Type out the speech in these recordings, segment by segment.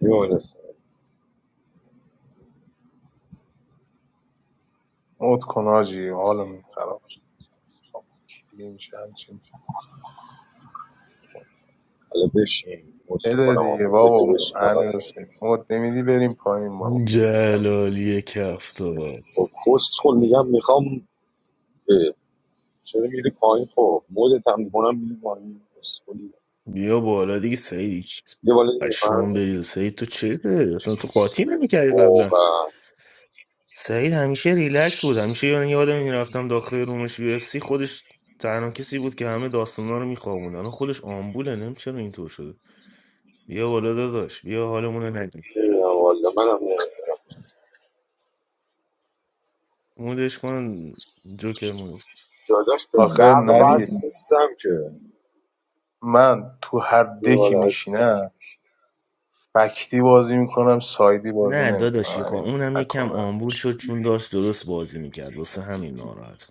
میمونسته موت کن آجی حالمون خراب شد بابا کی میشه همچین حالا بشین مود بده میکنم دیگه آمد بابا بگو بشین اول امیر حسین موت نمیدی بریم پایین بابا اون جلالی کفتار خب کست خود میگم میخوام اه، چرا میری پایین خب مودت هم میکنم میری پایین کست خودی. بیا بالا دیگه سعید هیچ یه بالا دیگه فرض پشمان بریزه سعید تو چه اصلا تو قاطی نمیکردی قبلا واقعا سعید همیشه ریلکس بود همیشه یعنی یادم این رفتم داخل رومش یو اف سی خودش تنها کسی بود که همه داستانا رو میخوابوند الان خودش آمبوله نمیشه چرا اینطور شده بیا بالا داداش بیا حالمون رو نگیر نمیدونم والا منم نمیدونم مودش کن جوکر مودش داداش به آخه برق وصل نوید نیستم که من تو هر یه دکی بالا از میشینم فکتی بازی میکنم سایدی بازی نه نمیکنم داداشی خواه همین اونم یه کم تکاور آمبول شد چون داشت درست بازی میکرد واسه همین ناراحت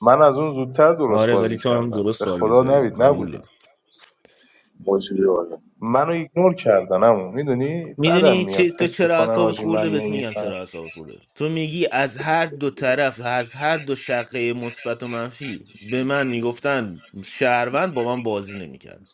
من از اون زودتر درست آره ولی بازی تو هم کردم درست به تارگت خدا زدی نوید قبول نبودیم. دارم موجی یه منو ایگنور کردن همون میدونی بعدم میدونی میاد چی تو فکر چرا میکنن اعصابت آجی خورده من بهت میگم نمیفهم چرا اعصابت خورده تو میگی از هر دو طرف از هر دو شقه مثبت و منفی به من میگفتن شهروند با من بازی نمیکرد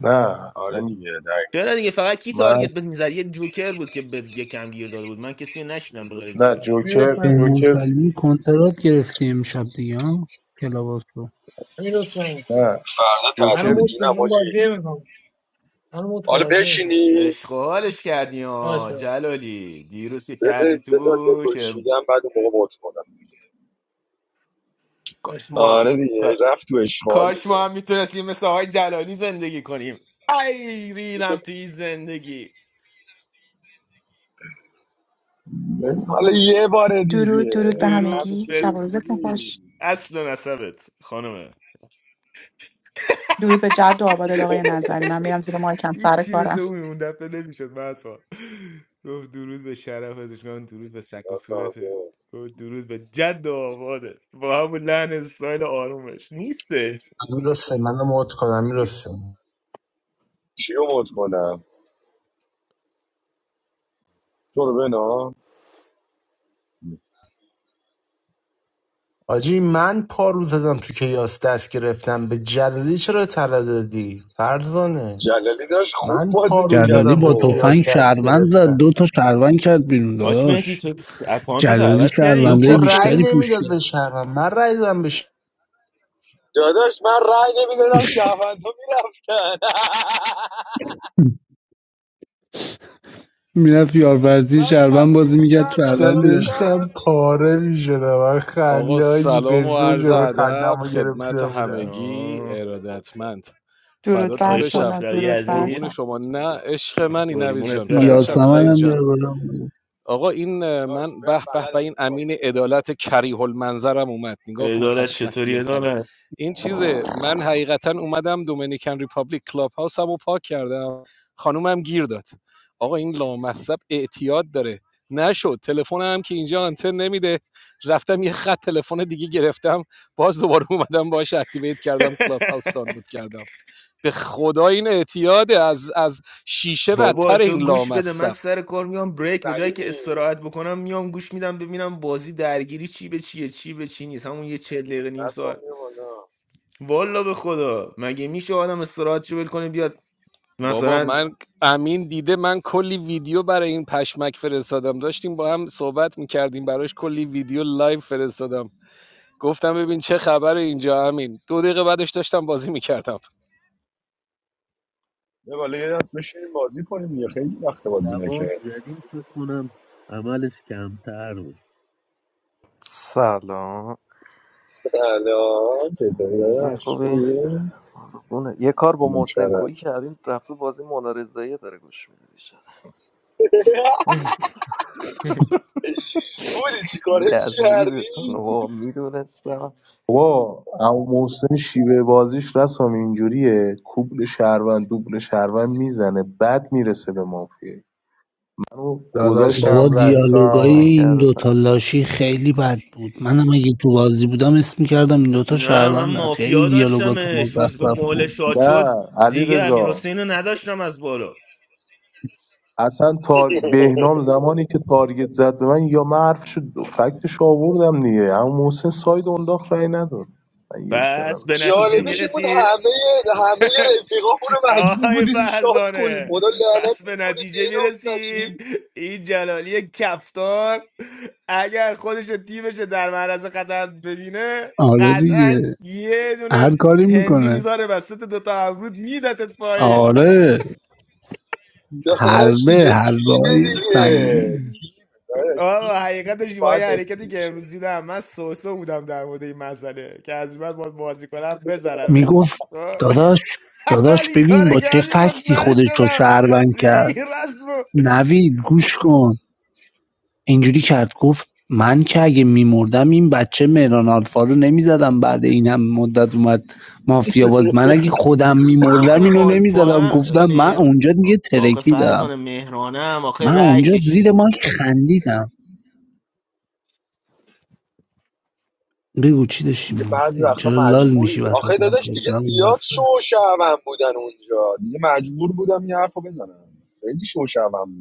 نه آره دیگه دقیقا چرا دیگه فقط کی من تارگت بهت میزد یه جوکر بود که بهت یه کم گیر داده بود من کسی رو نشینم بغیر نه جوکر جوکر میرسن بهنام جوکر سلیمی کنترات گرفتی امشب دیگه ها کلاباس رو میرسن نه فردا منو تعطیل جوکر موت کن جونم من موجی بازی میکنم منو موت کن حالا بازی میکنم بشینید عشق و حالش کردی ها باشه جلالی دیروز که کردی بذارید بذار تو که بکشیدم بعد اون موقع مد کنم کاش باشه ما آره دیگه رفت تو اشغال کاش دیگه ما هم میتونستیم مثل آقای جلالی زندگی کنیم ای ریدم تو این زندگی ولی حالا یه بار درود دیگه درود به درود همگی، همیشه که به شب و اینجوری روزتون خوش. نیست اصل و نسبت خانمه درود به جد و آبادت آقای نظری. من میرم زیر مایکم، سر هیچی مثل کارم. اون اون دفعه نمیشد مثلا گفت درود به شرف ازشگان درود به سک و راستم صورته که. گفت درود به جد و آباده با همون لحن استایل آرومش نیسته امیر حسین من مود کنم امیر حسین چی رو مد کنم تو رو بنا آجی من پا رو زدم تو کیاس دست گرفتم به جلالی چرا طلا دادی فرزانه جلالی داشت خوب من پا بازی رو میکرد جلالی زدم تو با خب تفنگ کیاس دست شهروند زد گرفتم دو تا شهروند کرد بیرون آش مهدی داداش تو اکانتت جلالی عوض کردی یا این که شهروندهای پاک رأی بیشتری شده پوش نمیداد به کرد شهرم من رأی دادم به داداش من رأی نمیدادم شهروند ها میرفتن میرفت یارورزی من شهروند کسی بازی میگرد کردم شهروند اینا شهرم میره میکردم داشتم بیرون پاره میشدم من آقا خنده آجی به سلام و زور عرض جلو خندم ادب رو خدمت گرفته بودم همگی سلام چطوری خسروی ارادتمند درود فداتون بر آقای بشم شما، خسروی درود بر قربون عزیز شما. شما نه عشق منی نویز جان قربونت فدات برم سلام شم یاسمن سعید هم عرض. جان بیار بالا آقا این اه، داشت من بهم به به به بلدم این این باید امین بدم به عدالت خدا کریه المنظرم اومد نگاه کن عدالت پشمک چطوری قیافه رو عدالت این چیزه من حقیقتا اومدم دومینیکن ریپابلیک کلاب هاوسم رو پاک کردم خانومم گیر داد آقا این لامصب اعتیاد داره نشد تلفنم که اینجا آنتن نمیده رفتم یه خط تلفن دیگه گرفتم باز دوباره اومدم باش اکتیویت کردم کلاب هاوس دانلود کردم به خدا این اعتیاده از از شیشه بابا بدتر تو این گوش بده من لامصب سر کار میام بریک به جایی که سلیمی استراحت بکنم میام گوش میدم ببینم بازی درگیری چی به چیه چی به چی نیست همون یه چل دقیقه نیم نستم ساعت بیا بالا والا به خدا مگه میشه آدم استراحتشو ول کنه بیاد بابا مثلا من امین دیده من کلی ویدیو برای این پشمک فرستادم داشتیم با هم صحبت میکردیم براش کلی ویدیو لایو فرستادم گفتم ببین چه خبر اینجا امین دو دقیقه بعدش داشتم بازی میکردم بیا بالا یه دست بشینیم بازی کنیم یه خیلی وقت بازی دوام زدیم فکر کنم عملش کمتر بود سلام سلام چطوری یه داداش خوبی خوبی قربونه. یه کار با نوکرم محسن کویی کردیم رفته بازی منارزایی داره گوش میده بیشتر بودی چی کارش یزیدتون کردی و میدونستم بابا عمو محسن شیوه بازیش رسام اینجوریه کوبل شهروند دوبل شهروند میزنه بعد میرسه به مافیه منو گذاشت تو بابا داداشم سن. دیالوگای رسام این نکردم دوتا لاشی خیلی بد بود منم اگه تو بازی بودم اسم میکردم این دوتا نه من شهروندن خیلی مافیا دیالوگاتون داشتمش روز به مزخرف مهل بود شاد شد نه علی دیگه امیر رضا حسین رو نداشتم از بالا اصلا تار... بهنام زمانی که تارگت زد به من یا من حرفشو فکتش آوردم دیگه اما محسن ساید انداخت رای نداد من یک پس دادم به نه نتیجه دیگه جالبش این بود میرسی همه همه رفیقامون رو مجبور آهای بودیم شاد کنیم فرزانه خدا پس به لعنتت کنه نتیجه بینام میرسیم سلیمی این جلالی کفتار اگر خودش و تیمش رو در معرض خطر ببینه آره قطعا دیگه یه دونه هر کاری هندی میکنه میذاره وسط دوتا ابرود میدتت پایی آره داداش حلبه دیگه حلبه های تیمه دیگه سنگین تیم داداش تیم آه حقیقتش تیم با یه باید حرکتی حفظ که میشه امروز دیدم من سوسو بودم در مورد این مسئله که از این بعد باید بازی کنم بزنمت میگفت آه. داداش حلال داداش این کار ببین با چه کردی فکتی مطمئن خودش رو شدم شهروند دیگه کرد این رسمو نوید گوش کن اینجوری کرد گفت من که اگه میمردم این بچه مهران آلفا رو نمیزدم بعد این هم مدت اومد مافیا باز من اگه خودم میمردم آخه اینو نمیزدم آلفا گفتم من مهر اونجا دیگه آخه ترکیدم فرزانه مهرانم آخه من رأی اونجا کشید زیر ماک خندیدم بگو چی داشتی دیگه بعضی میگفتی وقتا چرا لال مجبوری میشی وسط آخه داداش حرفت دیگه زبون زیاد شوشعبم بودن اونجا دیگه مجبور بودم یه حرف رو بزنم خیلی شوشعبم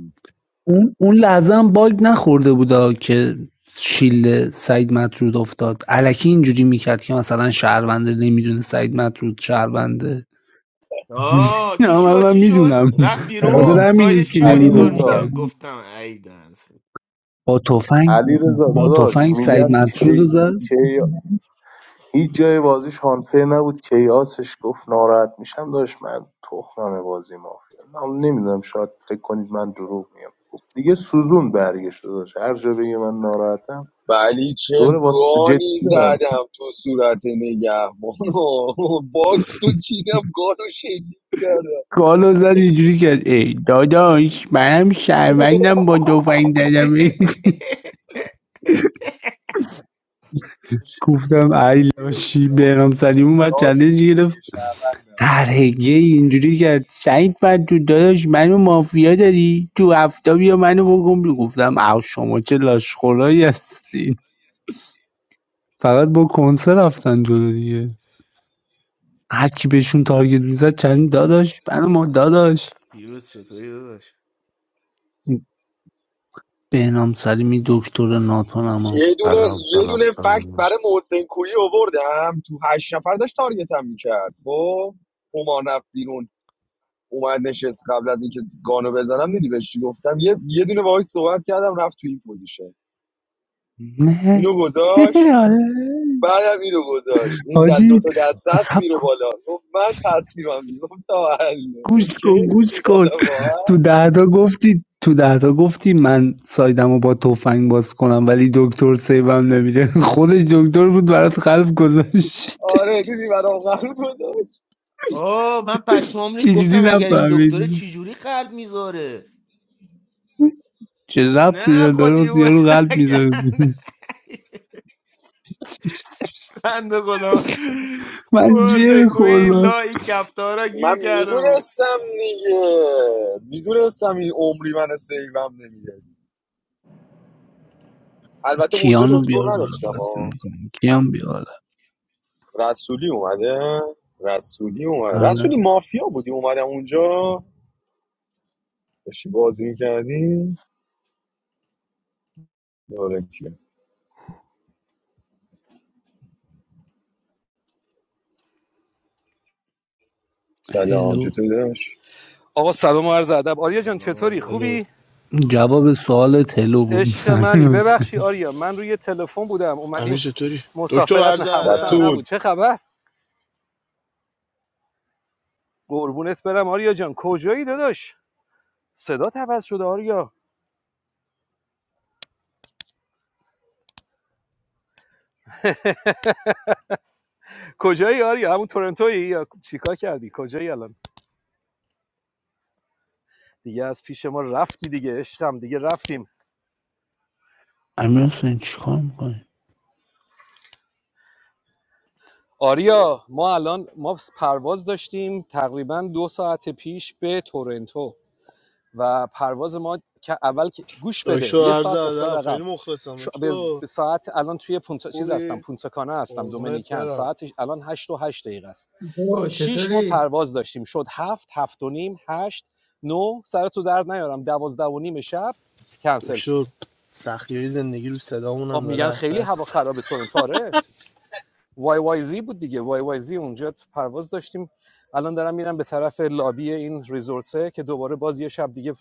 اون اون لحظه هم باگ نخورده بودا که شیل سعید مطرود افتاد الکی اینجوری میکرد که مثلا شهرونده نمیدونه سعید مطرود شهرونده آه چی نه من, شد من چی شد میدونم رفت به خاطر بیرون بابا همین سایدش هیچی چی بود علی ایطور رضا میکرد نمیگفتم گفتم ای دنس با تفنگ علی رضا با داداش تفنگ سعید میگم مطرود رو زد کی هیچ جای بازیش هانفیر نبود کیاسش گفت ناراحت میشم داشت من تخمم بازی مافیا نمیدونم شاید فکر کنید من دروغ میام خب دیگه سوزون برگشت داشت هر جا بگه من ناراحتم ولی چه دوره واسه جدی گانی دارم زدم تو صورت نگهبانو باکسو چیدم گانو شلیک کردم گالو زد اینجوری کرد ای داداش منم شهروندم با تفنگ زدم گفتم ای لاشی برام سلیم اومد رئالشون چندش دیگه شعبندم. در هگیه اینجوری کرد سعید من تو داداش منو مافیا داری تو هفته بیا منو بگم بگو. گفتم او شما چه لاشخورایی هستین فقط با کنسر رفتن جلو دیگه هر کی بهشون تارگت میزد چند داداش منو ما داداش پیروز چطوری داداش بهنام سلیمی دکتر ناتونما یه دونه سلام یه سلام دونه فکت سلام برای محسن کویی آوردم تو هشت نفر داشت تارگتم میکرد خب همان رفت بیرون اومد نشست قبل از اینکه گانو بزنم دیدی بهش چی گفتم یه یه دونه باهاش صحبت کردم رفت تو این پوزیشن نه اینو گذاشت آره بعدم اینو گذاشت این دو حاجی تا دست است سب میره کن بالا گفت من تسلیمم دیگه گفت تا حله گوش اوکی کن گوش کن خیالم تو راحت ده تا گفتی تو ده تا گفتی من سایدمو با تفنگ باز کنم ولی دکتر سیبم نمیده خودش دکتر بود برات قلب گذاشت آره دیدی برام قلب گذاشت آه من پشمام ریخت چجوری گفتم اگر این دکتره نفهمیدی چجوری قلب میذاره چه ربطی نه داره داره واسه قدیمون یارو قلب میذاره بنده خدا من حسین جر کوی خوردم لای کفتارا من گیر کرده بود میدونستم دیگه میدونستم این عمری من سیوم نمیده البته اونجا کیانو دکتر بیار بالا نداشتم بازی ها میکنم کیان بیار بالا رسولی اومده رسولی اومده رسولی آره. مافیا بودی اومدم اونجا داشتی بازی میکردی داره که سلام هلو چطوری داشت آقا سلام و عرض ادب آریا جان سلام چطوری آریا الو خوبی جواب سوال هلو بود عشق امیر منی حسین ببخشی آریا من روی تلفن بودم امیر اومدیم چطوری دکتر مسافرت نه عرض حواسم ادب رسول؟ نبود چه خبر قربونت برم آریا جان کجایی داداش صدات عوض شده آریا کجایی آریا همون تورنتویی یا چیکار کردی کجایی الان دیگه از پیش ما رفتی دیگه عشقم دیگه رفتیم امیر حسین چیکار میکنی آریا ما الان ما پرواز داشتیم تقریبا دو ساعت پیش به تورنتو و پرواز ما که اول گوش بده دکتر یه عرض ساعت افتاد ادب خیلی عقب مخلصم شو- به دکتر ساعت الان توی پونتا چیز هستم خوبی پونتاکانا هستم قربونت دومینیکن برم ساعتش الان هشت و 8 دقیقه است باشه. تو شش ما چطوری؟ پرواز داشتیم شد هفت 7 و نیم 8 9 سر تو درد نیارم 12 و نیم شب کنسل شد دکتر سختی های زندگی رو صدامون هم آب داره میگن خیلی اثر هوا خرابه تورنتو آره وای وای زی بود دیگه وای وای زی اونجا پرواز داشتیم الان دارم میرم به طرف لابی این ریزورسه که دوباره باز یه شب دیگه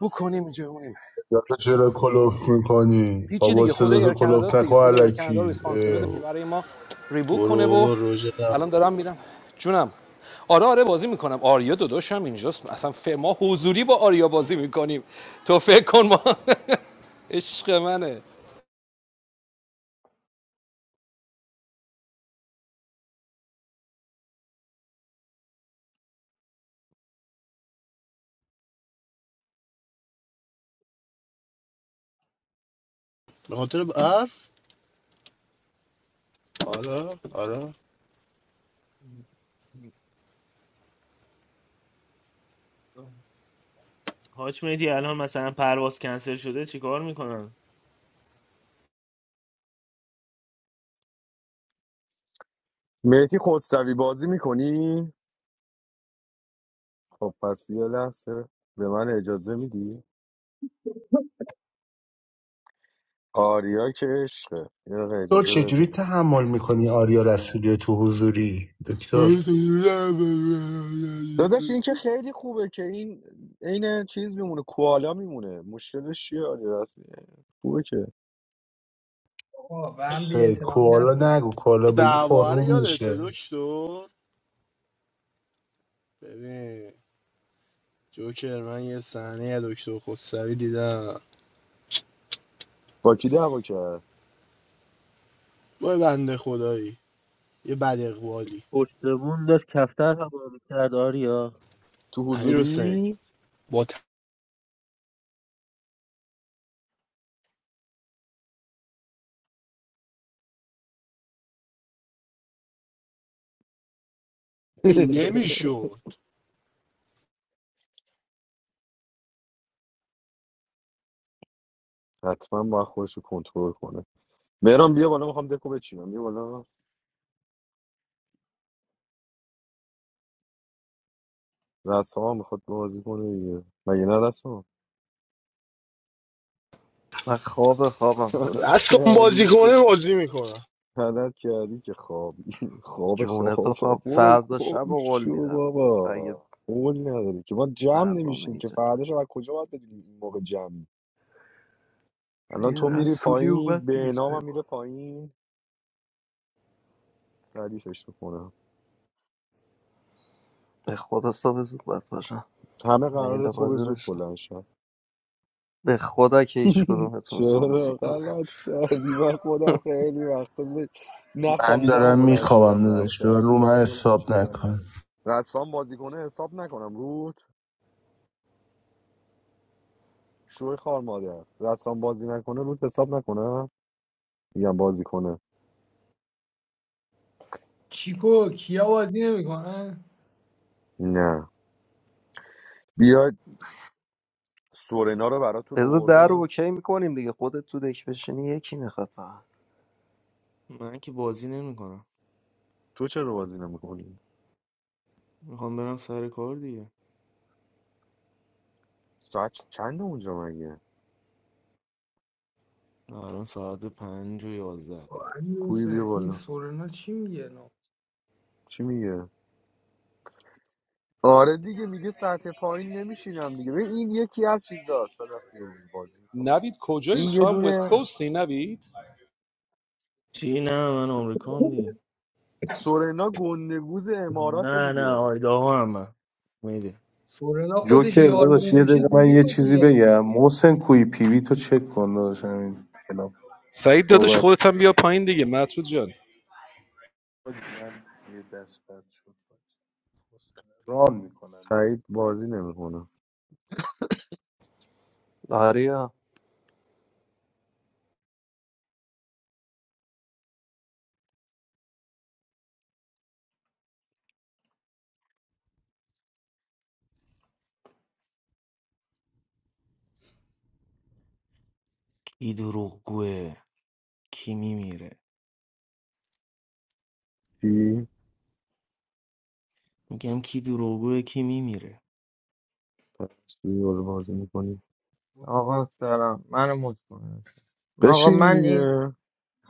بکنیم اینجا بمونیم دادا چرا کلوف میکنی هیچی بابا دیگه خود صدا تو ایر کانادا کلوف است دیگه نکن خود ایر کانادا علکی اه. ریسپانسیبل که برو برای ما ریبوک کنه برو و برو روژه الان دارم میرم جونم آره آره بازی میکنم آریا داداش هم اینجاست اصلا ف... ما حضوری با آریا بازی میکنیم تو فکر کن ما عشق منه به خاطر برف آره آره حاج مهدی الان مثلا پرواز کنسل شده چیکار میکنن مهدی خسروی بازی میکنی؟ خب پس یه لحظه به من اجازه میدی؟ آریا که عشقه یه دقیقه دکتر اجازه چجوری بده تحمل میکنی آریا رسولی تو حضوری دکتر داداش این که خیلی خوبه که این عین چیز میمونه کوالا میمونه مشکلش چیه آریا رسمی خوبه که آقا به هم بی سه، احترامی کوالا نکنید نگو کوالا بگی دعوا رو پررو یادته میشه دکتر ببین جوکر من یه صحنه از دکتر خسروی دیدم با کی دعوا کرد با یه بنده خدایی یه بد اقوالی پشتمون داشت کفتر هوا کرد آریا تو امیر حسین حضوری با نمیشد حتما با خودش رو کنترل کنه مهران بیا بالا میخوام دکو بچینم بیا بالا رسام میخواد بازی کنه دیگه مگه نه رسام من خواب خوابم داداش اصلا بازی کنه بازی میکنه. غلط کردی که خوابی خواب جونه تو خواب خواب برو فردا شب گم و قول شو میدم اگه بابا قول نداری که ما جمع فردا نمیشیم که نیجه فرداش از کجا باید بدونیم این موقع جمعی الان یه تو میری رسولی پایین اومد دیگه به نام جای هم ما. میره پایین ردیفش کنم به خدا صبح زود باید باشم همه قرار میل صبح بازی زود داشتم بلند شن به خدا که هیچ کدومتون صبح چرا زود غلط کردی من خودم خیلی وقتا نه- من نخوابیدم و دارم بلند میخوابم شدم داداش به من رفتم رو من حساب نکن رسام بازی کنه حساب نکنم رود شوی خار مادر رسام بازی نکنه رود حساب نکنم میگم بازی کنه چیکو کیا بازی نمیکنن؟ نه بیاد سورنا رو براتون بذار در رو آوردم اوکی میکنیم دیگه خودت تو دک بشینی یکی میخواد فقط من که بازی نمیکنم تو چرا بازی نمیکنی میخوام برم سر کار دیگه ساعت چند اونجا مگه الان ساعت پنج و یازده دقیقه امیر کوی بیا حسین این بالا سورنا چی میگه نه چی میگه آره دیگه میگه سطح پایین نمیشینم دیگه ببین این یکی از چیزاست صدف بیا بالا بازی میکنی نوید کجایی این یه تو هم وست دونه کوستی نوید چی نه من آمریکا هم دیگه سورنا گندگوز امارات نه نه دیگه آیداها هم من میده سورنا خودش جوکر داداش یارمون یه میشه دقیقه من زوری یه پس چیزی یارش کنه. بگم محسن کوی پیوی تو چک کن داداش همین کلاب سعید داداش صحبت کن. خودت هم بیا پایین دیگه مطرود جان من یه دست بد شد محسن ران میکنم برید سعید بازی نمیکنه آریا کی دروغگوه کی میمیره چی میگم کی دروغگوه کی میمیره پس بیا بالا بازی میکنی آقا سلام منو مت کنید آقا بشین من این دیگه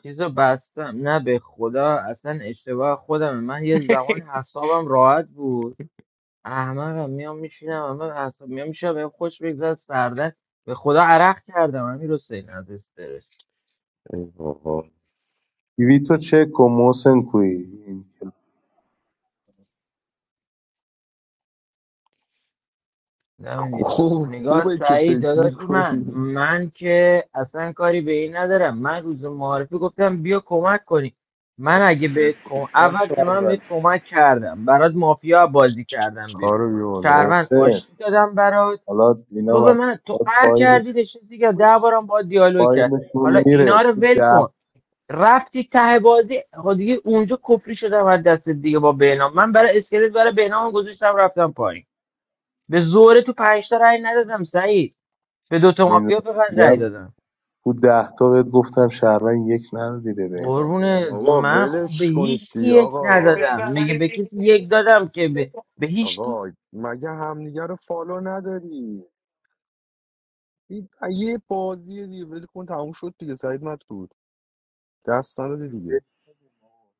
چیزو بستم نه به خدا اصلا اشتباه خودمه من یه زمان حسابم راحت بود احمقم میام میشینم من حساب میام میشه به خوش بگذره سردن به خدا عرق کردم همین رو از استرس ای بابا کویتو چک کن محسن کویی این نمی‌دی. خوب نگاه خوبه که سعید فکر داداش من میکنی من که اصلا کاری به این ندارم من روز معارفی گفتم بیا کمک کنی کلمه‌ای من که اگه بهت بهت کم... گفتم اول که من بهت شهروندیه کمک کردم برات مافیا بازی کردم بیرون کارو بیا بالا شهروند محسن آشتی دادم برات حالا تو اینا به من تو بعد قهر کردی فایلش نشستی که ده بارم با دیالوگ کرد حالا فایلشون میره اینا رو تو ول ده کن رفتی ته بازی خب دیگه اونجا کفری شدم از دست دیگه با بهنام من برای اسکلت برای بهنام گذاشتم رفتم پایین به زوره تو پنجتا رأی ندادم سعید به دوتا مافیا میدونم فقط رأی میگم دادم تو ده تا بهت گفتم شهروند یک ندادی به بهنام میگم قربونه محسن بابا من برش خب به ولش کنید هیچ کی دی یک آقا ندادم میگه به کسی یک دادم که به, به هیچ کی آقا مگه همدیگه رو فالو نداری این یه بازیه دیگه ول کن تموم شد دیگه سعید مطرود دست ما نداده که ول دیگه کردیم آقا.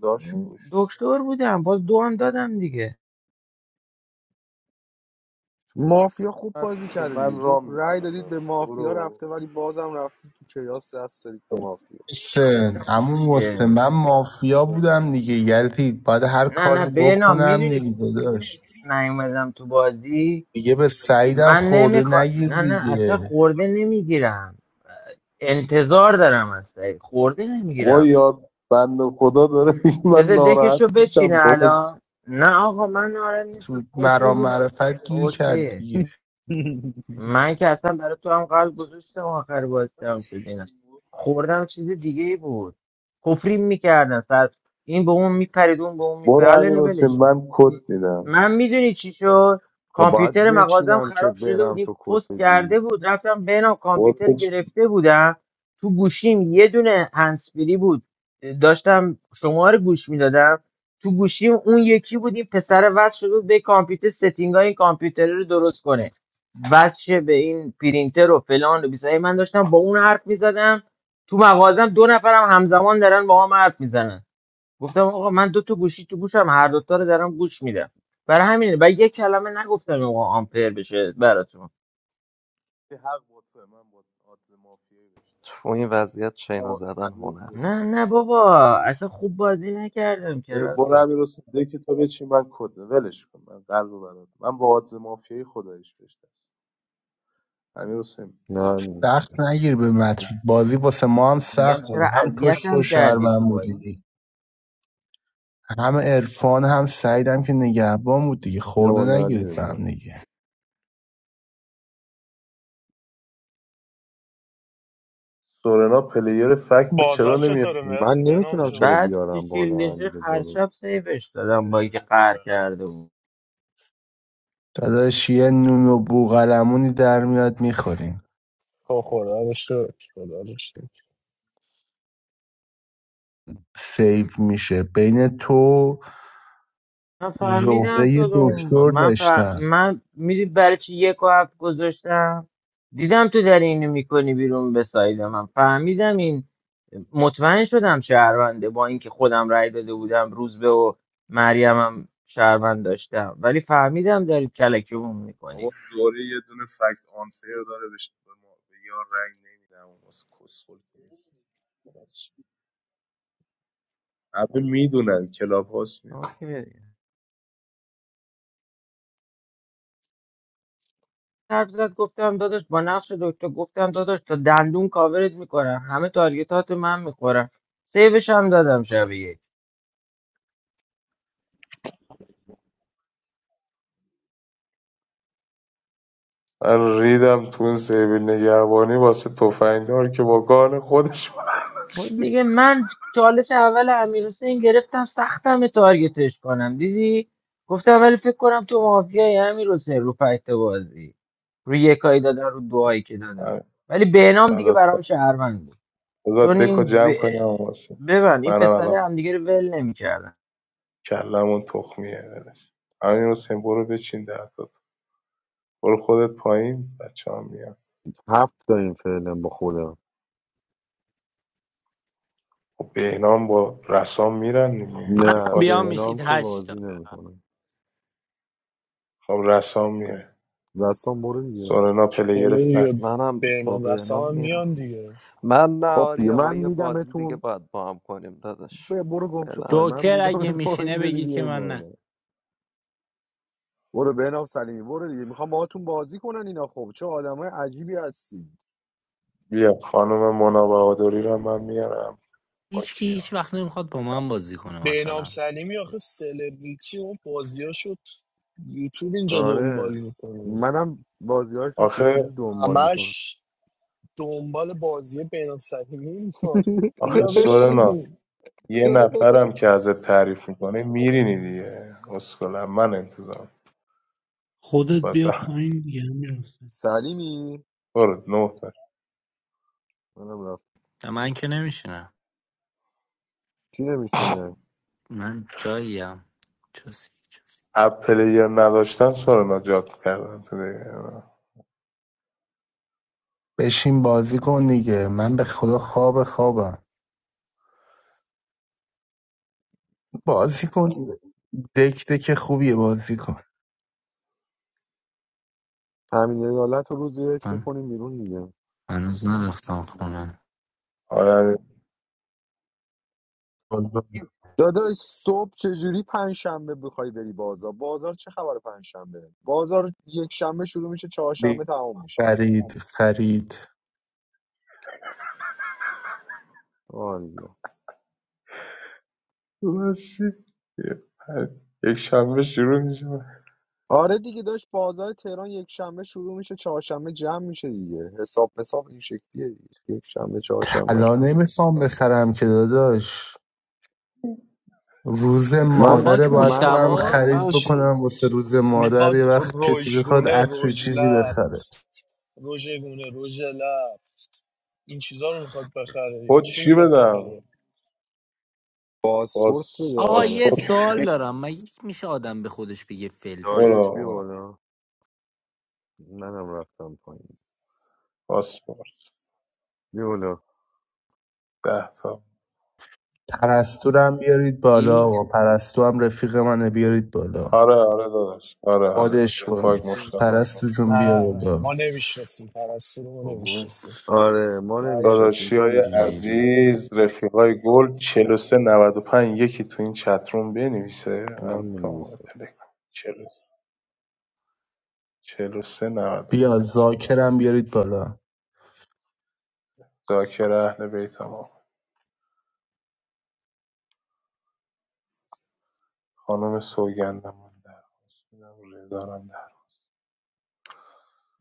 لاش گوش دکتر بودم باز دو هم دادم دیگه مافیا خوب من بازی که کرده دیگه من جفت رام رأی میکنم دادید به داداش مافیا برو رفته ولی بازم رفتید تو کیاس دست دادید به مافیا سه اما مسته شه. من مافیا بودم دیگه یعنی باید هر نه نه کاری بینام بکنم میدونی که دیگه داداش نیومدم تو بازی دیگه به سعیدم من خورده نمیخواد نگیر نه نه اصلا دیگه خورده نمیگیرم انتظار دارم از سعید خورده نمیگیرم بابا یاد بند خدا داره میگه من بذار دکش ناراحت رو بچینه میشم بابا الان نه آقا من نارد نیست تو کافی مرام بودم معرفت گیر کرد اوکیه دیگه من که اصلا برای تو هم قلب گذاشتم آخر بازی تمام شد چی؟ اینا خوردم چیز دیگه ای بود کفرین میکردن سر این به اون میپرید اون به اون میپرید برو حالا امیر اینو حسین ولش کن من م- کد میدم من میدونی چی شد خب باید کامپیوتر مغازم بچینم که خراب شده بود برم این تو کد پست کرده بدی بود رفتم بینم کامپیوتر برو چی؟ گرفته بودم تو گوشیم یه دونه هنسفری بود داشتم شما رو گوش میدادم تو گوشیم اون یکی بود این پسر وصل شده بود به کامپیوتر ستینگ این کامپیوتر رو درست کنه وصل به این پرینتر و فلان و بیسه من داشتم با اون حرف میزدم تو مغازم دو نفرم همزمان دارن با هم حرف میزنن گفتم آقا من دو تا گوشی تو گوشم هر دوتا رو دارم گوش میدم برای همینه و یه کلمه نگفتم آقا آمپر بشه براتون حق با توه. من با آدز مافیایی بهش تو دست این وضعیت دادم. چینا آقا، زدن ازت عذر هنره نه میخوام نه حسین بابا جان، ولش اصلا خوب بازی نکردم که کن. برو راستا امیر حسین دکی تو بچی من کد میدم. ولش کن من قلب برات من با آدز مافیایی خدایش بهش دست دادم. امیر حسین بچی نه نه. سخت نگیر به متر بازی واسه ما هم میگم سخت بود چرا هم توش تو اذیتم شهر کردی من تو بودی دیگه. بازی هم عرفان هم سعیدم که نگهبان بود دیگه بیا خورده بالا علی نگیرید به رضا، هم دیگه سورنا پلیر فکت تو چرا بازار نمیاد چطوره مر- من بهنام نمیتونم جون چرا بعد که بیارم بالا شیلدش علی ریخت، رضا هر رو شب سیفش دادم با اینکه قهر کرده بود داداش یه نون و بوغلمونی در میاد میخوریم خب خدا رو شکر خدا رو شکر سیف میشه بین تو من فهمیدم زهره تو یه دو- دکتر من ف... داشتم من میدید برای چی یک و هفت گذاشتم دیدم تو داری اینو میکنی بیرون به ساید من فهمیدم این مطمئن شدم شهرونده با اینکه خودم رأی داده بودم روزبه و مریمم شهروند داشتم ولی فهمیدم دارید کلکیمون آقا میکنید دوره یه دونه فکت آنفیر داره بهش به ما به یار رنگ نمیدم واسه کسخل نیست خلاص. همه میدونن کلاب هاست میدونن. حرف زد گفتم داداش با نقش دکتر گفتم داداش تا دندون کاورت میکنم همه تارگتات من میخورم سیوش هم دادم شب یک من ریدم تو اون سیبیل نگهبانی واسه تفنگدار که با گان خودش خب دیگه من چالش اول امیر حسین گرفتم سختم تارگتش کنم دیدی گفتم ولی فکر کنم تو مافیای امیر حسین رو فکت بازی رو یکایی دادن رو دعایی که دادن آره، ولی بهنام دیگه نداستم برام شهروند بود بذار چون دکو این ب... جمع کنم واسه ببند این منم الان پسره همدیگه رو ول نمیکردن کلمون تخمیه ولش همین حسین برو بچین در تا تو. برو خودت پایین بچه هم میان هفت تا این فعلا با خودم خب بهنام با رسام میرن دیگه یه نه پاس بیا کاری میشید بهنام که هشتا بازی نمیکنه خب رسام میره دستان برو دیگه سورنا پلیر خدا فرد دیگه منم با بهنام بهنام رسام هم میرم میان دیگه من نه خب دیگه آریا ما من یه بازی دیگه میدمتون باید با هم کنیم داداش ب- برو گم شو فعلا پای من جوکر میدم اگه میشینه پایین بری بگید که بیای من نه بالا برو بهنام سلیمی برو دیگه میخوام باهاتون بازی کنن اینا خب چه آدمای عجیبی هستی بیا خانم مونا بهادری رو من میارم با هیچکی هیچ کیان وقت نمیخواد با من بازی کنه بهنام مثلا سلیمی آخه سلبریتی اون بازیاشو یوتیوب اینجا دنبال آره میکنه منم بازیهاش رو تو آخه چیز دنبال میکنم همش دنبال بازی بهنام سلیمی میکنه آخه بیا سورنا بشین یه نفرم که ازت تعریف میکنه میرینی دیگه اسکلم من انتظام خب خودت بعد بیا برم. پایین دیگه امیر حسین. سلیمی برو نه تا منم رفت و من که نمیشینم کی نمیشینه من جاییم چوسی چوسی اپ پلیر نداشتن سر نجات کردن تو دیگه بشین بازی کن دیگه من به خدا خواب خوابم بازی کن دک دک خوبیه بازی کن همین عدالت رو روز یک من میکنیم بیرون دیگه هنوز نرفتم خونه آدم داداش صبح چجوری پنج شنبه بخوای بری بازار بازار چه خبر پنج شنبه؟ بازار یک شنبه شروع میشه چهارشنبه تموم میشه خرید خرید والا باشی. یه پر- یک شنبه شروع میشه آره دیگه داشت بازار تهران یک شنبه شروع میشه چهارشنبه جمع میشه دیگه حساب حساب این شکلیه دیگه یک شنبه چهارشنبه طلا است نمیخوام بخرم که داداش روز من مادره توپاک باید من برم حقیقت من خرید مشتباز شو- بکنم واسه روز مادر میخواد یه وقت کسی بخواد رژگونه عطر چیزی رژلب بخره رژگونه رژلب این چیزا رو میخواد بخره یا خود چی چی میخواد بدم بخره باسپورس باس بده آقا آره. یه پاسپورت سوال بدم دارم مگه میشه آدم به خودش بگه فلفل داریوش بیا اولا بالا منم رفتم پایین پاسپورت بیا بالا ده تا پرستورم بیارید بالا ای و پرستو هم رفیق منه بیارید بالا آره آره داداش آره آره مادش تو کنید پاک نه مشتاق پرستو جون بیا نه نه بالا ما نمیشناسیم پرستو رو ما بابا نمیشناسیم آره ما نبیاری نمیشناسیم داداشی تو خیلی. میشناسی عزیز رفیقای گل 43 95 یکی تو این چتروم بنویسه من من تا مینویسم تلگرام 43 43 بیا 95 زاکرم بیارید بالا ذاکر اهل بیت آقا خانم سوگندم من در آغوش بودم، رضا رزارم در آغوش.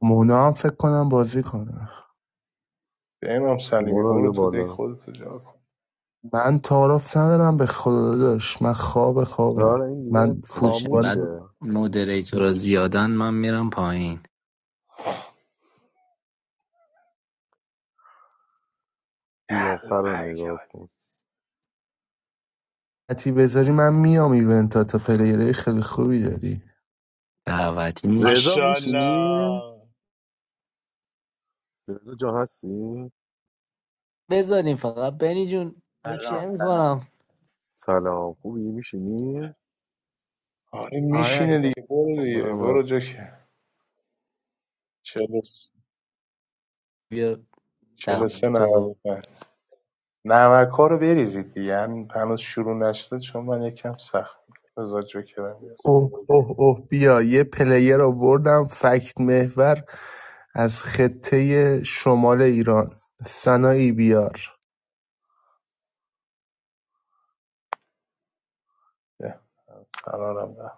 مونا هم فکر کنم بازی کنم امام سلیمی برو برو بیا تو دک بالا خودتو جا کن من تعارف ندارم به خدا داشت من خواب خوابم آره این دیگه من داداش فوتبال اینقدر خاموشه مودریتورا زیادن من میرم پایین قیافه رو حلقه نگاه کردی. کن حتی بذاری من میام ایونتا تا پلیره خیلی خوبی داری دعوتی نیست. رضا میشینی؟ ماشاءالله رضا جان هستی؟ بذاریم فقط بنی جون نوشه سلام. سلام. میکنم سلام خوبی میشینی؟ آره آره میشینه دیگه برو خب دیگه منم برو رفت جا که بیا ده 43 تو 95 نمک‌ها رو بریزید دیگه همین هنوز شروع نشده چون من یکم سخت بذار جوکرم بیاد اوه اوه اوه بیا یه پلیر آوردم فکت محور از خطه شمال ایران سنایی بیار یه، سلام ده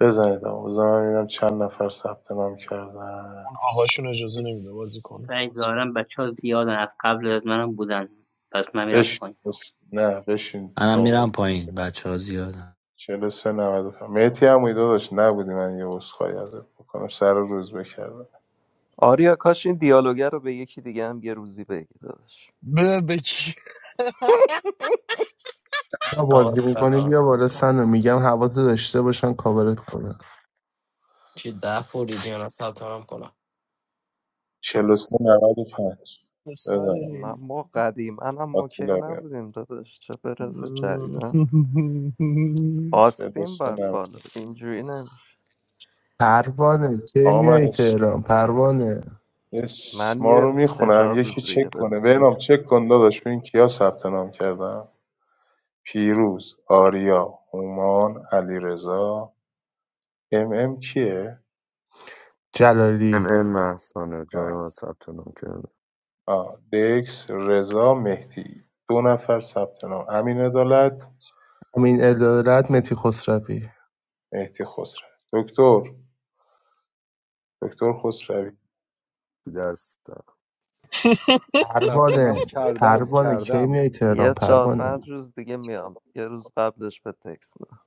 بزنید آقا بزن من ببینم چند نفر ثبت نام کردن اون آقاشون اجازه نمیده بازی کنه سعی ظاهرا بچه‌ها زیادن از قبل از منم بودن پس من میرم بشین پایین بشین. نه بشین منم میرم نوبت پایین بچه ها زیادن 43 95 مهدی هم ایده داشت نبودی من یه عذرخواهی ازت بکنم سر روز بکردم آریا کاش این دیالوگه رو به یکی دیگه هم یه روزی بگی داداش به بکی سنا آقا بازی میکنی بیا بالا سلام سنا میگم هوا تو داشته باشن کاورت کنن چی ده پولیدی یا نه ثبت نام کنم 43 95 دوست بزنم نه نداری؟ ما قدیما هم اوکی آتیلا بیاد نبودیم داداش چه برسه مم. جدیدا آستین 43 باید 90 بالا اینجوری نمیشه پروانه کی آقا میای من تهران پروانه من اسما یه رو سه میخونم چهار یکی روز دیگه چک بهت کنه میگم. بهنام چک کن داداش ببین کیا ثبت نام کردم پیروز آریا هومان علیرضا ام ام کیه ام جلالی ام محسانه جای من آه. ثبت نام کرده آه. دکس رضا مهدی دو نفر ثبت نام امین عدالت امین ادارت متی خسروی مهدی خسرو دکتر دکتر خسروی تو دستم ثبت نام پروانه کردم پروانه کی کردم میای تهران یه چهار پروانه پنج روز دیگه میام یه روز قبلش به تکس میدم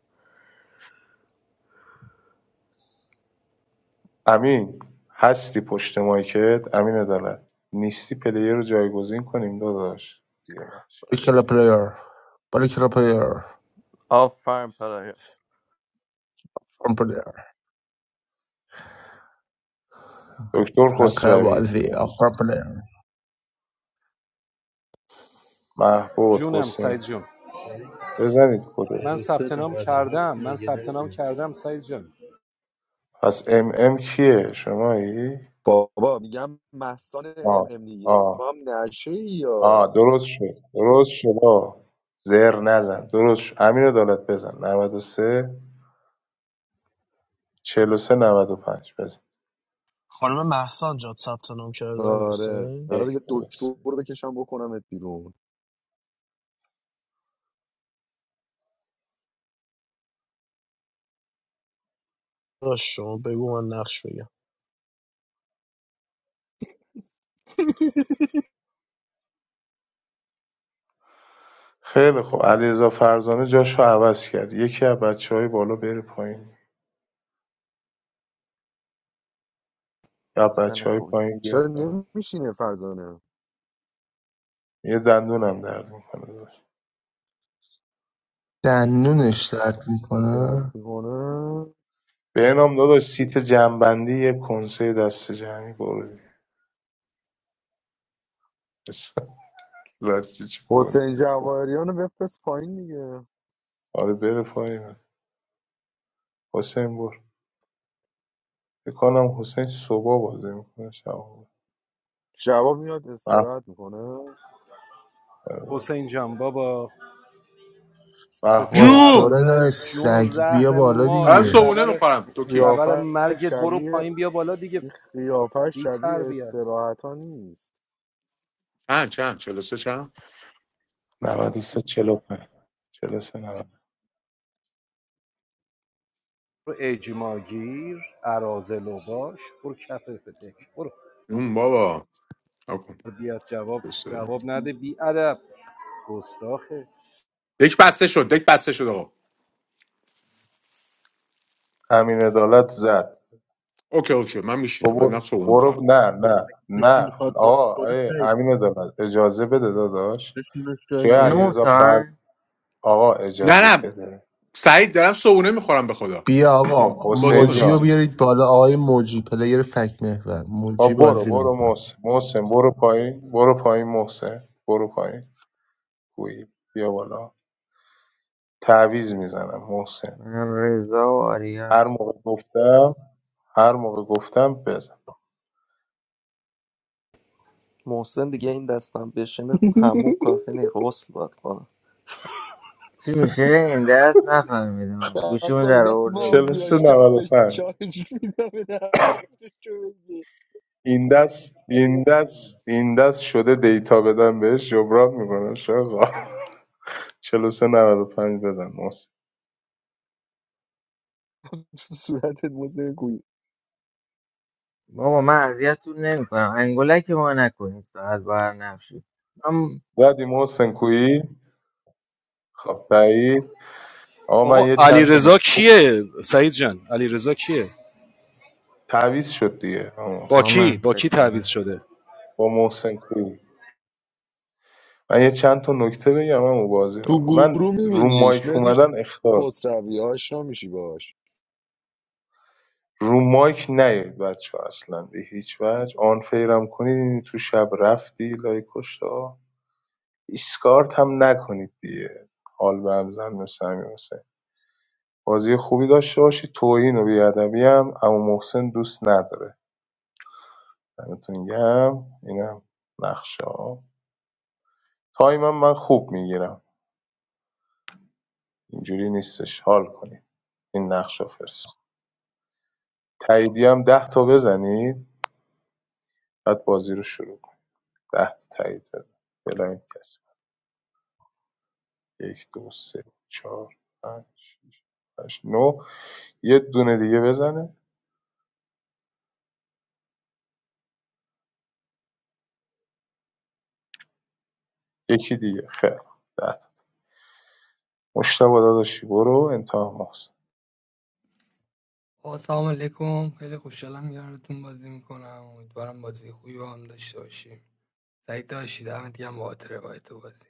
امین هستی پشت مایکت امین عدالت نیستی پلیر رو جایگزین کنیم داداش دیگه نشه. باریکلا پلیر باریکلا پلیر آفرین پرایا فرم پلیر دکتر رکای خسروی بازی آفر پلیر محبود جونم حسین سعید جون یعنی بزنید کدو من 43 ثبت نام 97 کردم من مگه ثبت نام نبود کردم سعید جان پس ام ام کیه شمایی؟ بابا میگم محسان ام آه ام دیگه تو آه هم نشه آه یا درست شد درست شد آه. زر نزن درست شد امیر دولت بزن 93 43 پنج بزن خانم محسن جاد ثبت نام کرده امیر آره حسین قرار یک یه دو دکتر سه. بکشم بکنمت بیرون داش شما بگو من نقش بگم خیلی خوب علیرضا فرزانه جاشو عوض کرد یکی از بچه های بالا بره پایین یا محسن بچه های کوی پایین چرا بیاد بالا نمیشینه فرزانه یه دندونم درد میکنه داداش. دندونش درد درد میکنه میکنه به نام داداش سیت جنبندی یه کنسه دست جمعی برو لاش چه حسین کنسه تو جواهریان رو بفرست پایین دیگه آره بره پایین حسین بر فکر کنم حسین صبح بازی میکنه شب بود. شبا میاد استراحت میکنه حسین جان بابا حسین محبوب جوم پاسداره عرازل نه جون و سگ بیا زهر بالا مار دارم این دیگه صبونه خبر میخورم این تو کی خبر قیافه مرگت برو شبیه پایین بیا بالا دیگه این قیافه بی شبیه تربیت استراحت ها نیست چند چند چلو سه چند 93 45 43 90 برو اجماگیر عرازل و باش برو کف پدک برو اون بابا نکن. بیاد جواب 43. جواب نده بی ادب گستاخه دک بسته شد دک بسته شد آقا امین عدالت زد اوکی اوکی من تو میشینم من دارم برو صبونه برو- میخورم نه نه کسی نه میخواد بازی آقا کنه آیه سعید امین عدالت اجازه بده داداش بشینش جای جای من نه علیرضا تا فرد آقا نه اجازه نه بده سعید دارم صبونه میخورم به خدا بیا خب آقا بازی حسین کنیم موجی رو بازی جان کنیم بیارید بالا آقای موجی پلیر فک محور موجی خب برو بازی برو میکنه محسن محسن برو پایین برو پایین محسن برو پایین گویی بیا بالا تعویض میزنم محسن منم رضا و آریا هر هست. موقع گفتم هر موقع گفتم بزن محسن دیگه این دستم بشینه تموم کافی نی غسل باد کنه چی میشه این دست نفهمیدم گوشیمو اصابی در دست آورده بودم مافیا شب 43 پنج. فشارش میدم به نقششو بگی این دست این دست این دست شده دیتا بدم بهش جبران میکنم شاقا 43 95 بزن محسن تو صورتت موزه گویی بابا من اذیتتون نمیکنم انگولک ما نکنید فقط بر نفشید من زدی محسن کویی خب تایید آقا من آقا یه علی چند تا رضا نکته کیه سعید جان علی رضا کیه تعویض شد دیگه آقا با با محسن. کی من با فکر کی تعویض کنم شده با محسن کویی من یه چند تا نکته بگم اما بازی رو تو من گروه رو میبینیش مایک مهدی اومدن اختار خسروی آشنا میشی باش رو مایک نیاید بچه ها، اصلا به هیچ وجه آن آنفیرم کنید این تو شب رفتی لای کشتا اسکارت هم نکنید دیگه حال به هم زن مثل امیر حسین بازی خوبی داشته باشید توهین و بیادبی هم اما محسن دوست نداره دمتون گم اینم نقشه ها تایمم من خوب میگیرم اینجوری نیستش حال کنید این نقشه فرست تاییدی هم ده تا بزنید بعد بازی رو شروع کنید ده تا تایید بزن بلاین کسی یک دو سه چهار پنج هشت نه یه دونه دیگه بزنه یکی دیگه خیر ده تا مشتبه داداشی برو انتها ماست آقا سلام علیکم خیلی خوشحالم یارتون بازی میکنم امیدوارم بازی خوبی با هم داشته باشیم سعید داشتید دمت گرم بابت روایت بازی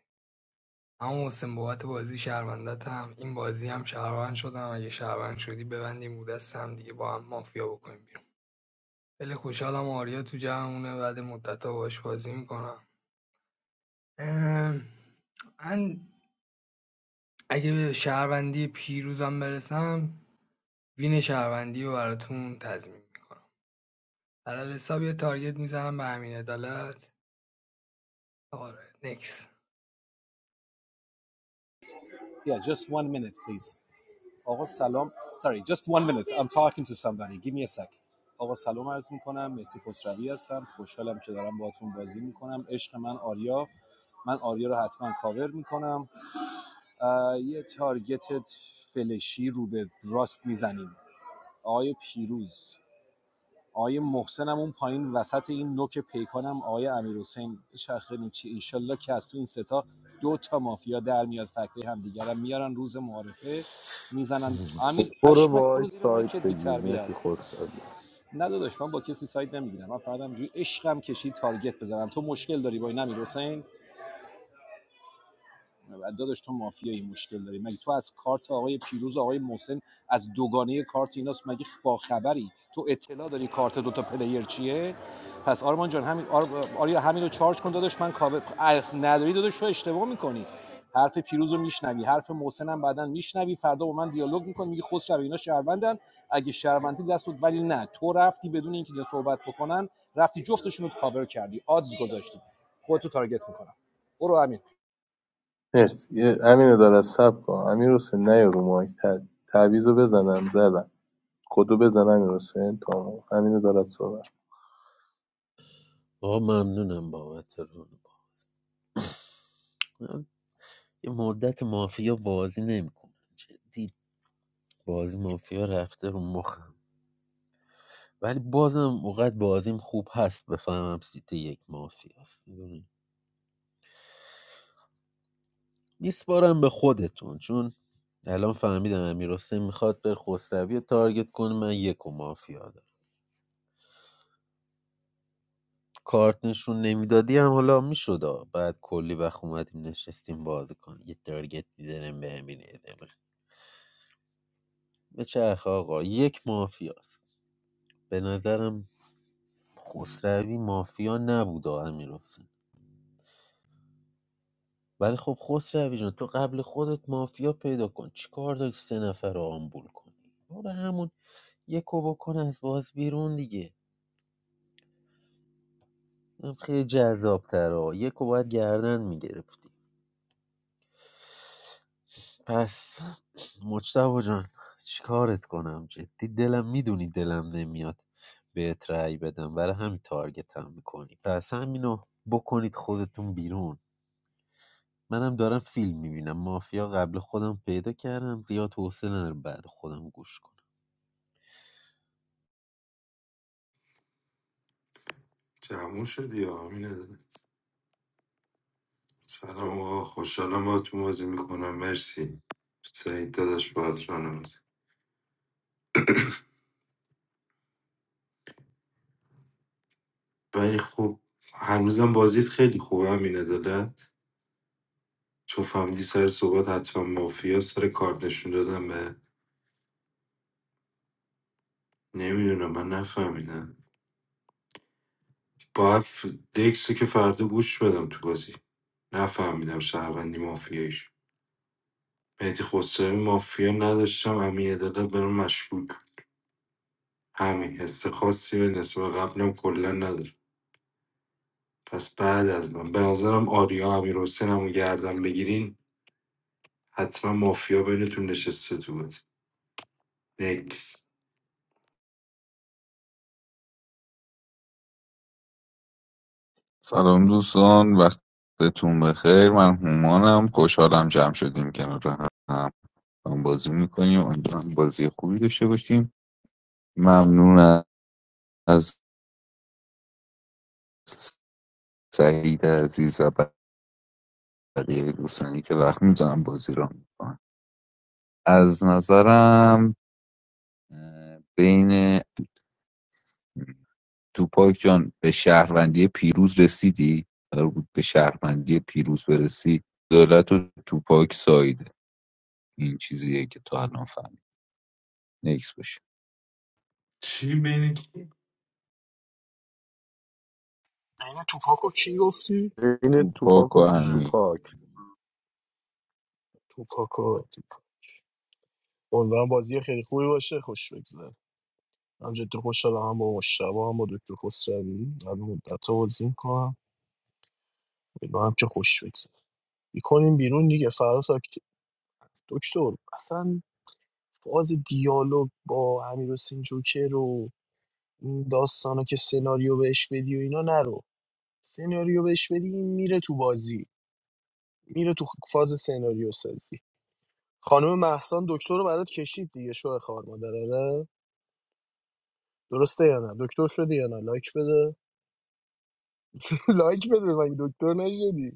اما حسین بابت بازی شهروندت هم این بازی هم شهروند شدم اگه شهروند شدی ببندیم بود هم دیگه با هم مافیا بکنیم بیرون خیلی خوشحالم آریا تو جمعونه بعد مدت‌ها باش بازی میکنم من اگه به شهروندی پیروزم برسم وین شهروندی رو براتون تضمین میکنم علال حساب یه تارگت میزنم به امین عدالت آره نکس yeah just one minute please آقا سلام sorry just one minute I'm talking to somebody give me a sec آقا سلام عرض میکنم مهدی خسروی هستم خوشحالم که دارم باهاتون بازی میکنم عشق من آریا من آریا رو حتما کاور میکنم یه تارگت فلشی رو به راست میزنیم آقای پیروز آقای محسنم اون پایین وسط این نوک پیکانم آقای امیرحسین چرخه چی انشالله که از تو این ستا دو تا مافیا در میاد فکری هم دیگرم میارن روز معارفه میزنن امین برو پشمک باهاش برو زیر مایی سایت که بی بگیر متی تربیت خسروی نه داداش من با کسی ساید نمیگیرم من فقط همینجوری عشقم کشید تارگت بزنم تو مشکل داری با این امیر بعد داداش تو مافیایی مشکل داری مگه تو از کارت آقای پیروز و آقای محسن از دوگانه کارت ایناست مگه با خبری تو اطلاع داری کارت دوتا پلیر چیه پس آرمان جان همین آر... آریا همین رو چارج کن داداش من کاور اه، نداری داداش تو اشتباه میکنی حرف پیروز رو میشنوی حرف محسن هم بعدا میشنوی فردا با من دیالوگ میکنی میگی خسرو اینا شهروندن اگه شهروندی دست بود ولی نه تو رفتی بدون اینکه اینا صحبت بکنن رفتی جفتشون رو کاور کردی آدز گذاشتی خودتو تارگت میکنم برو همین مرسی یه- امین عدالت سب کن امیر حسین نیا رو مایک ت- تعویضو بزنم زدم کدو بزنم امیر حسین تا امین عدالت صحبت با ممنونم بابت رو من یه مدت مافیا بازی نمیکنم جدی بازی مافیا رفته رو مخم ولی بازم اوقات بازیم خوب هست بفهمم سیت یک مافیاست میسپارم به خودتون چون الان فهمیدم امیر میخواد بر خسروی رو تارگت کنه من یک و مافیا دارم کارت نشون نمیدادی هم حالا میشد بعد کلی وقت اومدیم نشستیم بازی کنیم یه تارگت میزنم به امین ادمه به چرخ آقا یک مافیاست به نظرم خسروی مافیا نبود امیر ولی خب خسروی جان تو قبل خودت مافیا پیدا کن چیکار داری سه نفر رو آمبول کنی برو همون یکو بکن از باز بیرون دیگه این خیلی جذاب تره یکو باید گردن میگرفتی پس مجتبا جان چیکارت کنم جدی دلم میدونی دلم نمیاد بهت رأی بدم برای همین تارگت هم میکنی پس همینو بکنید خودتون بیرون منم دارم فیلم میبینم مافیا قبل خودم پیدا کردم زیاد حوصله ندارم بعد خودم گوش کنم سلام آقا خوشحالم با تو بازی میکنم مرسی سعید داداش باهات رانه بازی ولی خب هنوزم بازیت خیلی خوبه همین عدالت چون فهمیدی سر صحبت حتما مافیا سر کارت نشون دادم به نمیدونم من نفهمیدم با اف... دکسو که فردا گوش بدم تو بازی نفهمیدم شهروندی مافیاییش مهدی خسروی مافیا نداشتم همین عدالت برام مشکوک بود. همین حس خاصی به نسبت به قبلم کلا نداره پس بعد از من به نظرم آریا امیر حسین هم گردن بگیرین حتما مافیا بینتون نشسته تو بازی نکس سلام دوستان وقتتون بخیر من هومانم خوشحالم جمع شدیم کنار هم هم بازی میکنیم امیدوارم بازی خوبی داشته باشیم ممنون از سعید عزیز و بقیه دوستانی که وقت میزنم بازی را میکنن از نظرم اه، بین توپاک جان به شهروندی پیروز رسیدی قرار بود به شهروندی پیروز برسی دولت و توپاک سایده این چیزیه که تا الان نکس باشه چی بین عین توپاکو کی گفتی؟ این تو پاک توپاک و و بشین من همین توپاک توپاکو امیدوارم بازی خیلی خوبی باشه خوش بگذره من جدی خوشحالم با مشتبه هم با دکتر خسروی قبل مدت ها بازی میکنم هم که خوش بگذره میکنیم بیرون دیگه فرات آکت- دکتر اصلا فاز دیالوگ با امیر حسین جوکر و این داستانا که سناریو بهش بدی و اینا نرو سناریو بهش بدی این میره تو بازی میره تو فاز سناریو سازی خانم محسان دکتر رو برات کشید دیگه شو خار مادر آره؟ درسته یا نه دکتر شدی یا نه لایک بده لایک بده من دکتر نشدی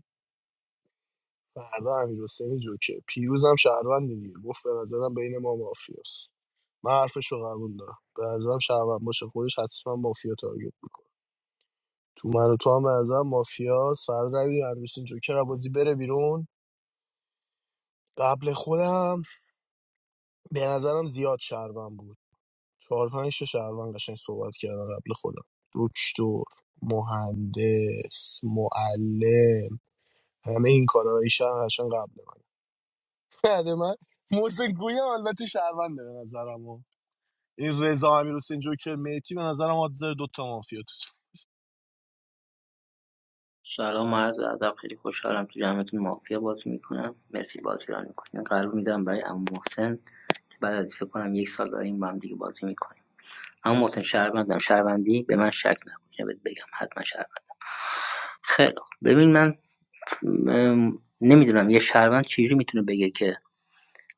فردا امیر حسین جوکر پیروزم شهروند دیگه گفت به نظرم بین ما مافیاست من حرفشو قبول دارم به نظرم شهروند باشه خودش حتما مافیا تارگت میکنه تو من و تو هم به نظرم مافیاست فردا روی امیر حسین جوکر بازی بره بیرون قبل خودم به نظرم زیاد شهروند بود چهار پنج تا شهروند قشنگ صحبت کردن قبل خودم دکتر مهندس معلم همه این کارهای شهر قشنگ قبل من بعد من محسن گویه البته شهرونده به نظرم این رضا امیر حسین جوکر مهدی به نظرم آدزر دوتا مافیا تو سلام و عرض ادب خیلی خوشحالم تو جمعتون مافیا بازی میکنم مرسی بازی رو میکنین قلب میدم برای عمو محسن که بعد از فکر کنم یک سال داریم با هم دیگه بازی میکنیم عمو محسن شهروندم شهروندی به من شک نکن اینو بهت بگم حتما شهروند خیلی خوب. ببین من م... نمیدونم یه شهروند چجوری میتونه بگه که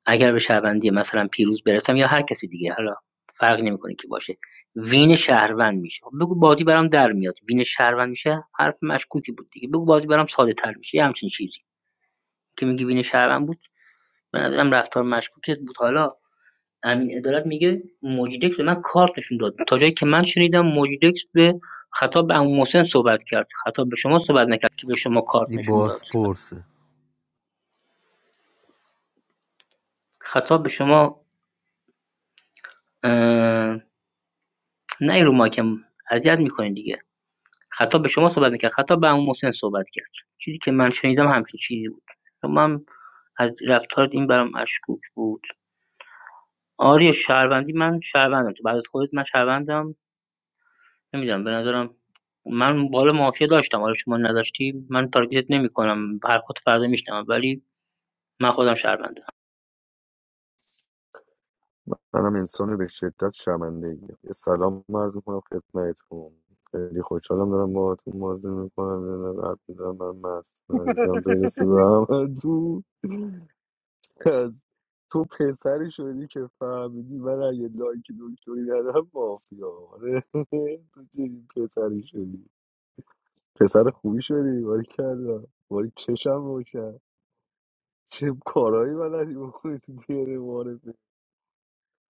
اگر به شهروندی مثلا پیروز برسم یا هر کسی دیگه حالا فرقی نمیکنه که باشه وین شهروند میشه خب بگو بازی برام در میاد وین شهروند میشه حرف مشکوکی بود دیگه بگو بازی برام ساده تر میشه یه همچین چیزی که میگی وین شهروند بود به نظرم رفتار مشکوکت بود حالا امین عدالت میگه موجیدکس به من کارت نشون داد تا جایی که من شنیدم موجیدکس به خطاب به عمو محسن صحبت کرد خطاب به شما صحبت نکرد که به شما کارت این نشون داد بازپرسه خطاب به شما اه، نه رو ماکم اذیت میکنین دیگه خطاب به شما صحبت نکرد خطاب به عمو محسن صحبت کرد چیزی که من شنیدم همچین چیزی بود اما هم از رفتارت این برام مشکوک بود آریا شهروندی من شهروندم تو بعد از خودت من شهروندم نمیدونم به نظرم من بالا مافیا داشتم حالا شما نداشتی من تارگتت نمیکنم هر خود فردا میشنم ولی من خودم شهروندم منم انسان به شدت شرمنده ایم. یه سلام عرض میکنم خدمتتون خیلی خوشحالم دارم باهاتون بازی میکنم یه دونه قلب می‌زنم. من مست عزیزم برسه به همتون از تو پسری شدی که فهمیدی من اگه لایک دکتری ندم مافیا آره تو چنین پسری شدی پسر خوبی شدی باری کردم باری چشم رو کرد چه کارهایی بلدی بکنی تو دیره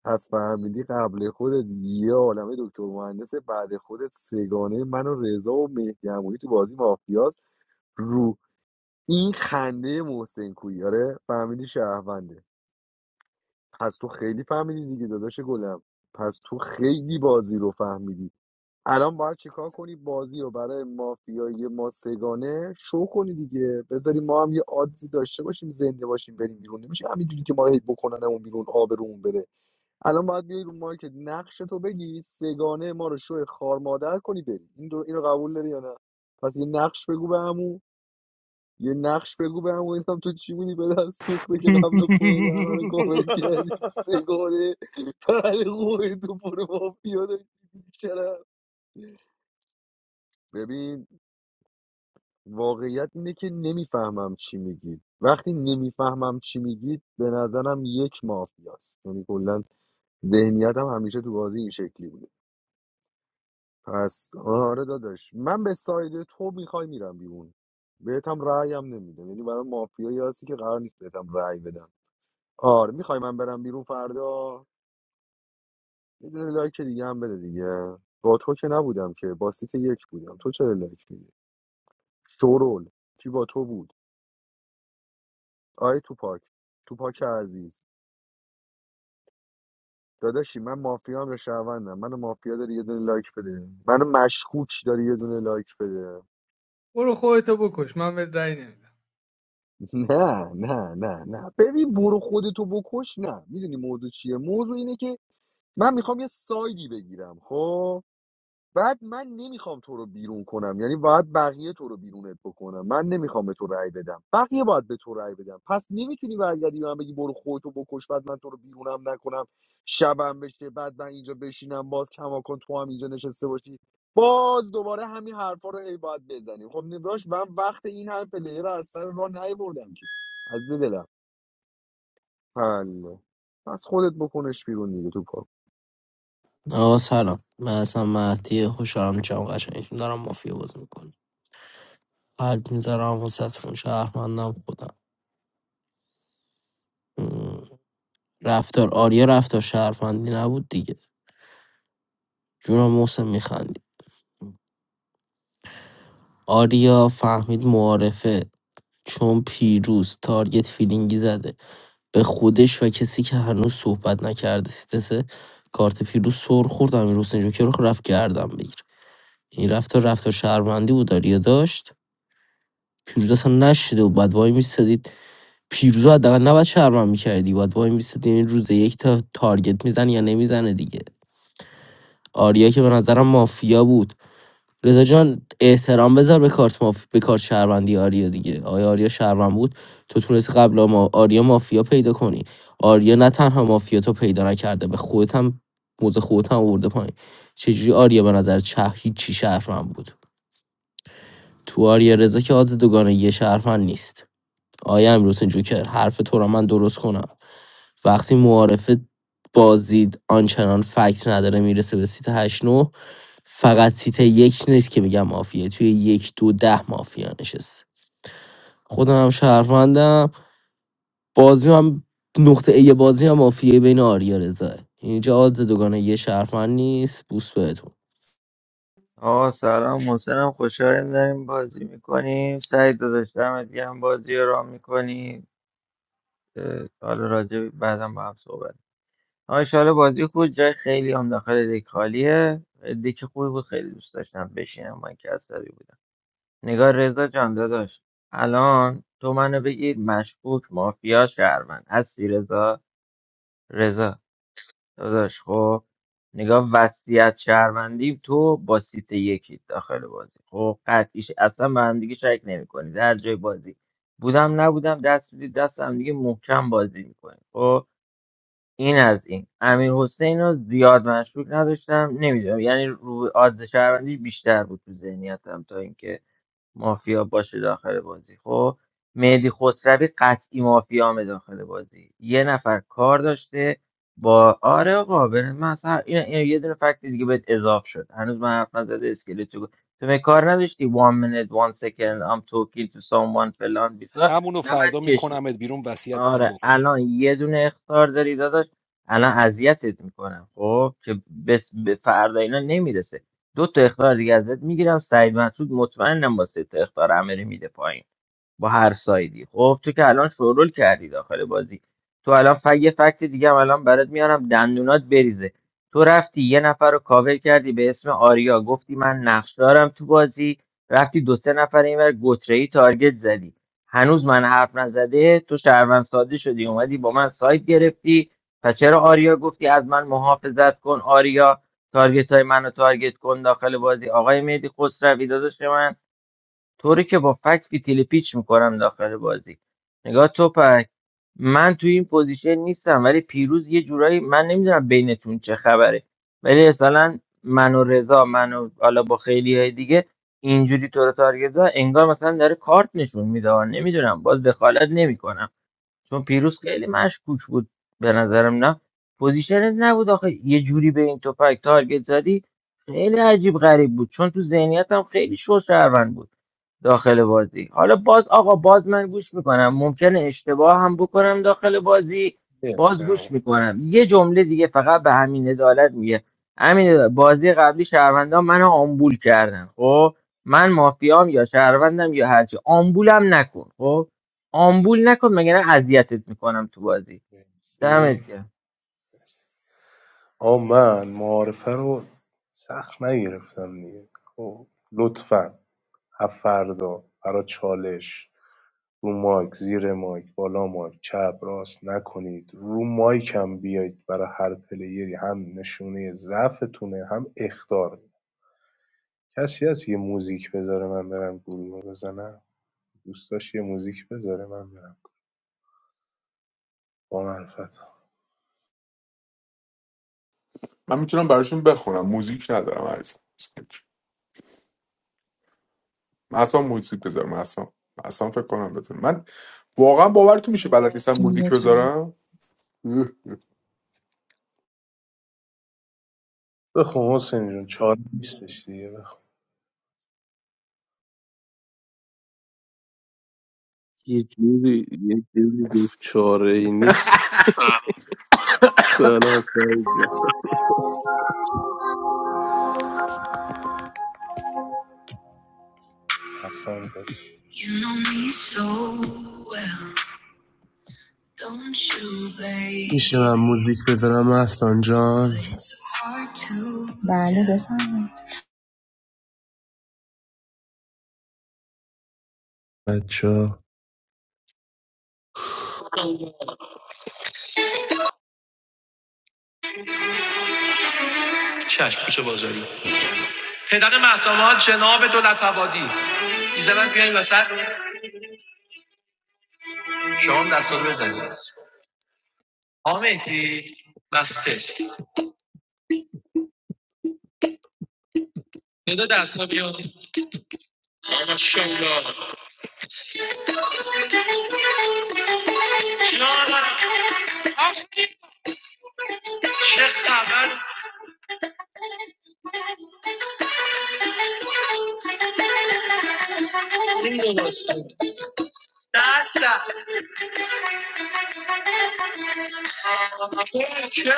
پس فهمیدی قبل خودت یه عالمه دکتر مهندس بعد خودت سگانه من و رضا و مهدی عمویی تو بازی مافیاز رو این خنده محسن کویی آره فهمیدی شهرونده پس تو خیلی فهمیدی دیگه داداش گلم پس تو خیلی بازی رو فهمیدی الان باید چیکار کنی بازی رو برای مافیای ما سگانه شو کنی دیگه بذاری ما هم یه عادی داشته باشیم زنده باشیم بریم بیرون نمیشه همینجوری که ما رو هی بکننمون بیرون آبرومون بره الان باید بیای رو مایکت نقش تو بگی سگانه ما رو شو خار مادر کنی بری این دو اینو قبول داری یا نه پس یه نقش بگو به عمو یه نقش بگو به عمو اینم تو چی بودی بدن سوخته که قبل خودت همه رو کامل کردی سگانه پهل خوبه تو برو مافیا داری. چرا ببین واقعیت اینه که نمیفهمم چی میگید وقتی نمیفهمم چی میگید به نظرم یک مافیاست یعنی کلا ذهنیتم همیشه تو بازی این شکلی بوده پس آره داداش من به ساید تو میخوای میرم بیرون بهت هم رأی هم نمیدم یعنی برای مافیایی هستی که قرار نیست بهت هم رأی بدم آره میخوای من برم بیرون فردا یه دونه لایک دیگه هم بده دیگه با تو که نبودم که با سیت یک بودم تو چرا لایک میدی شورول کی با تو بود آی تو پاک تو پاک عزیز داداشی من مافیا هم یا شهروندم منو مافیا داری یه دونه لایک بده منو مشکوک داری یه دونه لایک بده برو خودتو بکش من بهت رأی نمیدم نه نه نه نه ببین برو خودتو بکش نه میدونی موضوع چیه موضوع اینه که من میخوام یه سایدی بگیرم خب بعد من نمیخوام تو رو بیرون کنم یعنی باید بقیه تو رو بیرونت بکنم من نمیخوام به تو رأی بدم بقیه باید به تو رأی بدم پس نمیتونی برگردی به من بگی برو خودتو بکش بعد من تو رو بیرونم نکنم شبم بشه بعد من اینجا بشینم باز کماکن تو هم اینجا نشسته باشی باز دوباره همین حرفا رو ای باید بزنیم خب نبراش من وقت این هم پلیر رو از سر راه نیبردم که از دلم حله پس خودت بکنش بیرون دیگه تو پا آقا سلام من اصلا مهدی خوشحالم جمع قشنگتون دارم مافیا بازی میکنم قلب میذارم واسهتون شهرمندم خودم مم. رفتار آریا رفتار شهرمندی نبود دیگه جونم محسن میخندی آریا فهمید معارفه چون پیروز تارگت فیلینگی زده به خودش و کسی که هنوز صحبت نکرده سیتسه کارت پیروز سر خوردم این روز اینجا که رفت گردم بگیره این رفتار رفتار شهروندی بود آریا داشت پیروزه اصلا نشده و بعد وای میستدید پیروز حداقل نباید شهروند میکردی باید وای میستدی این روز یک تا تارگت میزنه یا نمیزنه دیگه آریا که به نظرم مافیا بود رضا جان احترام بذار به کارت ماف... به کارت شهروندی آریا دیگه آیا آریا شهروند بود تو تونستی قبل ما آریا مافیا پیدا کنی آریا نه تنها مافیا تو پیدا نکرده به خودت هم موزه خودت هم آورده پایین چجوری آریا به نظر چه هیچی شهروند بود تو آریارضا که آدز دوگانگی شهروند نیست آیا امروز جوکر حرف تو را من درست کنم وقتی معارفه بازید آنچنان فکت نداره میرسه به سیت هشت نو فقط سیت یک نیست که میگم مافیه توی یک دو ده مافیا نشست خودم هم شهروندم بازی هم نقطه ای بازی هم مافیه بین آریا رضاه اینجا آدز دوگانه یه شهروند نیست بوس بهتون آقا سلام محسنم خوشحالیم داریم بازی میکنیم سعید داداش دمت گرم بازی رو رام میکنی حالا راجع به- بعدم با هم صحبت آقا بازی خوب جای خیلی هم داخل دک خالیه دک خوبی بود خیلی دوست داشتم بشینم من که عصبی بودم نگار رضا جان داداش الان تو منو بگید مشکوک مافیا شهروند هستی رضا رضا داداش خب نگاه وصیت شهروندی تو با سیت یکی داخل بازی خب قطعیش اصلا به هم دیگه شک نمیکنید در جای بازی بودم نبودم دست میدید دست هم دیگه محکم بازی میکنید خب این از این امیر حسین رو زیاد مشکوک نداشتم نمیدونم یعنی روی آدز شهروندی بیشتر بود تو ذهنیتم تا اینکه مافیا باشه داخل بازی خب مهدی خسروی قطعی مافیامه داخل بازی یه نفر کار داشته با آره آقا بر- من اصلا این, این یه دونه فکت دیگه بهت اضاف شد هنوز من حرف نزده اسکلت تو تو می کار نداشتی one minute one second I'm talking to someone فلان بیسا همونو نباید فردا کش میکنمت بیرون وصیتم آره بکن الان یه دونه اختار داری داداش الان اذیتت میکنم خب که بس به فردا اینا نمیرسه دو تا اختار دیگه ازت میگیرم سعید مسعود مطمئنم با سه تا اختار عملی میده پایین با هر سایدی خب تو که الان شورول کردی داخل بازی تو الان ف... یه فکت دیگه هم الان برات میارم دندونات بریزه تو رفتی یه نفر رو کاور کردی به اسم آریا گفتی من نقش دارم تو بازی رفتی دو سه نفر اینور گتره ای تارگت زدی هنوز من حرف نزده تو شهروند ساده شدی اومدی با من سایت گرفتی پس چرا آریا گفتی از من محافظت کن آریا تارگت های منو تارگت کن داخل بازی آقای مهدی خسروی داداش من طوری که با فکت فیتیل پیچ میکنم داخل بازی نگاه توپک من توی این پوزیشن نیستم ولی پیروز یه جورایی من نمیدونم بینتون چه خبره ولی مثلا من و رضا من و حالا با خیلی های دیگه اینجوری تو رو تارگت زد، انگار مثلا داره کارت نشون میده نمیدونم باز دخالت نمیکنم چون پیروز خیلی مشکوک بود به نظرم نه پوزیشنت نبود آخه یه جوری به این توپک تارگت زدی خیلی عجیب غریب بود چون تو ذهنیتم خیلی شو شهروند بود داخل بازی حالا باز آقا باز من گوش میکنم ممکنه اشتباه هم بکنم داخل بازی باز گوش میکنم یه جمله دیگه فقط به همین عدالت میگه همین عدالت، بازی قبلی شهروندان منو آمبول کردن خب من مافیام یا شهروندم یا هرچی آمبولم نکن خب آمبول نکن مگه نه اذیتت میکنم تو بازی دمت گرم آ من معارفه رو سخت نگرفتم دیگه خب لطفا هفردا برا چالش رو مایک زیر مایک بالا مایک چپ راست نکنید رو مایکم بیایید برای هر پلیری هم نشونه ضعفتونه هم اختار کسی هست یه موزیک بذاره من برم گروه بزنم دوستاش یه موزیک بذاره من برم با معرفت من میتونم براشون بخونم موزیک ندارم عزیزم من اصلا موزیک بذارم اصلا اصلا فکر کنم بتونم من واقعا باورتون میشه بلد نیستم موزیک یه چند. بذارم اه. بخون حسین جون چاره نیستش دیگه بخون یه جوری یه جوری گفت چاره ای نیست سلام سعید جان. احسان جان You know me so well, don't you, میشه من baby? موزیک بذارم احسان But جان it's so hard to. Darling, بچه چشم پوش بازاری پدر محتمال جناب دولت آبادی ایزمن بیاین وسط شما هم دستا رو بزنید آقا مهدی بسته پدر دستا بیاد ماشاءالله John, Sheikh, Man, English, Master, Teacher,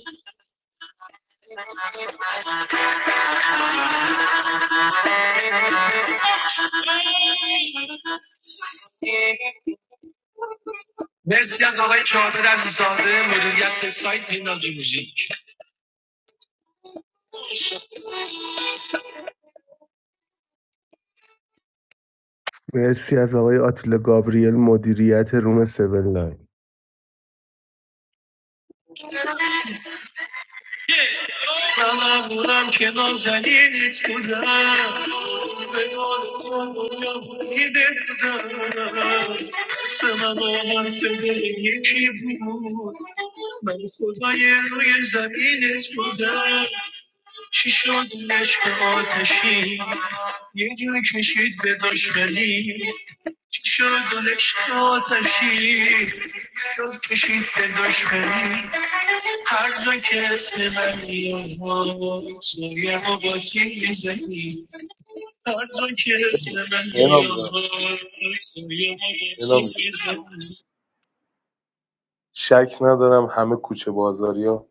Sheikh. مرسی از آقای چهارده علیزاده مدیریت سایت هنداجی موزیک مرسی از آقای آتیل گابریل مدیریت روم 7 لاین هممونم که نازنینت بودم به آرمان دنیا بریده بودم حرف من و حرف دل یکی بود من خدای روی زمینت بودم چی شد این عشق آتشی یه جوی کشید به دشمنی چی شد اون عشق آتشی شد کشید به دشمنی هر جا که اسم من میاد سویه ما با میزنی هر جا که اسم من میاد سویه اینام جان ما با اینام جان میزنی شک ندارم همه کوچه بازاریا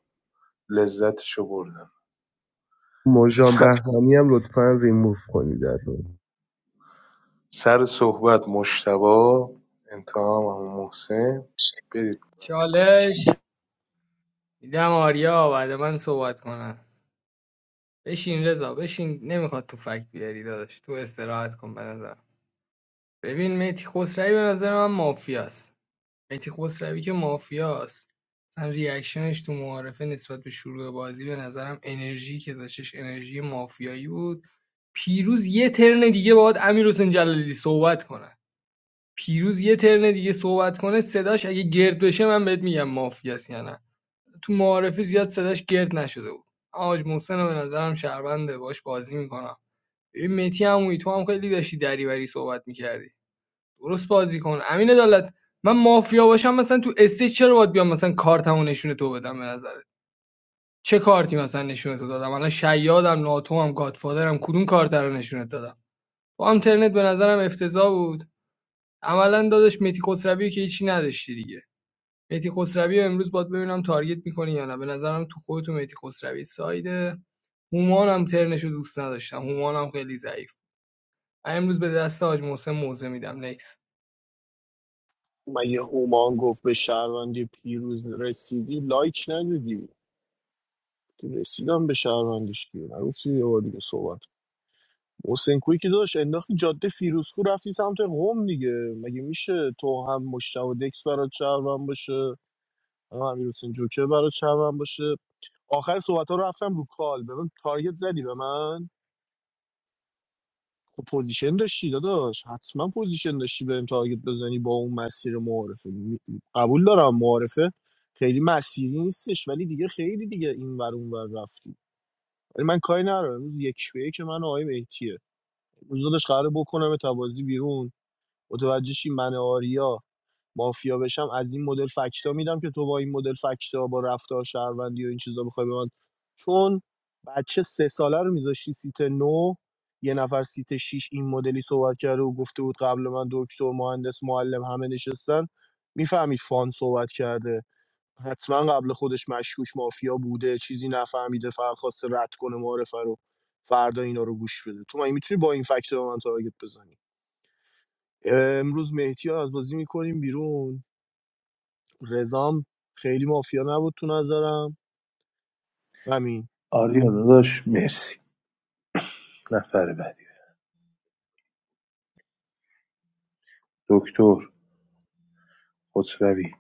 لذتشو بردن مژان بهمنی هم لطفا ریموف کنید در رو سر صحبت مجتبی انتهام هم محسن برید چالش میدم آریا بعد من صحبت کنم بشین رضا بشین نمیخواد تو فکت بیاری داداش تو استراحت کن به نظرم ببین میتی خسروی به نظر من مافیاست میتی خسروی که مافیاست مثلا ریاکشنش تو معارفه نسبت به شروع بازی به نظرم انرژی که داشتش انرژی مافیایی بود پیروز یه ترن دیگه باید امیر حسین جلالی صحبت کنه پیروز یه ترن دیگه صحبت کنه صداش اگه گرد بشه من بهت میگم مافیاست یا نه تو معارفه زیاد صداش گرد نشده بود آج محسن رو به نظرم شهرونده باش بازی میکنه. ببین مهدی عمویی تو هم خیلی داشتی دریوری صحبت میکردی درست بازی کن امین عدالت من مافیا باشم مثلا تو استیج چرا باید بیام مثلا کارتمو نشونه تو بدم به نظرت چه کارتی مثلا نشونه تو دادم الان شیادم ناتوم گادفادرم کدوم کارت رو نشونت دادم با اینترنت به نظرم افتضاح بود عملا دادش مهدی خسروی که هیچی نداشتی دیگه مهدی خسروی امروز باید ببینم تارگت میکنی یا نه به نظرم تو خودت و مهدی خسروی سایده هومان هم ترنشو دوست نداشتم هومان هم خیلی ضعیف من امروز به دست حاج محسن موزه میدم نکس مگه هومان گفت به شهروندی پیروز رسیدی لایک ندادی که رسیدم به شهروندیش دیگه نگفتی یه بار دیگه صحبت حسین کوی که داشت انداختی جاده فیروزکو رفتی سمت قم دیگه مگه میشه تو هم مشتاق دکس برات شهروند باشه هم امیر حسین جوکر برات شهروند باشه آخر صحبت ها رفتم رو کال به من تارگت زدی به من خب پوزیشن داشتی داداش حتما پوزیشن داشتی بریم تارگت بزنی با اون مسیر معارفه م- قبول دارم معارفه خیلی مسیری نیستش ولی دیگه خیلی دیگه این ور اون ور رفتی ولی من کاری ندارم امروز یک به یک من و آقای مهدیه امروز داداش قراره بکنم تبازی بیرون متوجه شی من و آریا مافیا بشم از این مدل فکتا میدم که تو با این مدل فکتا با رفتار شهروندی و این چیزا بخوای به من چون بچه سه ساله رو میذاشتی سیت نو یه نفر سیت شیش این مدلی صحبت کرده و گفته بود قبل من دکتر مهندس معلم همه نشستن میفهمید فان صحبت کرده حتما قبل خودش مشکوش مافیا بوده چیزی نفهمیده فقط خواسته رد کنه معرفه رو فردا اینا رو گوش بده تو مگه میتونی با این فکتور من تارگت بزنی امروز مهدی رو از بازی میکنیم بیرون رزام خیلی مافیا نبود تو نظرم همین آریا داداش مرسی نفر بعدی دکتر خسروی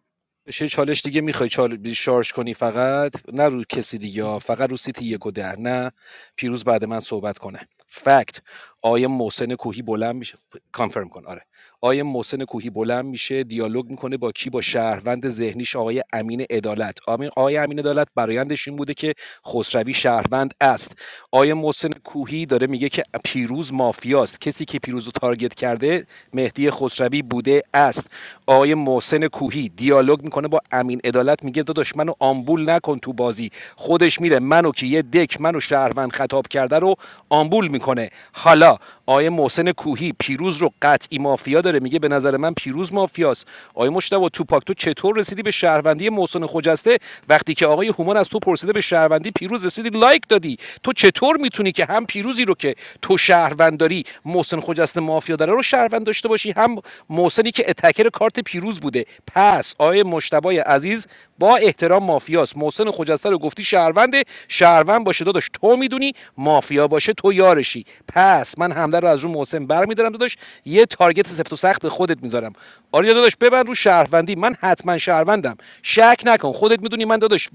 چه چالش دیگه میخوای چال... شارژ کنی فقط نه رو کسی دیگه فقط رو سیتی یک و ده نه پیروز بعد من صحبت کنه فکت آیه محسن کوهی بلند میشه کانفرم کن آره آیه محسن کوهی بلند میشه دیالوگ میکنه با کی با شهروند ذهنیش آقای امین عدالت آمین آیه امین عدالت برایندش این بوده که خسروی شهروند است آیه محسن کوهی داره میگه که پیروز مافیاست کسی که پیروز رو تارگت کرده مهدی خسروی بوده است آیه محسن کوهی دیالوگ میکنه با امین عدالت میگه داداش منو آمبول نکن تو بازی خودش میره منو که یه دک منو شهروند خطاب کرده رو آمبول میکنه حالا آیه محسن کوهی پیروز رو قطعی مافیا داره میگه به نظر من پیروز مافیاست آیه مشتبه توپاک تو چطور رسیدی به شهروندی محسن خجسته وقتی که آقای هومان از تو پرسیده به شهروندی پیروز رسیدی لایک دادی تو چطور میتونی که هم پیروزی رو که تو شهروند داری محسن خجسته مافیا داره رو شهروند داشته باشی هم محسنی که اتکر کارت پیروز بوده بوده پس آیه مشتبای عزیز با احترام مافیاست محسن خجسته رو گفتی شهرونده شهروند باشه داداش تو میدونی مافیا باشه تو یارشی پس من حمله رو از رو محسن برمیدارم داداش یه تارگت سفت و سخت به خودت میذارم آریا داداش ببند رو شهروندی من حتما شهروندم شک نکن خودت میدونی من داداش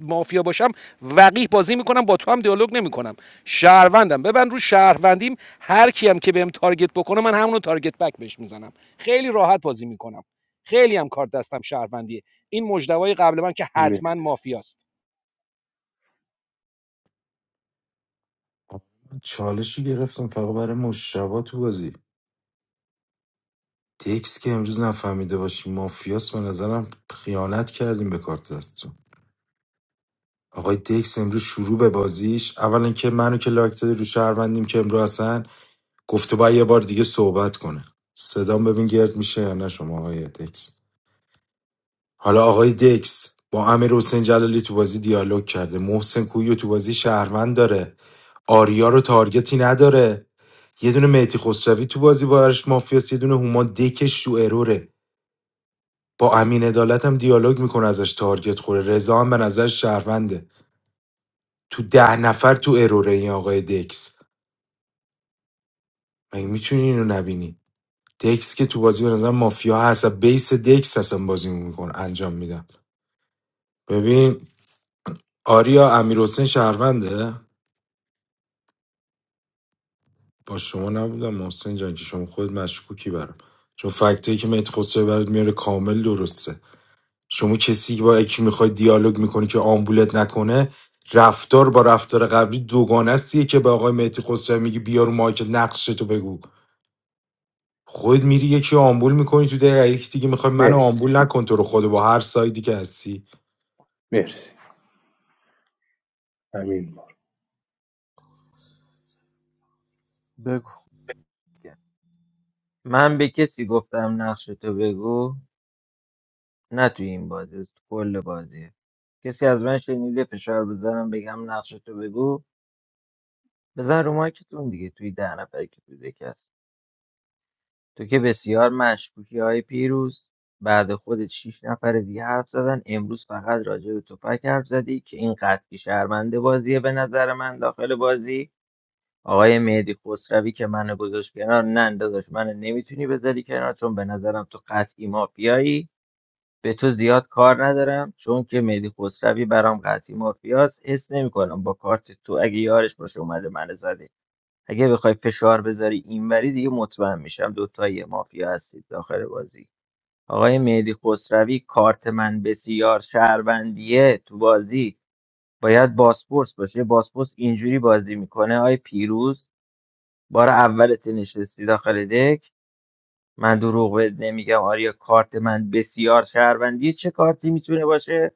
مافیا باشم وقیح بازی میکنم با تو هم دیالوگ نمیکنم شهروندم ببند رو شهروندیم هر کیم که بهم تارگت بکنه من همونو تارگت بک بهش میزنم خیلی راحت بازی میکنم خیلی هم کارت دستم شهروندیه این مجدوای قبل من که حتما مرسی مافیاست چالشی گرفتم فقط برای مشابه تو بازی تکس که امروز نفهمیده باشی مافیاس به نظرم خیانت کردیم به کارت دستتون آقای دکس امروز شروع به بازیش اولا که منو که لایک داده رو شهروندیم که امروز اصلا گفته باید یه بار دیگه صحبت کنه صدام ببین گرد میشه یا نه شما آقای دکس حالا آقای دکس با امیر حسین جلالی تو بازی دیالوگ کرده محسن کویو تو بازی شهروند داره آریا رو تارگتی نداره یه دونه مهدی خسروی تو بازی با ارش مافیاس یه دونه هما دکش تو اروره با امین عدالت هم دیالوگ میکنه ازش تارگت خوره رضا هم به نظر شهرونده تو ده نفر تو اروره این آقای دکس مگه میتونی اینو نبینی دکس که تو بازی به نظر مافیا هست بیس دکس هستم بازی میکن انجام میدم ببین آریا امیر حسین شهرونده با شما نبودم محسن جان که شما خود مشکوکی برام چون فکتایی که مهدی خسروی برات میاره کامل درسته شما کسی که با یکی میخوای دیالوگ میکنی که آمبولت نکنه رفتار با رفتار قبلی دوگانه استیه که به آقای مهدی خسروی میگی بیا رو مایک نقشتو بگو خود میری یکی رو آمبول میکنی تو دقیقه یکی دیگه میخوای منو مرسی آمبول نکن تو رو خود با هر سایدی که هستی مرسی امین بار بگو من به کسی گفتم نقش تو بگو نه توی این بازی کل بازی. کسی از من شنیده فشار بزنم بگم نقشتو بگو بزن رو مایکتون دیگه توی ده نفر که توی دک هست تو که بسیار مشکوکی های پیروز بعد خودت شیش نفر دیگه حرف زدن امروز فقط راجع به توپک حرف زدی که این قطعی شرمنده بازیه به نظر من داخل بازی آقای مهدی خسروی که منو گذاشت کنار نه داداش من نمیتونی بذاری کنار چون به نظرم تو قطعی مافیایی به تو زیاد کار ندارم چون که مهدی خسروی برام قطعی مافیاست حس نمیکنم با کارت تو اگه یارش باشه اومده من زده اگه بخوای فشار بذاری اینوری دیگه مطمئن میشم دوتایی مافیا هستید داخل بازی آقای مهدی خسروی کارت من بسیار شهروندیه تو بازی باید باسپورس باشه باسپورس اینجوری بازی میکنه آی پیروز بار اولت نشستی داخل دک من دروغ بهت نمیگم آریا کارت من بسیار شهروندیه چه کارتی میتونه باشه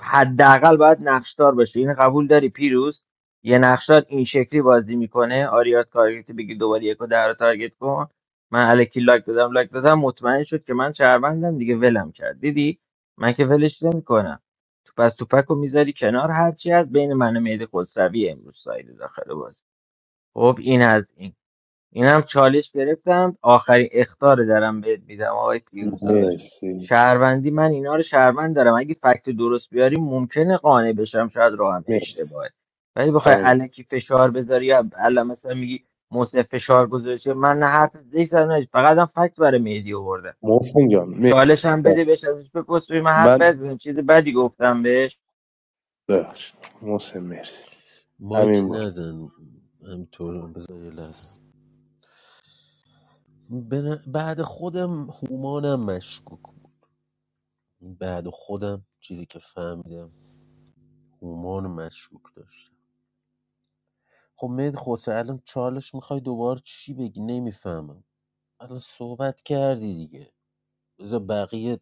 حداقل باید نقشدار باشه این قبول داری پیروز یه نقشدار این شکلی بازی میکنه آریات تارگت بگی دوباره یک و در رو تارگت کن من الکی لایک دادم لایک دادم مطمئن شد که من شهروندم دیگه ولم کرد دیدی من که ولش نمیکنم تو پس توپک رو میذاری کنار هرچی از بین من و مهدی خسروی امروز سایده داخل بازی خب این از این اینم چالش گرفتم آخرین اختار دارم بهت میدم آقای فیروزا داشت مرسی شهروندی من اینا رو شهروند دارم اگه فکت درست بیاری ممکنه قانع بشم شاید راهم مرسی اشتباهه ولی بخوای امون الکی فشار بذاری یا الا مثلا میگی موسی فشار گذاشته من نه حرف زی زدم نه هیچ. فقط هم فکت برای مهدی آوردم محسن جان چالش مرسی هم بده بهش ازش بپرس ببین من حرف من بزنم چیز بدی گفتم بهش ببخشید محسن مرسی مایک امین بار نزن همینطور بذار یه لحظه. به بعد خودم هومانم مشکوک بود بعد خودم چیزی که فهمیدم هومان مشکوک داشتم خب مید خودت الان چالش میخوای دوباره چی بگی نمیفهمم الان صحبت کردی دیگه بذار بقیه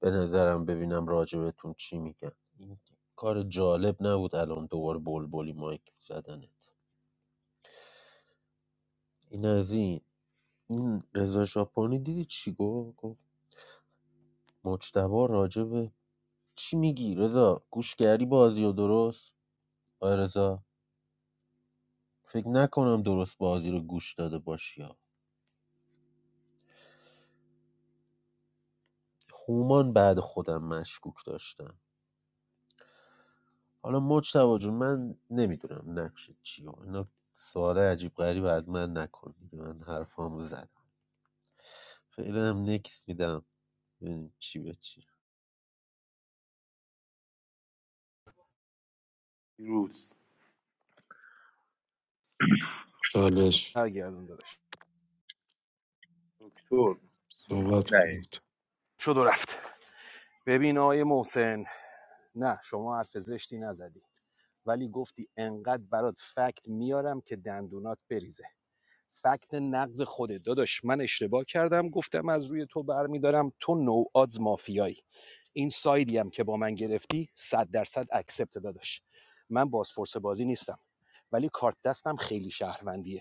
به نظرم ببینم راجبتون چی میگن این کار جالب نبود الان دوباره بلبلی مایک زدنت این از این این رضا ژاپنی دیدی چی گفت گفت مجتبی راجب چی میگی رضا گوش کردی بازی و درست آره رضا فکر نکنم درست بازی رو گوش داده باشی ها هومان بعد خودم مشکوک داشتم حالا مجتبا جون من نمیدونم نقش چی و اینا سوال عجیب غریب از من نکن دیگه. من حرفامو زدم فعلا هم نکس میدم ببینیم چی به چی روز چالش هرگردون داداش دکتر صحبت نه کنید شد و رفت ببین آقای محسن نه شما حرف زشتی نزدی ولی گفتی انقدر برات فکت میارم که دندونات بریزه فکت نقض خوده داداش من اشتباه کردم گفتم از روی تو برمیدارم تو نو آدز مافیایی این سایدی هم که با من گرفتی صد درصد اکسپت داداش من بازپرس بازی نیستم ولی کارت دستم خیلی شهروندیه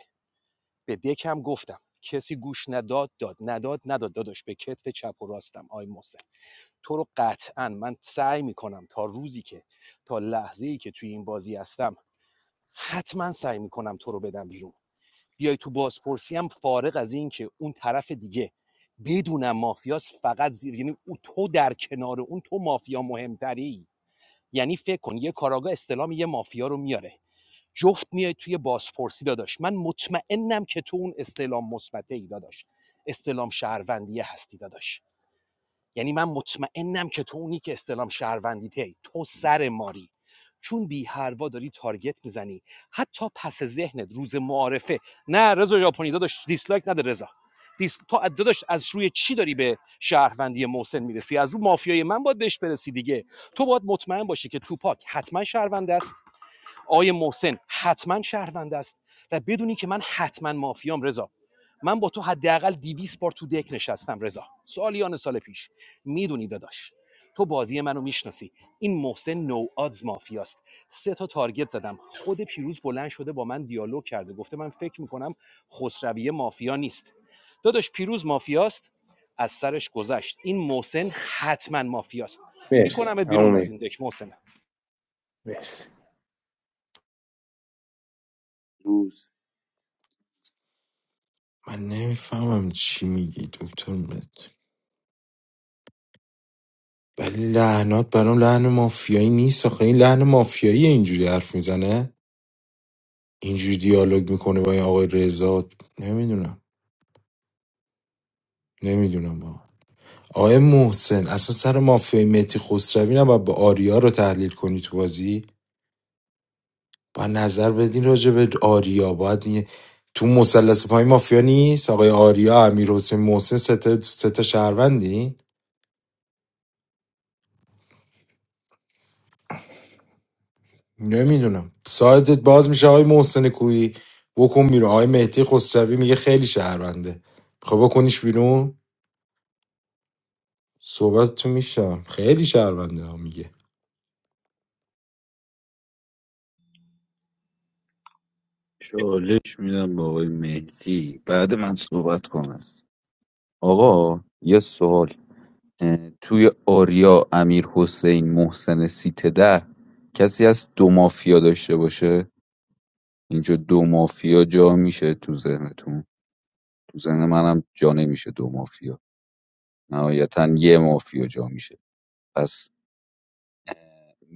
به دکم گفتم کسی گوش نداد داد نداد نداد داداش به کتف چپ و راستم آی محسن تو رو قطعا من سعی میکنم تا روزی که تا لحظه ای که توی این بازی هستم حتما سعی میکنم تو رو بدم بیرون بیای تو بازپرسی هم فارغ از این که اون طرف دیگه بدونم مافیاس فقط زیر یعنی تو در کنار اون تو مافیا مهمتری یعنی فکر کن یه کاراگاه استلام یه مافیا رو میاره جفت میای توی بازپرسی داداش من مطمئنم که تو اون استعلام مثبته ای داداش استعلام شهروندیه هستی داداش یعنی من مطمئنم که تو اونی که استعلام شهروندیته ای. تو سر ماری چون بی هروا داری تارگت میزنی حتی پس ذهنت روز معارفه نه رضا ژاپنی داداش دیسلایک نده رضا دیس... تو از- داداش از روی چی داری به شهروندی محسن میرسی از رو مافیای من باید بهش برسی دیگه تو باید مطمئن باشی که توپاک حتما شهروند است آقای محسن حتما شهروند است و بدونی که من حتما مافیام رضا من با تو حداقل 200 بار تو دک نشستم رضا سالیان سال پیش میدونی داداش تو بازی منو میشناسی این محسن نو آدز مافیاست سه تا تارگت زدم خود پیروز بلند شده با من دیالوگ کرده گفته من فکر میکنم خسرویه مافیا نیست داداش پیروز مافیاست از سرش گذشت این محسن حتما مافیاست مرسی میکنمت امون بیرون از این مهدی. دک محسن مرسی روز من نمیفهمم چی میگی دکتر مت ولی لحنات برام لحن مافیایی نیست آخه این لحن مافیایی اینجوری حرف میزنه اینجوری دیالوگ میکنه با این آقای رضا نمیدونم نمیدونم با آقای محسن اصلا سر مافیای متی خسروی نباید با آریا رو تحلیل کنی تو بازی با نظر بدین راجع به آریا باید یه- تو مثلث پای مافیا نیست آقای آریا امیر حسین محسن سه تا سه تا شهروندی نمیدونم سایتت باز میشه آقای محسن کویی بکن بیرون آقای مهدی خسروی میگه خیلی شهرونده خب بکنیش بیرون صحبت تو میشم خیلی شهرونده ها میگه چالش میدم به آقای مهدی بعد من صحبت کنم آقا یه سوال توی آریا امیر حسین محسن سیت ده کسی از دو مافیا داشته باشه اینجا دو مافیا جا میشه تو ذهنتون تو ذهن منم جا نمیشه دو مافیا نهایتا یه مافیا جا میشه پس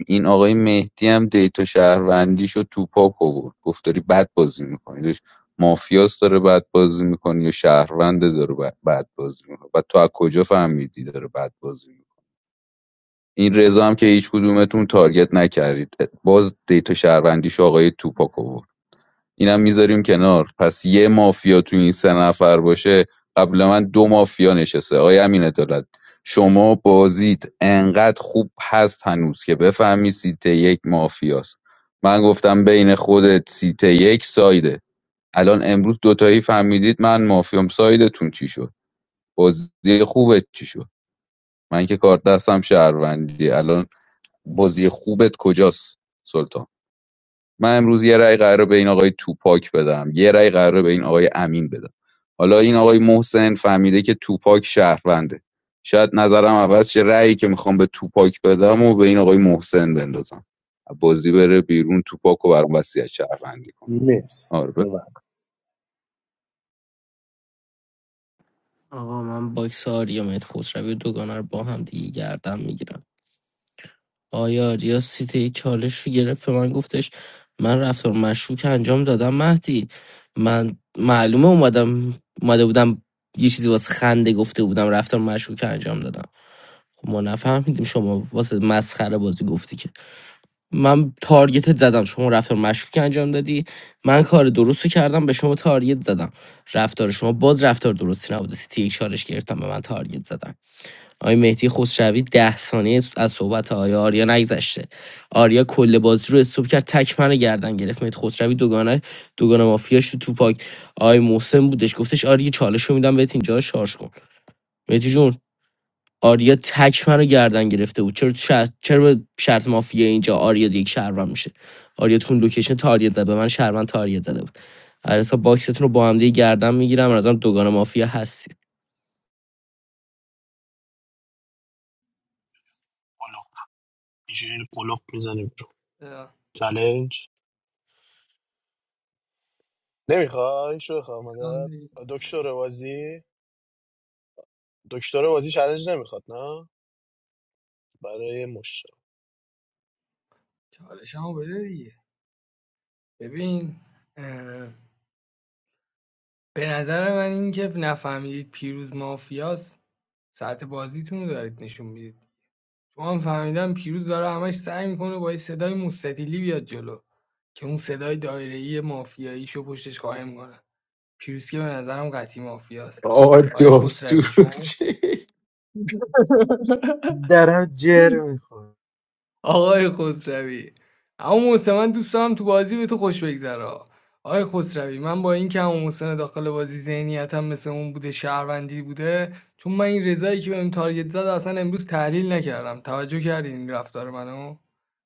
این آقای مهدی هم دیتا شهروندیشو تو پاک آورد گفت داری بد بازی میکنی داشت مافیاس داره بد بازی میکنی یا شهرونده داره ب- بد بازی میکنه و تو از کجا فهمیدی داره بد بازی میکنه این رضا هم که هیچ کدومتون تارگت نکردید باز دیتا شهروندیش آقای توپاک آورد اینم میذاریم کنار پس یه مافیا تو این سه نفر باشه قبل من دو مافیا نشسته آیا امین عدالت شما بازیت انقدر خوب هست هنوز که بفهمی سیت یک مافیاست من گفتم بین خودت سیت یک سایده الان امروز دوتایی فهمیدید من مافیام سایدتون چی شد بازی خوبت چی شد من که کار دستم شهروندی الان بازی خوبت کجاست سلطان من امروز یه رأی قراره به این آقای توپاک بدم یه رأی قراره به این آقای امین بدم حالا این آقای محسن فهمیده که توپاک شهرونده شاید نظرم عوض شه رأیی که میخوام به توپاک بدم و به این آقای محسن بندازم بازی بره بیرون توپاک و برام وصیت شهروندی کن مرسی آره بفرمایید. اوما آقا من باکس آریا مت خسروی و دوگانه رو با هم دیگه گردم میگیرم آیا ریاست ای چالش رو گرفت به من گفتش من رفتار مشکوک انجام دادم مهدی من معلومه اومدم اومده بودم یه چیزی واسه خنده گفته بودم رفتار مشکوک انجام دادم خب ما نفهمیدیم شما واسه مسخره بازی گفتی که من تارگتت زدم شما رفتار مشکوک انجام دادی من کار درست رو کردم به شما تارگت زدم رفتار شما باز رفتار درستی نبوده سی تی یک چالش گرفتم به من تارگت زدم آقای مهدی خسروی ده ثانیه از صحبت آیا آریا نگذشته آریا کل بازی رو استوب کرد تک منو گردن گرفت مهدی خسروی دوگانه دوگانه مافیاش رو تو پاک آقای محسن بودش گفتش آریا چالش رو میدم بهت اینجا شارژ کن مهدی جون آریا تک منو گردن گرفته بود چرا تو شرط چرا به شرط مافیا اینجا آریا دیگه شهروند میشه آریا تو اون لوکیشن تاریت زد به من شهروند تاریت زده بود علیرضا باکستون رو با هم دیگه گردن میگیرم از دوگانه مافیا هستید قلوب اینجوری قلوب میزنیم رو چلنج نمیخوای شو خواهم مدد دکتر بازی دکتر بازی چلنج نمیخواد نه برای مشت چالش هم بده دیگه ببین به نظر من این اینکه نفهمیدید پیروز مافیاست ساعت بازیتون رو دارید نشون میدید شما هم فهمیدم پیروز داره همش سعی میکنه با یه صدای مستطیلی بیاد جلو که اون صدای دایره‌ای مافیاییشو پشتش قایم کنه پیروز که به نظرم قطعی مافیاست آرت آقای آف تو خسروی شما چی؟ درم جر میخوره آقای خسروی اما محسن من دوست دارم تو بازی به تو خوش بگذره آقای خسروی من با اینکه اما محسن داخل بازی ذهنیتم مثل اون بوده شهروندی بوده چون من این رضایی که بهم تارگت زد اصلا امروز تحلیل نکردم توجه کردین این رفتار منو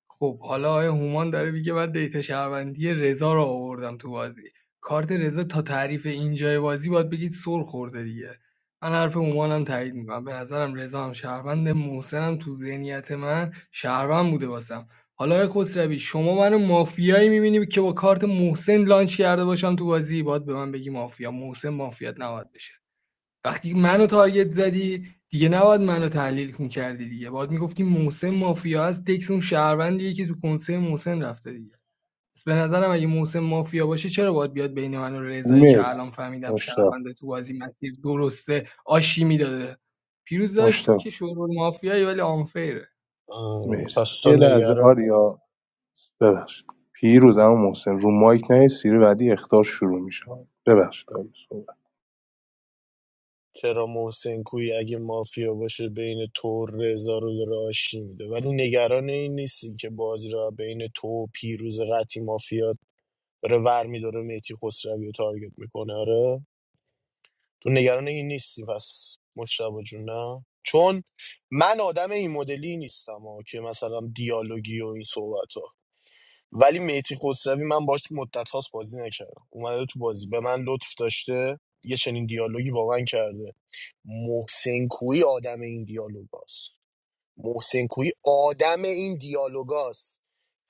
خب حالا آقای هومان داره میگه من دیتا شهروندی رضا رو آوردم تو بازی کارت رضا تا تعریف اینجای بازی باید بگید سر خورده دیگه من حرف هومانم تایید میکنم به نظرم رضا هم شهروند محسنم تو ذهنیت من شهروند بوده واسم حالا آقای خسروی شما منو مافیایی میبینی که با کارت محسن لانچ کرده باشم تو بازی باید به من بگی مافیا محسن مافیات نباید بشه وقتی منو تارگت زدی دیگه نباید منو تحلیل میکردی دیگه باید میگفتی محسن مافیا هست تکس اون شهروندیه که تو کنسه محسن رفته دیگه پس به نظرم اگه محسن مافیا باشه چرا باید بیاد بین من و رضایی که الان مرسی فهمیدم مشتاق شهرونده تو بازی مسیر درسته آشی میداده پیروز داشت تو مشتاق که شورول مافیایی ولی آنفیره آه، مرسی پس تو یه لحظه نگران آریا ببخشید پیروز اما محسن رو مایک نه سیری بعدی اختار شروع میشه ببخشید آریا صحبت چرا محسن کوی اگه مافیا باشه بین تو رضا رو داره آشی میده ولی نگران این نیستی که بازی را بین تو و پیروز قطی مافیا داره ور میداره میتی خسروی رو تارگت میکنه آره تو نگران این نیستی پس مشتبه جون نه چون من آدم این مدلی نیستم ها که مثلا دیالوگی و این صحبت ها ولی میتی خسروی من باش مدت هاست بازی نکردم اومده تو بازی به من لطف داشته یه چنین دیالوگی با من کرده محسن کویی آدم این دیالوگاست محسن کویی آدم این دیالوگاست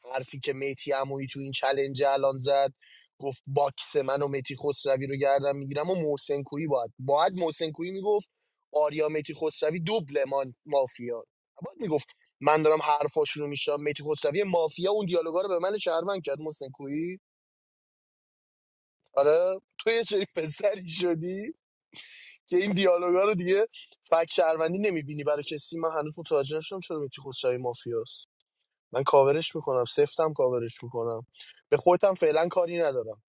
حرفی که میتی عمویی تو این چلنج الان زد گفت باکس من و میتی خسروی رو گردم میگیرم و محسن کویی باید باید محسن کویی میگفت آریا میتی خسروی دوبل ما مافیا باید میگفت من دارم حرفاشون رو میشنم میتی خسروی مافیا اون دیالوگا رو به من شهروند کرد محسن کویی آره تو یه چنین پسری شدی که این دیالوگا رو دیگه فک شهروندی نمیبینی برای کسی من هنوز متوجه نشدم چرا میتی خسروی مافیاست من کاورش میکنم سفتم کاورش میکنم به خودتم فعلا کاری ندارم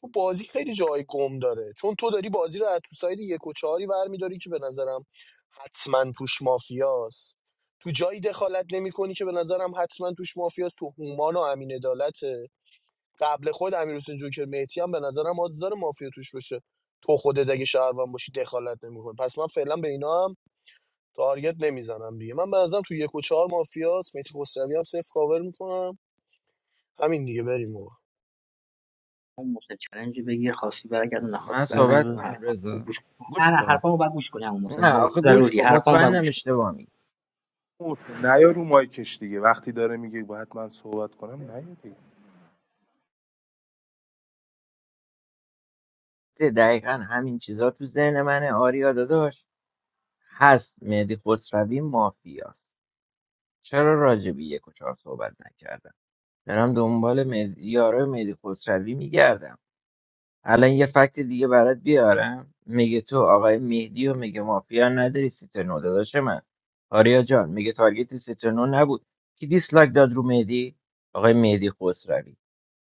چون بازی خیلی جای گم داره چون تو داری بازی رو از تو ساید یک و چهاری برمیداری که به نظرم حتما توش مافیاست تو جایی دخالت نمی کنی که به نظرم حتما توش مافیاست تو هومان و امین عدالته قبل خود امیر حسین جوکر مهتی هم به نظرم حادث داره مافیا توش باشه تو خودت اگه شهروند باشی دخالت نمیکنی پس من فعلا به اینا هم تارگت نمیزنم دیگه من به نظرم تو یک و چهار مافیاست مهدی خسروی هم صفر کاور میکنم همین دیگه بریم آقا محسن چالنج بگیر خاصی برگردون نخواستی من بده صحبت برنگردون من کنم حرفا رضا گوش کن. نه گوش نه کن حرفامو بعد گوش کنی عمو محسن نه با- آخه گوش ضروری کن حرفامو بعد مطمئنم گوش اشتباه میگی محسن، نه یا رو مایکش دیگه وقتی داره میگه باید من صحبت کنم نه یا دیگه دقیقا همین چیزا تو ذهن منه آریا داداش هست مهدی خسروی مافیاست چرا راجبی یک و چهار صحبت نکردم دارم دنبال مهدی یارای مهدی خسروی میگردم الان یه فکت دیگه برات بیارم میگه تو آقای مهدی و میگه مافیا نداری سیتنو داداش من آریا جان میگه تارگت سیت نبود کی دیسلایک داد رو مهدی آقای مهدی خسروی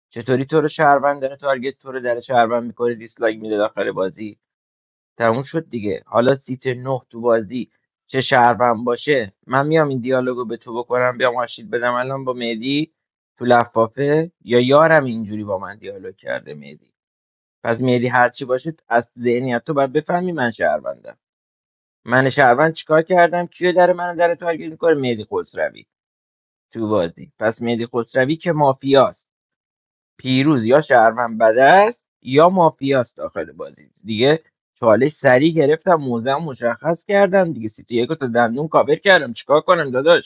چطوری تو رو شهروند داره تارگت تو رو در شهروند میکنه دیسلایک میده داخل بازی تموم شد دیگه حالا سیت نه تو بازی چه شهروند باشه من میام این دیالوگو به تو بکنم بیام آشید بدم الان با مهدی تو لفافه یا یارم اینجوری با من دیالوگ کرده مهدی پس مهدی هرچی باشه از ذهنیت تو باید بفهمی من شهروندم من شهروند چیکار کردم کیو در من در تارگت میکنه مهدی خسروی تو بازی پس مهدی خسروی که مافیاست پیروز یا شهروند بده است یا مافیاست داخل بازی دیگه چالش سریع گرفتم موزه مشخص کردم دیگه سیتی یکو تا دندون کاور کردم چیکار کنم داداش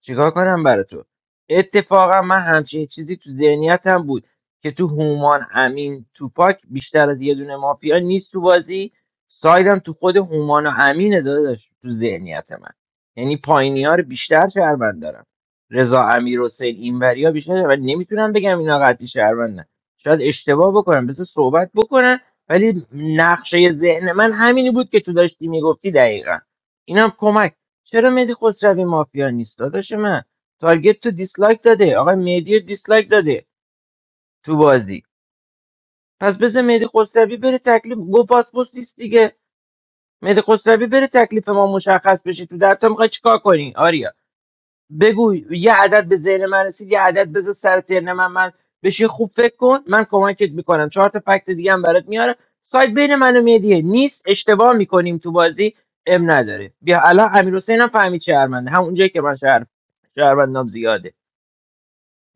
چیکار کنم برا تو اتفاقا من همچین چیزی تو ذهنیتم بود که تو هومان امین توپاک بیشتر از یه دونه مافیا نیست تو بازی سایدم تو خود هومان و امینه داداش تو ذهنیت من یعنی پایینی ها رو بیشتر شهروند دارم رضا امیر حسین اینوریا بیشتر و نمیتونم بگم اینا قطعی شهروندن شاید اشتباه بکنم بذار صحبت بکنن ولی نقشه ذهن من همینی بود که تو داشتی میگفتی دقیقا اینم کمک چرا مهدی خسروی مافیا نیست داداش من تارگت تو دیسلایک داده آقای مهدی دیسلایک داده تو بازی پس بذار مهدی خسروی بره تکلیف گو پاسپورت نیست دیگه مهدی خسروی بره تکلیف ما مشخص بشه تو در تا میخوای چیکار کنی آریا بگو یه عدد به ذهن من رسید یه عدد بذار سر ذهن من من بشه خوب فکر کن من کمکت میکنم چهار تا فکت دیگه هم برات میاره سایت بین من و مهدیه نیست اشتباه میکنیم تو بازی ام نداره بیا الان امیر هم فهمید شهرمنده همون جایی که من شهر شهروندام زیاده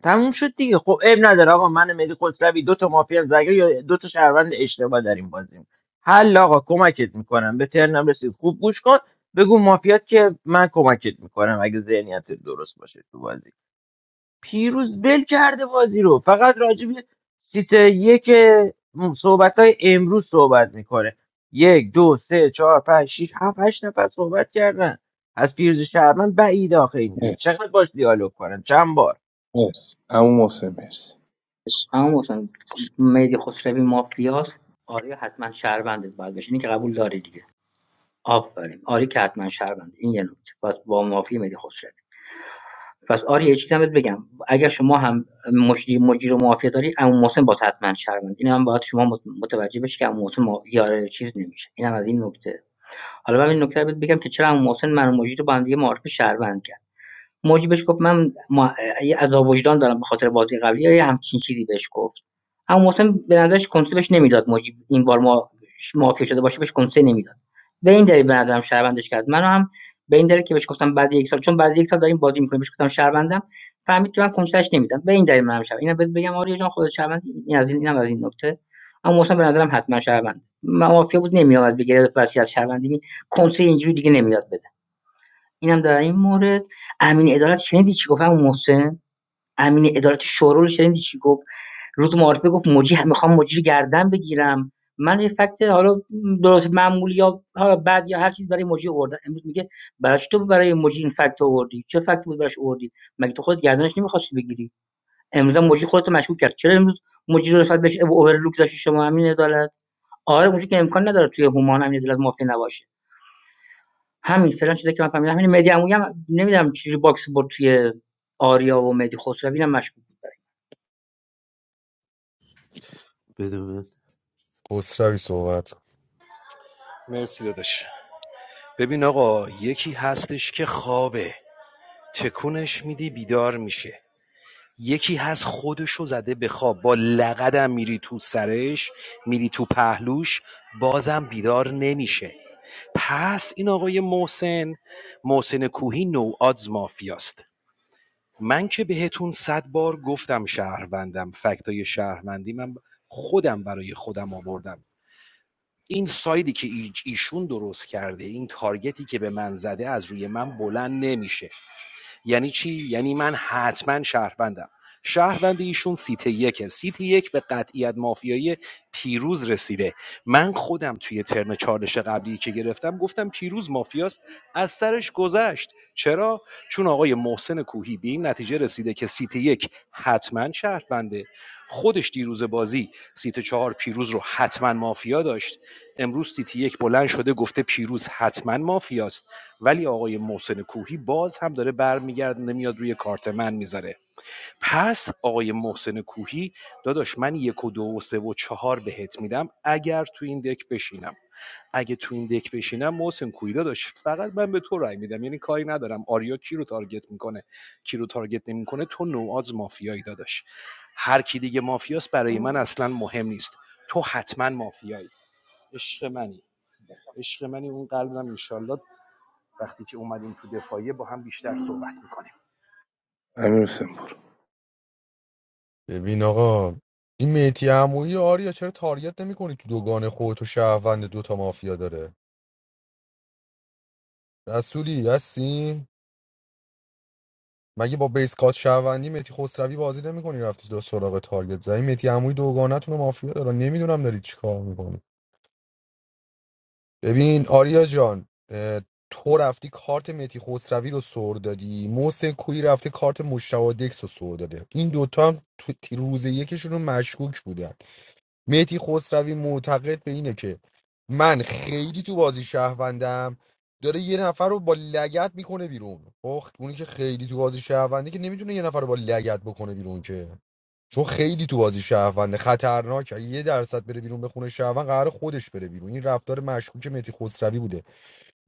تموم شد دیگه خب عیب نداره آقا من مهدی خسروی دو تا مافیا زگر یا دو تا شهروند اشتباه داریم بازیم حل آقا کمکت میکنم به ترنم رسید خوب گوش کن بگو مافیات که من کمکت میکنم اگه ذهنیت درست باشه تو بازی پیروز ول کرده بازی رو فقط راجب سیت یک صحبت های امروز صحبت میکنه یک دو سه چهار پنج شیش هفت هشت نفر صحبت کردن از پیروز شهرمن بعید آخه اینجوری مرسی چقدر باش دیالوگ کنم چند بار مرسی اما محسن مرسی عمو محسن مهدی خسروی مافیاست آریا حتما شهرونده باید بشه اینی که قبول داری دیگه آفرین آری که حتما شهرونده این یه نکته پس با معافی مهدی خسروی پس آریا یه چیزی هم بگم اگر شما هم مجری مجری رو معافیه داری عمو محسن با حتما شهرونده این هم باید شما متوجه بشی که عمو محسن یار چیز نمیشه این از این نکته حالا من این نکته رو بگم که چرا عمو محسن من و مجری رو با هم دیگه معرف شهروند موجی بهش گفت من ما- یه عذاب وجدان دارم به خاطر بازی قبلی یا یه همچین چیزی بهش گفت اما محسن به نظرش کنسه بهش نمیداد موجی این بار ما مافیا شده باشه بهش کنسه نمیداد به این دلیل به نظرم شهروندش کرد منو هم به این دلیل که بهش گفتم بعد یک سال چون بعد یک سال داریم بازی میکنیم بهش گفتم شهروندم فهمید که من کنسش نمیدم به این دلیل منم شهروند اینا بهت بگم آریا جان خودت شهروند این از این اینم از این نکته اما محسن به نظرم حتما شهروند مافیا بود نمیاد. بگیره وصیت شهروندی کنسه اینجوری دیگه نمیاد اینم در این مورد امین عدالت شنیدی چی گفت همون محسن امین عدالت شورا رو شنیدی چی گفت روز معارفه گفت مجری میخوام مجری گردن بگیرم من یه فکت حالا درست معمولی یا بعد یا هر چیز برای مجری آوردم امروز میگه براش تو برای مجری این فکت رو آوردی چه فکت بود براش آوردی مگه تو خودت گردنش نمیخواستی بگیری امروز هم مجری خودت رو مشکوک کرد چرا امروز مجری رو نسبت بهش اوورلوک داشتی شما امین عدالت آره مجری که امکان نداره توی هومان امین عدالت مافیا نباشه همین فلان چیزا که من فهمیدم همین مدی عمویی هم نمیدونم چجوری باکس برد توی آریا و مدی خسروی هم مشکوک بود بده من خسروی صحبت مرسی داداش ببین آقا یکی هستش که خوابه تکونش میدی بیدار میشه یکی هست خودشو زده به خواب با لقدم میری تو سرش میری تو پهلوش بازم بیدار نمیشه پس این آقای محسن محسن کوهی نو آدز مافیاست من که بهتون صد بار گفتم شهروندم فکتای شهروندی من خودم برای خودم آوردم این سایدی که ایشون درست کرده این تارگتی که به من زده از روی من بلند نمیشه یعنی چی یعنی من حتما شهروندم شهروند ایشون سیت یکه سیت یک به قطعیت مافیایی پیروز رسیده من خودم توی ترم چالش قبلی که گرفتم گفتم پیروز مافیاست از سرش گذشت چرا چون آقای محسن کوهی به این نتیجه رسیده که سیت یک حتما شهرونده خودش دیروز بازی سیت چهار پیروز رو حتما مافیا داشت امروز سیتی یک بلند شده گفته پیروز حتما مافیاست ولی آقای محسن کوهی باز هم داره برمیگردونه میاد روی کارت من میذاره پس آقای محسن کوهی داداش من یک و دو و سه و چهار بهت میدم اگر تو این دک بشینم اگه تو این دک بشینم محسن کوهی داداش فقط من به تو رای میدم یعنی کاری ندارم آریا کی رو تارگت میکنه کی رو تارگت نمیکنه تو نوآز مافیایی داداش هر کی دیگه مافیاست برای من اصلا مهم نیست تو حتما مافیایی عشق منی عشق منی اون قلبم انشالله وقتی که اومدیم تو دفاعیه با هم بیشتر صحبت میکنیم امیر حسین برو ببین آقا این میتی عمویی آریا چرا تارگت نمیکنی تو دوگان خودت و شهروند دوتا مافیا داره رسولی هستی مگه با بیس کات شهروندی متی خسروی بازی نمیکنی رفتی دو سراغ تارگت زایی متی عمویی دوگانتون رو مافیا داره نمیدونم داری چیکار میکنی ببین آریا جان اه، تو رفتی کارت متی خسروی رو سر دادی محسن کوی رفته کارت مشتاق دکس رو سر داده این دوتا هم تو تی- روز یکشون رو مشکوک بودن مهدی خسروی معتقد به اینه که من خیلی تو بازی شهروندم داره یه نفر رو با لگت میکنه بیرون اخ اونی که خیلی تو بازی شهرونده که نمیتونه یه نفر رو با لگت بکنه بیرون که چون خیلی تو بازی شهرونده خطرناک اگه یه درصد بره بیرون به خونه شهروند قرار خودش بره بیرون این رفتار مشکوک مهدی خسروی بوده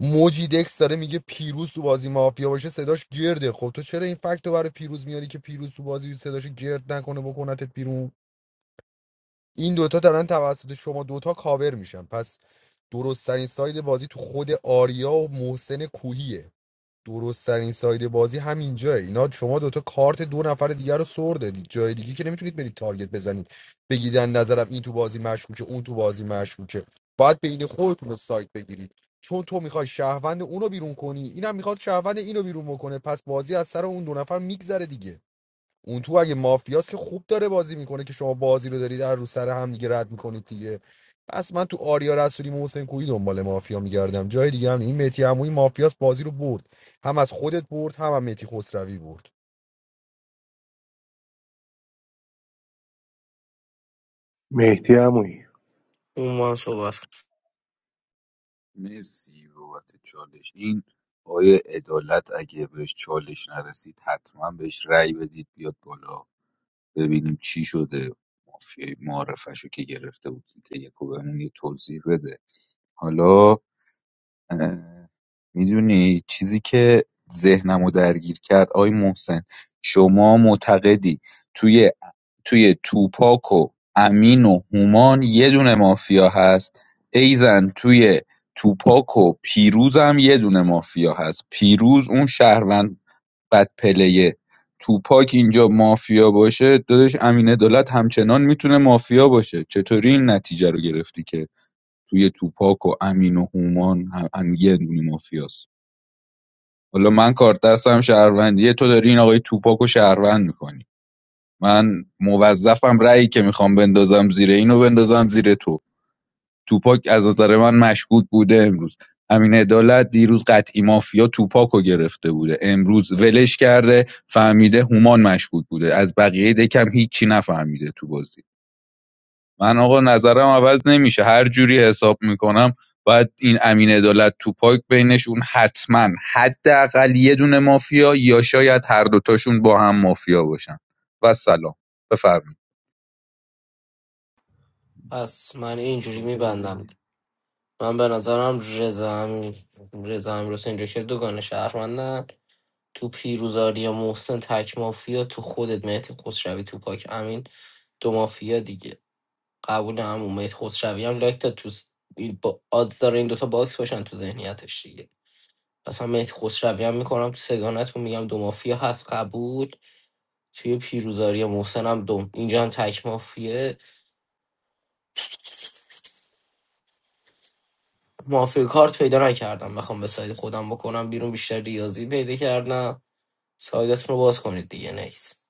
موجی دکس داره میگه پیروز تو بازی مافیا باشه صداش گرده خب تو چرا این فکت رو برای پیروز میاری که پیروز تو بازی صداش گرد نکنه بکنتت بیرون این دوتا دارن توسط شما دوتا کاور میشن پس درستترین ساید بازی تو خود آریا و محسن کوهیه درستترین ساید بازی همینجاه اینا شما دوتا کارت دو نفر دیگر رو سر دادید جای دیگه که نمیتونید برید تارگت بزنید بگید از نظرم این تو بازی مشکوکه اون تو بازی مشکوکه باید بین خودتون رو سایت بگیرید چون تو میخوای شهروند اونو بیرون کنی اینم میخواد شهروند اینو بیرون بکنه پس بازی از سر اون دو نفر میگذره دیگه اون تو اگه مافیاست که خوب داره بازی میکنه که شما بازی رو دارید هر رو سر هم دیگه رد میکنید دیگه پس من تو آریا رسولی و حسین کویی دنبال مافیا میگردم جای دیگه هم نی. این متی عمویی مافیاست بازی رو برد هم از خودت برد هم هم متی خسروی برد مهدی عمویی اون ما هم صحبت مرسی بابت چالش این آقای عدالت اگه بهش چالش نرسید حتما بهش رأی بدید بیاد بالا ببینیم چی شده مافیای معارفشو که گرفته بود تیکه یکو بهمون یه توضیح بده حالا میدونی چیزی که ذهنمو درگیر کرد آی محسن شما معتقدی توی توی توپاک و امین و هومان یه دونه مافیا هست ایزن توی توپاک و پیروز هم یه دونه مافیا هست پیروز اون شهروند بد پلیه توپاک اینجا مافیا باشه دادش امین دولت همچنان میتونه مافیا باشه چطوری این نتیجه رو گرفتی که توی توپاک و امین و هومان هم, هم یه دونه مافیاست حالا من کارت دستم شهروندیه تو داری این آقای توپاکو شهروند میکنی من موظفم رأیی که میخوام بندازم زیر اینو بندازم زیر تو توپاک از نظر من مشکوک بوده امروز امین عدالت دیروز قطعی مافیا توپاکو گرفته بوده امروز ولش کرده فهمیده هومان مشکوک بوده از بقیه دکم هیچی نفهمیده تو بازی من آقا نظرم عوض نمیشه هر جوری حساب میکنم باید این امین عدالت تو پاک بینشون حتما حداقل یه دونه مافیا یا شاید هر دوتاشون با هم مافیا باشن و سلام بفرمایید پس من اینجوری خب بده میبندم من به نظرم رضا امیر رضا امیرحسین اینجا که دوگان شهروندن تو پیروزاری محسن تک مافیا تو خودت مهدی خسروی تو پاک امین دو مافیا دیگه قبول هم مهدی خسروی هم لایک داد تو س- این با آدز داره این دوتا باکس باشن تو ذهنیتش دیگه اصلا مهدی خسروی هم میکنم تو سگانتون میگم دو مافیا هست قبول توی پیروزاری محسن هم دوم اینجا هم تک مافیه مافیا کارت پیدا نکردم بخوام به سایت خودم بکنم بیرون بیشتر ریاضی پیدا کردم سایدتون رو باز کنید دیگه نیست.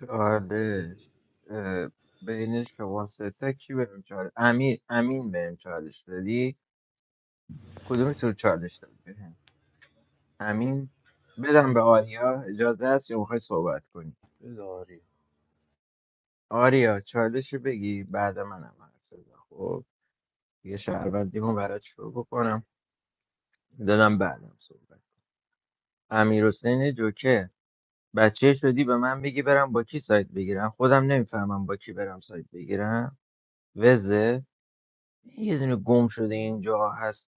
چالش اه، بین شما سه تا کی بهم چالش امین امین بهم چالش دادی کدومی تو چالش داد بهم امین بدم به آریا اجازه هست یا میخوای صحبت کنی بده آریا. آریا چالش رو بگی بعد منم حرف بزن خب یه شهروندیمو برات شروع بکنم دادم بعدم صحبت امیر حسین جوکه بچه شدی به من بگی برم با کی سایت بگیرم خودم نمیفهمم با کی برم سایت بگیرم وزه یه دونه گم شده اینجا هست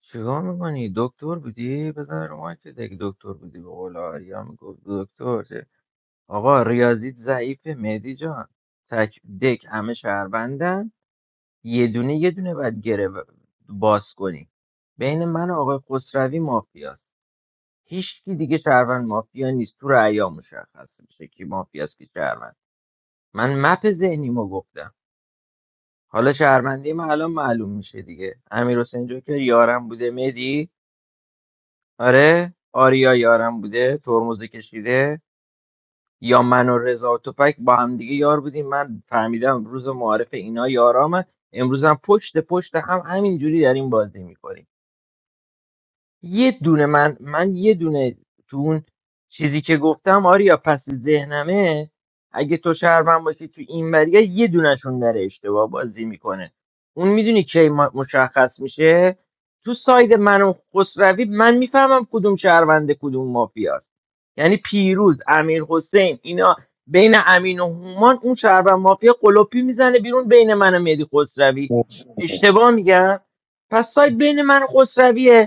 چیکار میکنی دکتر بودی بزن رو مایکت اگه دکتر بودی به قول آریا میگفت دکتر چه؟ آقا ریاضیت ضعیفه مهدی جان تک دک همه شهروندن یه دونه یه دونه باید گره ب- باز کنی بین من و آقای خسروی مافیاست هیچ کی دیگه شهروند مافیا نیست تو رأیا مشخص میشه کی مافیاست کی شهروند من مپ ذهنیمو گفتم حالا شهروندی من الان معلوم میشه دیگه امیر حسین جوکر یارم بوده مدی آره آریا یارم بوده ترمز کشیده یا من و رضا و توپک با هم دیگه یار بودیم من فهمیدم روز معارف اینا یارامه امروز هم پشت پشت هم همینجوری داریم بازی میکنیم یه دونه من من یه دونه تو اون چیزی که گفتم آریا پس ذهنمه اگه تو شهروند باشی تو این وریه یه دونشون داره اشتباه بازی میکنه اون میدونی کی ما- مشخص میشه تو ساید من و خسروی من میفهمم کدوم شهرونده کدوم مافیاست یعنی پیروز امیر حسین اینا بین امین و هومان اون شهروند مافیا قلپی میزنه بیرون بین من و مهدی خسروی محسن اشتباه مرسی میگم پس ساید بین من و خسرویه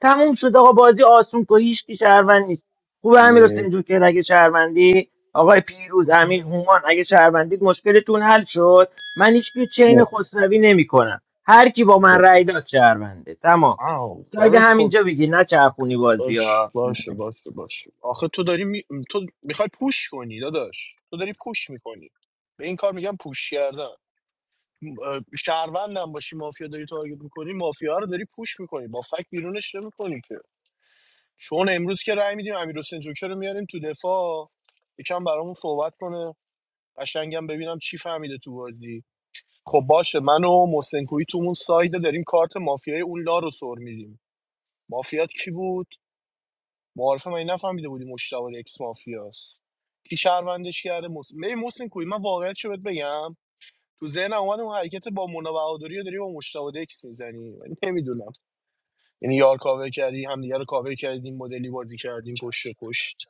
تموم شد آقا بازی آسون که هیچ کی شهروند نیست خوبه امیر حسین مرسی جون که اگه شهروندی آقای پیروز امیر هومان اگه شهروندید مشکلتون حل شد من هیچ کی چین مرسی خسروی نمیکنم هر کی با من رأی داد شهرونده تمام آو ساید داداش خب همینجا بگی نه چرخونی بازی باش ها باشه مرسی. باشه باشه آخه تو داری می... تو میخوای پوش کنی داداش تو داری پوش میکنی به این کار میگم پوش کردن م- اه، شهروندم باشی مافیا داری تارگت میکنی مافیا رو داری پوش میکنی با فک بیرونش نمیکنی که چون امروز که رأی میدیم امیر حسین جوکر رو میاریم تو دفاع یکم برامون صحبت کنه قشنگم ببینم چی فهمیده تو بازی خب باشه من و محسن کویی تو اون سایده داریم کارت مافیای اون لا رو سر میدیم مافیات کی بود معارفه من نفهمیده بودی مشتاق اکس مافیاست کی شهروندش کرده محسن ببین محسن کوی من واقعیت شو بهت بگم تو ذهن اومد اون حرکت با مونا بهادری رو داری با مشتاق اکس میزنی من نمیدونم یعنی یار کاور کردی همدیگه رو کاور کردیم مدلی بازی کردیم پشت به پشت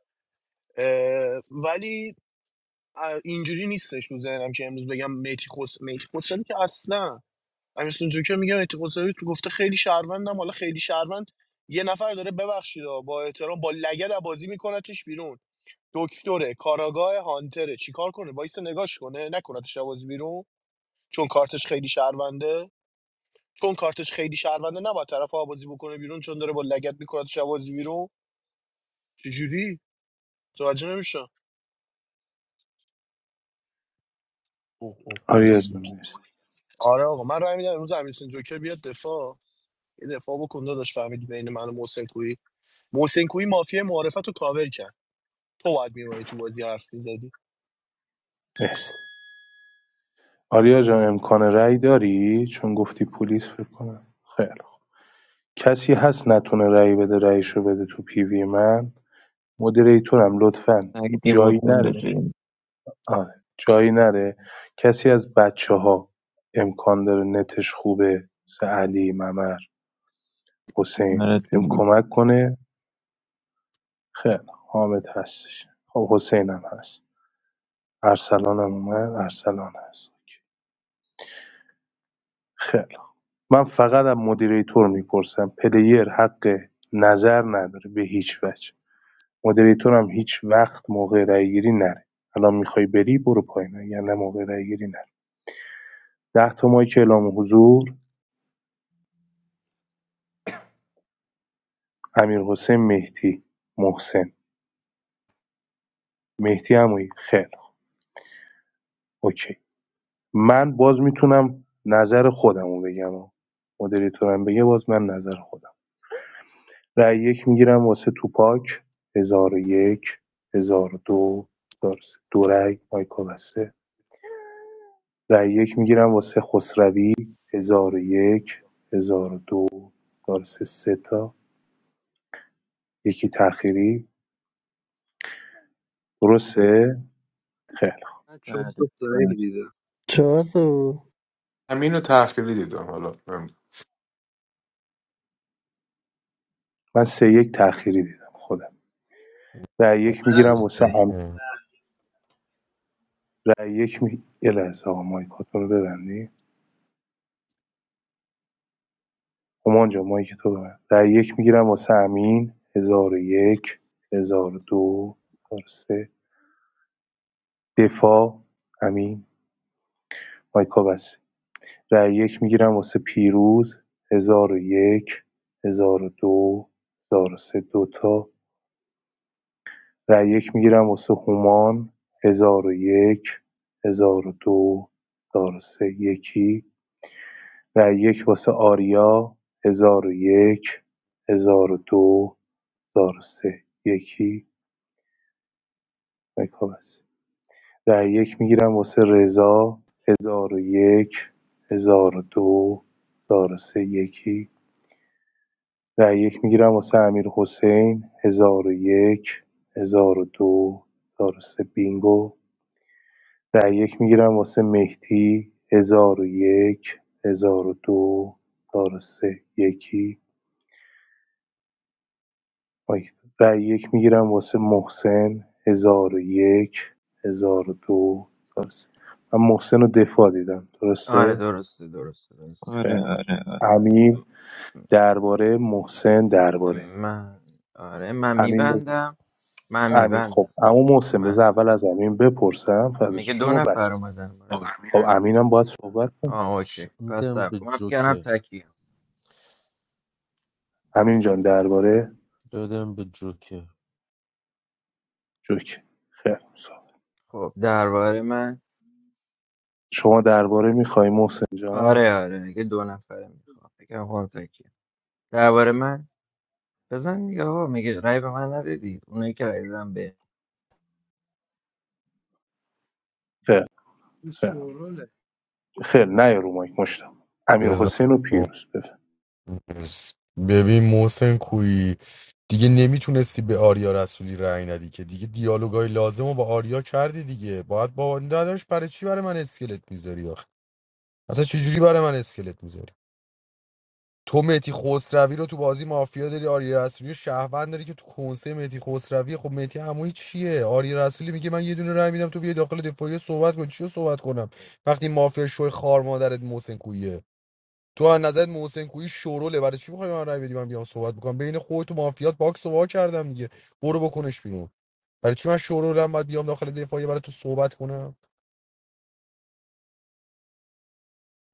اه، ولی اه، اینجوری نیستش تو ذهنم که امروز بگم میتی خس میتی خسروی که اصلا امیرسون جوکر میگم میتی خسروی تو گفته خیلی شهروندم حالا خیلی شهروند یه نفر داره ببخشید با احترام با لگد بازی میکنتش بیرون دکتره کاراگاه هانتره چیکار کنه وایس نگاش کنه نکنتش آوازی بیرون چون کارتش خیلی شهرونده چون کارتش خیلی شهرونده نباید طرف آوازی بکنه بیرون چون داره با لگت میکنتش آوازی بیرون چجوری متوجه نمیشم اوه اوه آریا پلیس جان بود مرسی آره آقا من راه میدم امروز امیرسون جوکر بیاد دفاع یه دفاع بکن داداش فهمیدی بین من و محسن کویی محسن کویی مافیا معرفت رو کاور کرد تو باید میومدی تو بازی حرف میزدی مرسی آریا جان امکان رأی داری چون گفتی پلیس فکر کنم خیر کسی هست نتونه رأی بده رایشو بده تو پیوی من مدیریتورم لطفا جایی ആദ്യമൊട്ടം نره resident, آره جایی نره کسی از بچه ها امکان داره نتش خوبه مثل علی ممر حسین هم മഹാരാഷ്ട്രയിലെ. کمک کنه خیلی حامد هستش خب حسین هم هست ارسلان هم اومد ارسلان هست خیلی من فقط از مدیریتور میپرسم پلیر حق نظر نداره به هیچ وجه مدیریتورم هیچ‌وقت موقع رأی‌گیری نره الان میخوای بری برو پایین آینده موقع رأی‌گیری نره 10 تا مایک اعلام حضور امیرحسین مهدی محسن مهدی عمویی خیر اوکی من باز میتونم نظر خودمو بگم ها. مدیریتورم بگه باز من نظر خودم رای یک میگیرم واسه توپاک 1001 1002 1003 دو هزار و سه. دو رأی مایکا بسته رای یک میگیرم واسه خسروی ۱۰۰۱ ۱۰۰۲ ۱۰۰۳ سه سه تا یکی تأخیری درسته؟ خیلی خوب. من چون അതെ تو سعید دیدم چardo, همین رو تأخیری دیدم حالا نمی‌دونم. من سه یک تأخیری دیدم خودم رای یک میگیرم واسه ام Masayu, رای‌یک می یه لحظه آقا مایکاتون رو ببندی همان جا مایک تو. ببند رای یک میگیرم واسه امین ۱۰۰۱ ۱۰۰۲ ۱۰۰۳ دفاع امین مایکا بسته رأی یک میگیرم واسه پیروز 1001 1002 1003 دو هزار و سه دوتا رأی یک میگیرم واسه هومان 1001 1002 سه یکی رأی یک واسه آریا 1001 1002 1003 یکی مکا بس رأی یک میگیرم واسه رضا 1001 1002 سه یکی رأی یک میگیرم واسه امیرحسین 1001 1002 1003 بینگو رأی یک میگیرم واسه مهدی 1001 1002 1003 یکی مایک. رأی یک میگیرم واسه محسن 1001 1002 من محسن رو دفاع دیدم آره درسته؟ درسته درسته درسته, അതെ خیر درسته. അതെ امین درباره محسن م- درباره من آره من امین بذار میبندم من امین خب میبندم عمو محسن من بذار اول از امین بپرسم فردا میگه دو شما نفر بس اومدن بالا آقا امین خب امینم باید صحبت کنه آه اوکی ش- پس میدم سب به کنم من فکر کردم جوکر تکی امین جان درباره دادم به جوکر جوک خیر صحبت. خب درباره من شما درباره میخوای محسن جان آره آره میگه دو نفره میخوام بگم خب تکیه درباره من بزن دیگه آقا میگه رأی به من ندادی اونایی که رأی دادن به خیر پیروز خیر شوروله خیر نه رو مایک مشتم امیر بزن. حسین و پیروز بفهم ببین محسن کویی دیگه نمیتونستی به آریا رسولی رأی ندی که دیگه دیالوگای لازم رو با آریا کردی دیگه باید با داداش برای چی برای من اسکلت میذاری آخه اصلا چه جوری برای من اسکلت میذاری تو مهدی خسروی رو تو بازی مافیا داری آریا رسولی رو شهروند داری که تو کنسه مهدی خسروی خب مهدی عمویی چیه آریا رسولی میگه من یه دونه رای میدم تو بیای داخل دفاعی صحبت کن چی رو صحبت کنم وقتی مافیا شوی خار مادرت محسن کویه تو از نظر محسن کویی شوروله برای چی میخوای من رای بدی من بیام صحبت بکنم بین خودت و مافیات باکس رو وا کردم دیگه برو بکنش بیرون برای چی من شورولم باید بیام داخل دفاعی برای تو صحبت کنم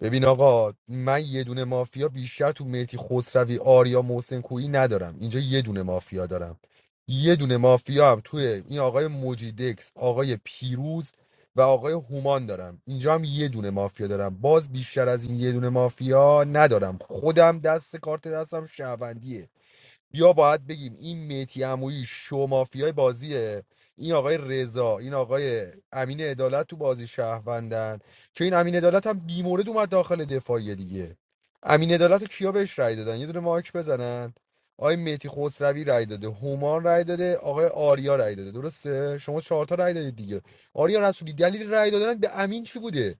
ببین آقا من یه دونه مافیا بیشتر تو مهدی خسروی آریا محسن کویی ندارم اینجا یه دونه مافیا دارم یه دونه مافیا هم توی این آقای موجیدکس آقای پیروز و آقای هومان دارم اینجا هم یه دونه مافیا دارم باز بیشتر از این یه دونه مافیا ندارم خودم دست کارت دستم شهروندیه یا باید بگیم این میتی عمویی شو مافیای بازیه این آقای رضا این آقای امین عدالت تو بازی شهروندن که این امین عدالت هم بیمورد اومد داخل دفاعیه دیگه امین عدالت رو کیا بهش رای دادن یه دونه ماک بزنن آقای میتی خسروی رای داده هومان رای داده آقای آریا رای داده درسته شما چهار تا رای دادید دیگه آریا رسولی دلیل رای دادن به امین چی بوده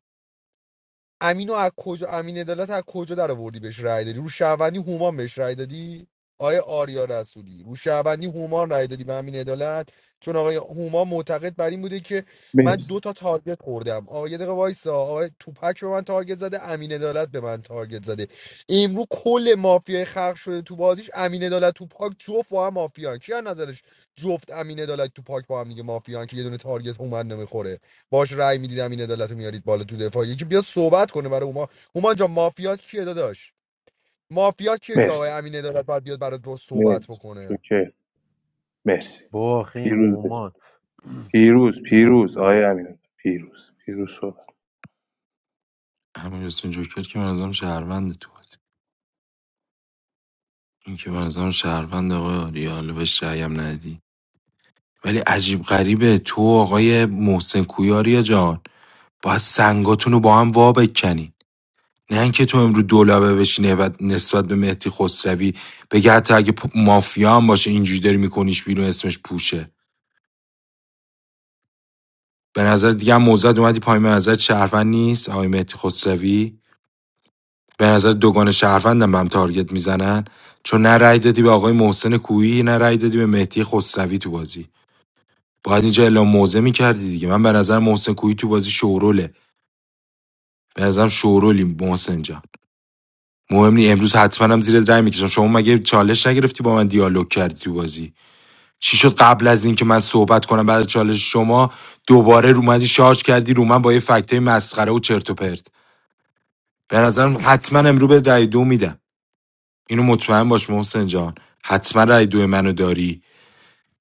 امینو از کجا امین عدالت از کجا در آوردی بهش رأی دادی رو شهروندی هومان بهش رأی دادی آیا آریا رسولی رو شهروندی هومان رأی دادی به امین عدالت چون آقای هومان معتقد بر این بوده که من دو مرسی تا تارگت خوردم آقا یه دقیقه وایسا آقای توپک به من تارگت زده امین عدالت به من تارگت زده امرو کل مافیای خلق شده تو بازیش امین عدالت توپاک جفت با هم مافیان کی از نظرش جفت امین عدالت توپاک با هم دیگه مافیان که یه دونه تارگت هومن نمیخوره باش رأی میدیدم این عدالت رو میارید بالا تو دفاع یکی بیا صحبت کنه برای اوما اوما جا مافیات کیه داداش مافیات کیه که آقای مرسی امین عدالت باید بیاد برای تو صحبت مرسی بکنه جوکر مرسی با آخه این پیروز بفهم. هومان پیروز پیروز آقای امین پیروز پیروز صحبت همین حسین جوکر که منظم شهروند تو بود. این که منظم شهروند آقای آریا حالا بهش رأیم ندی ولی عجیب غریبه تو و آقای محسن کویاریا جان باید سنگاتون رو با هم وا بکنی نه اینکه تو امرو دولبه بشینه و نسبت به مهدی خسروی بگه حتی اگه مافیا هم باشه اینجوری داری میکنیش بیرون اسمش پوشه به نظر دیگه هم موزد اومدی پایین به نظر شهروند نیست آقای مهدی خسروی به نظر دوگان شهروندم به هم تارگت میزنن چون نه رأی دادی به آقای محسن کویی نه رأی دادی به مهدی خسروی تو بازی باید اینجا اعلام موزه میکردی دیگه من به نظر محسن کویی تو بازی شوروله به نظرم شورولی محسن جان مهم نی امروز حتما هم زیر رای میکشم شما مگه چالش نگرفتی با من دیالوگ کردی تو بازی چی شد قبل از اینکه من صحبت کنم بعد از چالش شما دوباره رو من شارژ کردی رو من با یه فکتای مسخره و چرت و پرت به نظرم حتما امرو به رای دو میدم اینو مطمئن باش محسن جان حتما رای دو منو داری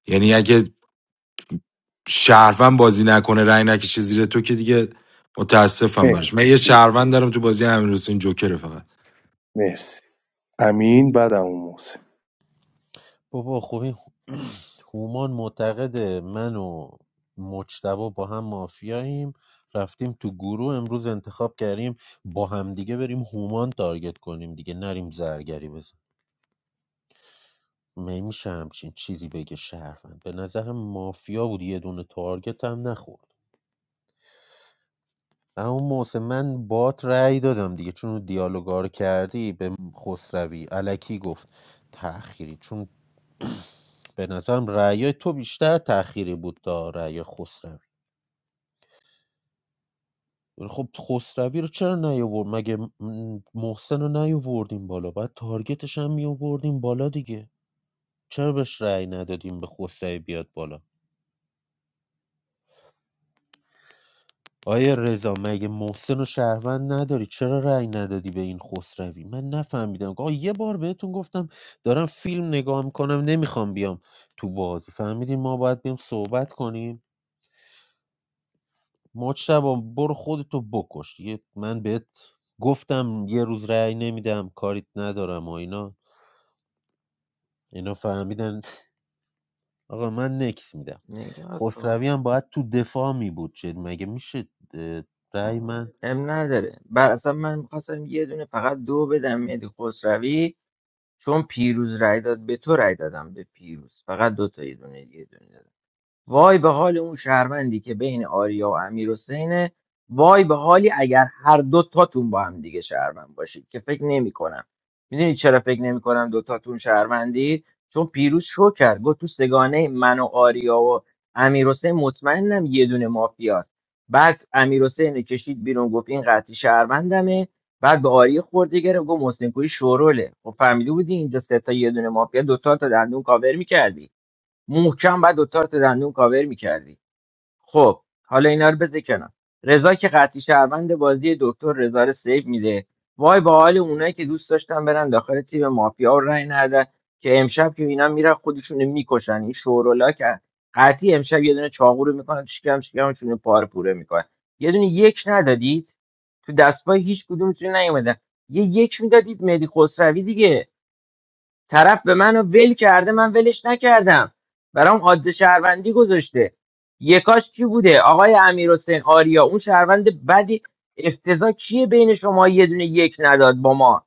یعنی اگه شهروند بازی نکنه رای نکشه زیر تو که دیگه متاسفم براش مرسی من یه پیروز. شهروند دارم تو بازی امیر حسین جوکر فقط مرسی امین بعد عمو محسن بابا خب این هومان معتقده من و مجتبا با هم مافیاییم رفتیم تو گروه امروز انتخاب کردیم با هم دیگه بریم هومان تارگت کنیم دیگه نریم زرگری بزن نمیشه همچین چیزی بگه شهروند به نظر مافیا بود یه دونه تارگت هم نخورد اما موسه من بات رأی دادم دیگه چون دیالوگار کردی به خسروی علکی گفت تأخیری چون به نظرم رأی تو بیشتر تأخیری بود تا رأی خسروی خب خسروی رو چرا نیاورد مگه م- محسن رو نیاوردیم بالا باید تارگتش هم میآوردیم بالا دیگه چرا بهش رأی ندادیم به خسروی بیاد بالا آیا رضا مگه محسن و شهروند نداری چرا رأی ندادی به این خسروی من نفهمیدم آقا یه بار بهتون گفتم دارم فیلم نگاه میکنم نمیخوام بیام تو بازی فهمیدین ما باید بیم صحبت کنیم مجتبا برو خودتو بکش دیگه من بهت گفتم یه روز رأی نمیدم کاریت ندارم و اینا اینا فهمیدن آقا من نکس میدم نگاه کن خسروی هم باید تو دفاع می بود جد مگه میشه اه، رأی آه. من ام نداره بر اصلا من میخواستم یه دونه فقط دو بدم مهدی خسروی چون پیروز رأی داد به تو رأی دادم به پیروز فقط دو تا یه دونه یه دونه وای به حال اون شهروندی که بین آریا و امیر حسینه وای به حالی اگر هر دو تاتون با هم دیگه شهروند باشید که فکر نمی کنم میدونی چرا فکر نمی کنم دو تاتون شهروندید چون پیروز شو کرد گفت تو سگانه من و آریا و امیر مطمئنم یه دونه مافیاست بعد امیر حسین کشید بیرون گفت این قطعی شهروندمه بعد به آریا خورده گرفت گفت محسن کوی شوروله خب فهمیده بودی اینجا سه تا یه دونه مافیا دو تا تا دندون کاور میکردی محکم بعد دوتا تا دندون کاور میکردی خب حالا اینا رو بذار کنار رضا که قطعی شهروند بازی دکتر رضا رو سیو میده وای با حال اونایی که دوست داشتن برن داخل تیم مافیا و رای ندن که امشب که اینا میرن خودشون میکشن این شورولا که قطعی امشب یه دونه چاقو رو میکنن شکم شکمشون رو پاره پوره میکنن یه دونه یک ندادید تو دستگاه هیچ کدومتون نیومدن یه یک میدادید مهدی خسروی دیگه طرف به منو ول کرده من ولش نکردم برام آدز شهروندی گذاشته یکاش کی بوده آقای امیر حسین آریا اون شهروند بدی افتضاح کیه بین شما یه دونه یک نداد با ما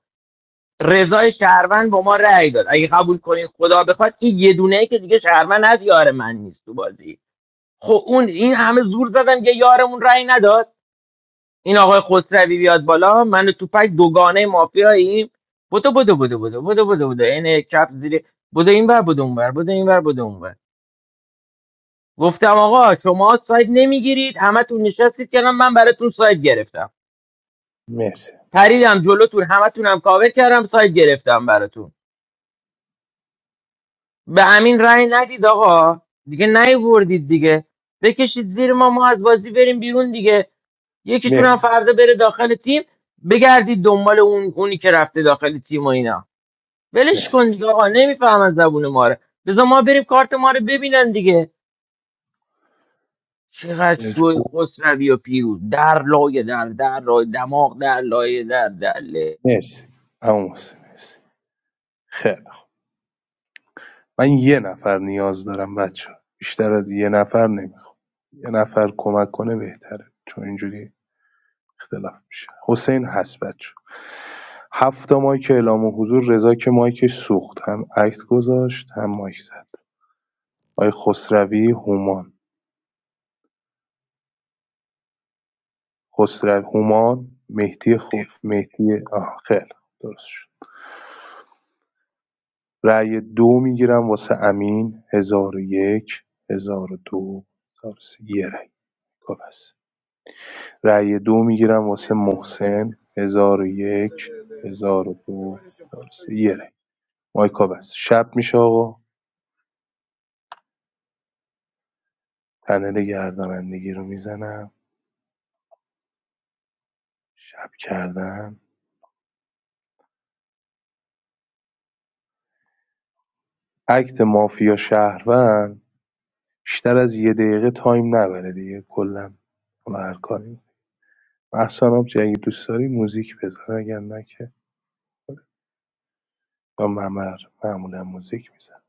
رضای شهروند با ما رأی داد اگه قبول کنین خدا بخواد این یه دونه ای که دیگه شهروند از یار من نیست تو بازی خب اون این همه زور زدن یه یارمون رأی نداد این آقای خسروی بیاد بالا من و توپک دوگانه مافیاییم بدو بدو بدو بدو بدو بدو بدو عین کپ زیر بدو این ور بدو اون ور بدو این ور بدو اون ور گفتم آقا شما ساید نمیگیرید همتون نشستید که من براتون ساید گرفتم مرسی پریدم جلوتون همتون هم کاور کردم ساید گرفتم براتون به امین رأی ندید آقا دیگه نیوردید دیگه بکشید زیر ما ما از بازی بریم بیرون دیگه یکیتون هم مرسی فردا بره داخل تیم بگردید دنبال اون اونی که رفته داخل تیم و اینا ولش کن مرسی دیگه آقا نمیفهمن زبون ما رو بذار ما بریم کارت ما رو ببینن دیگه چقدر مرسی شوی خسروی و پیروز در لایه در در لایه دماغ در لایه در در له. مرسی عمو محسن مرسی خیلی خوب. من یه نفر نیاز دارم بچه بیشتر از یه نفر نمیخوام یه نفر کمک کنه بهتره چون اینجوری اختلاف میشه حسین هست بچه هفت تا مایک اعلام و حضور رضا که مایکش سوخت هم اکت گذاشت هم مایک زد آقای خسروی هومان خسرو هومان مهدی خود مهدی آه خیلی درست شد رأی دو میگیرم واسه امین ۱۰۰۱ ۱۰۰۲ ۱۰۰۳ یه رأی کافی است. رأی دو میگیرم واسه محسن ۱۰۰۱ ۱۰۰۲ ۱۰۰۳ یه رأی مایکا بس شب میشه آقا پنل گردانندگی رو میزنم شب کردن اکت مافیا شهروند بیشتر از یه دقیقه تایم نبره دیگه کلا حالا هر کاری محسن آبجی اگه دوست داری موزیک بذار اگر نه که و ممر معمولا موزیک میزن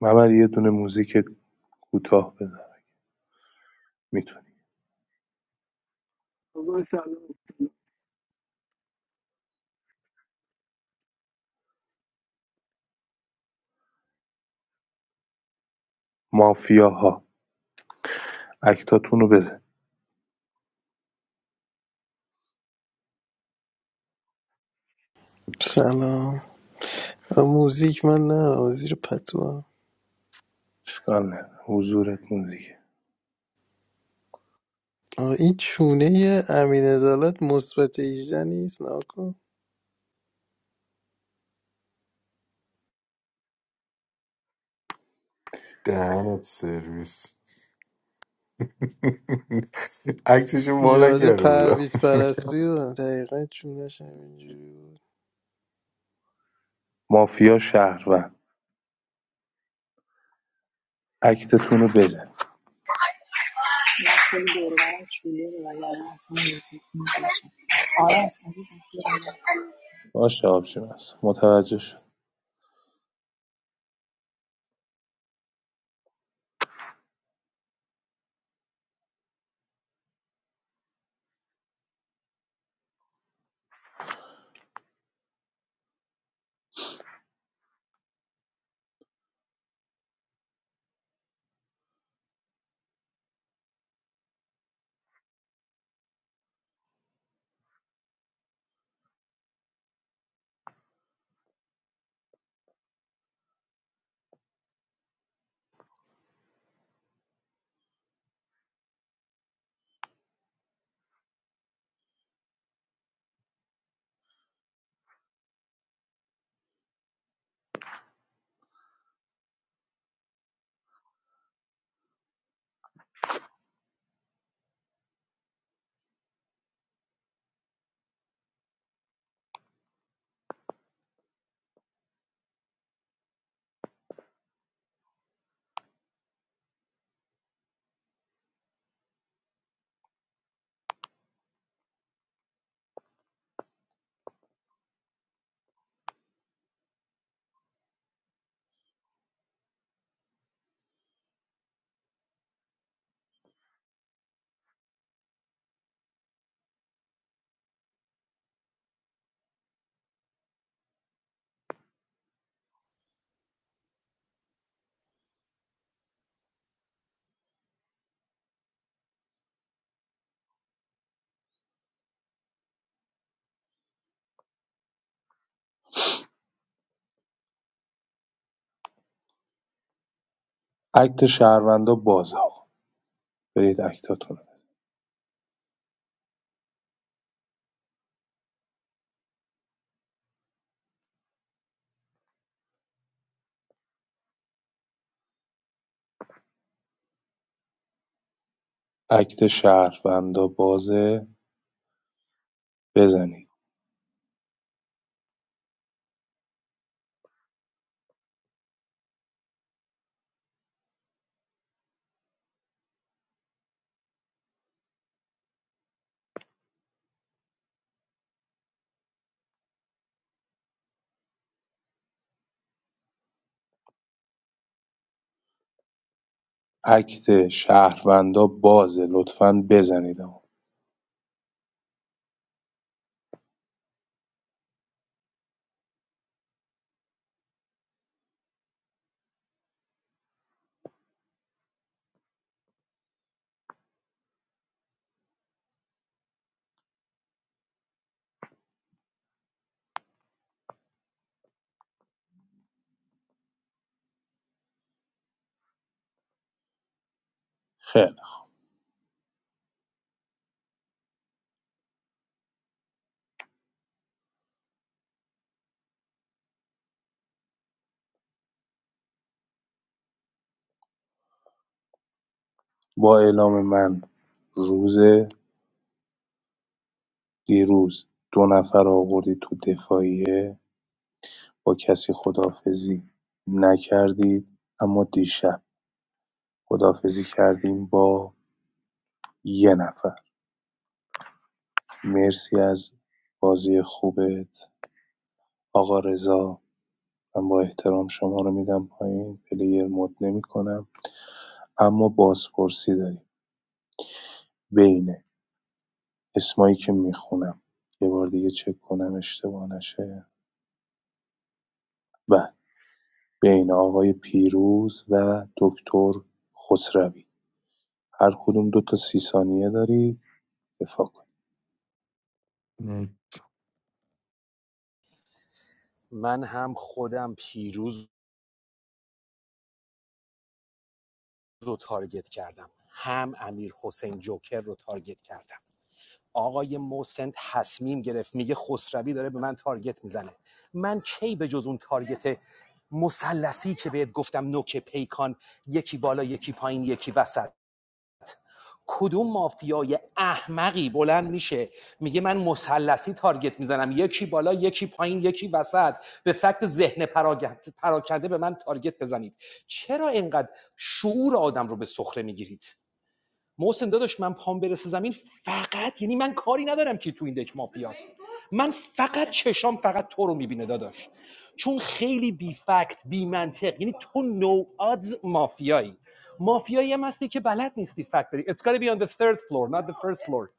ممر یه دونه موزیک کوتاه بزن میتونی I'm going مافیاها اکتاتون رو بزن salam. The music man is Azir Pato. اشکال نداره حضورت موزیک The instrument is Amin Azalat, most of the instruments. I دهنت سرویس عکسشو وا was a نکرده بودم parvis persia. I learned from the school. مافیا شهروند اکتتون رو بزن oh, باشه آبجی هست متوجه شد اکت شهروندا باز برید اکتاتون رو اکت شهروندا بازه بزنید اکت شهروندا بازه لطفا بزنید آقا خیلی با اعلام من روز دیروز دو نفر رو آوردی تو دفاعیه با کسی خدافزی نکردید اما دیشب خدافزی کردیم با یه نفر مرسی از بازی خوبت آقا رضا من با احترام شما رو میدم پایین پلیر مد نمی کنم. اما بازپرسی داریم بین اسمایی که میخونم یه بار دیگه چک کنم اشتباه نشه بله بین آقای پیروز و دکتر خسروی هر کدوم دو تا سی ثانیه داری دفاع کن من هم خودم پیروز رو تارگت کردم هم امیر حسین جوکر رو تارگت کردم آقای محسن تصمیم گرفت میگه خسروی داره به من تارگت میزنه من کی به جز اون تارگت مثلثی که بهت گفتم نوک پیکان یکی بالا یکی پایین یکی وسط کدوم مافیای احمقی بلند میشه میگه من مسلسی تارگت میزنم یکی بالا یکی پایین یکی وسط به فکت ذهن پراگند- پراکنده به من تارگت بزنید چرا اینقدر شعور آدم رو به سخره میگیرید محسن داداش من پام برسه زمین فقط یعنی من کاری ندارم که تو این دک مافیاست من فقط چشام فقط تو رو میبینه داداش چون خیلی بی فکت بی منطق یعنی تو نو آدز مافیایی مافیایی هم هستی که بلد نیستی فکت داری It's gotta be on the third floor not the first floor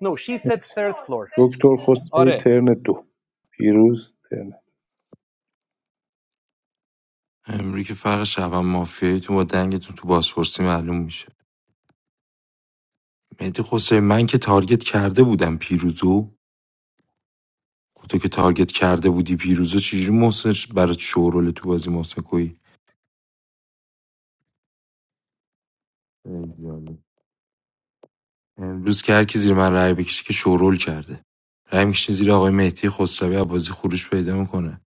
No she said مرسی. third floor دکتر خسروی آره ترن دو پیروز ترن امری که فرق شبم مافیاییتون با دنگتون تو بازپرسی معلوم میشه مهدی خسروی من که تارگت کرده بودم پیروزو خب تو که تارگت کرده بودی پیروزو چجوری محسنش برات شورول تو بازی محسن کوی امروز که هر کی زیر من رأی بکشه که شورول کرده رأی میکشه زیر آقای مهدی خسروی از بازی خروج پیدا میکنه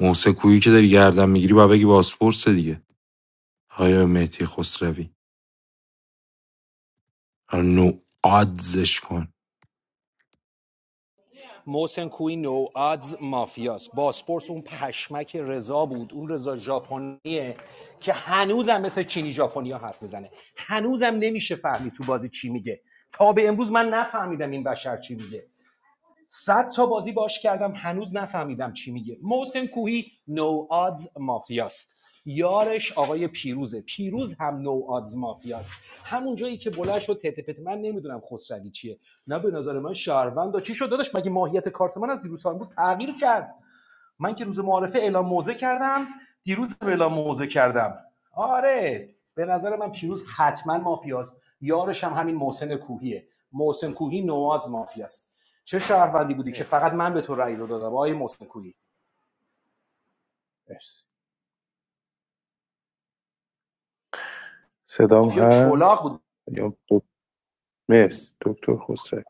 محسن کویی که داری گردن میگیری با بگی بازپرس دیگه آقای مهدی خسروی نو آدزش کن محسن کوی نو آدز مافیاست باسپورس اون پشمک رضا بود اون رضا ژاپنیه که هنوزم مثل چینی ژاپنیا حرف میزنه هنوزم نمیشه فهمید تو بازی چی میگه تا به امروز من نفهمیدم این بشر چی میگه صد تا بازی باش کردم هنوز نفهمیدم چی میگه محسن کوهی نو آدز مافیاست یارش آقای پیروزه پیروز هم نو آدز مافیاست همون جایی که بلند شد تته من نمیدونم خسروی چیه نه به نظر من شهروند چی شد داداش مگه ماهیت کارت من از دیروز تا امروز تغییر کرد من که روز معارفه اعلام موضع کردم دیروز هم اعلام موضع کردم آره به نظر من پیروز حتما مافیاست یارش هم همین محسن کوهیه محسن کوهی نواز مافیاست چه شهروندی بودی که فقط مرسی من به تو رأی دو دادم آقای محسن کوهی مرسی. صدام مافیا چلاق هست بود یا دک- مرسی دکتر خسروی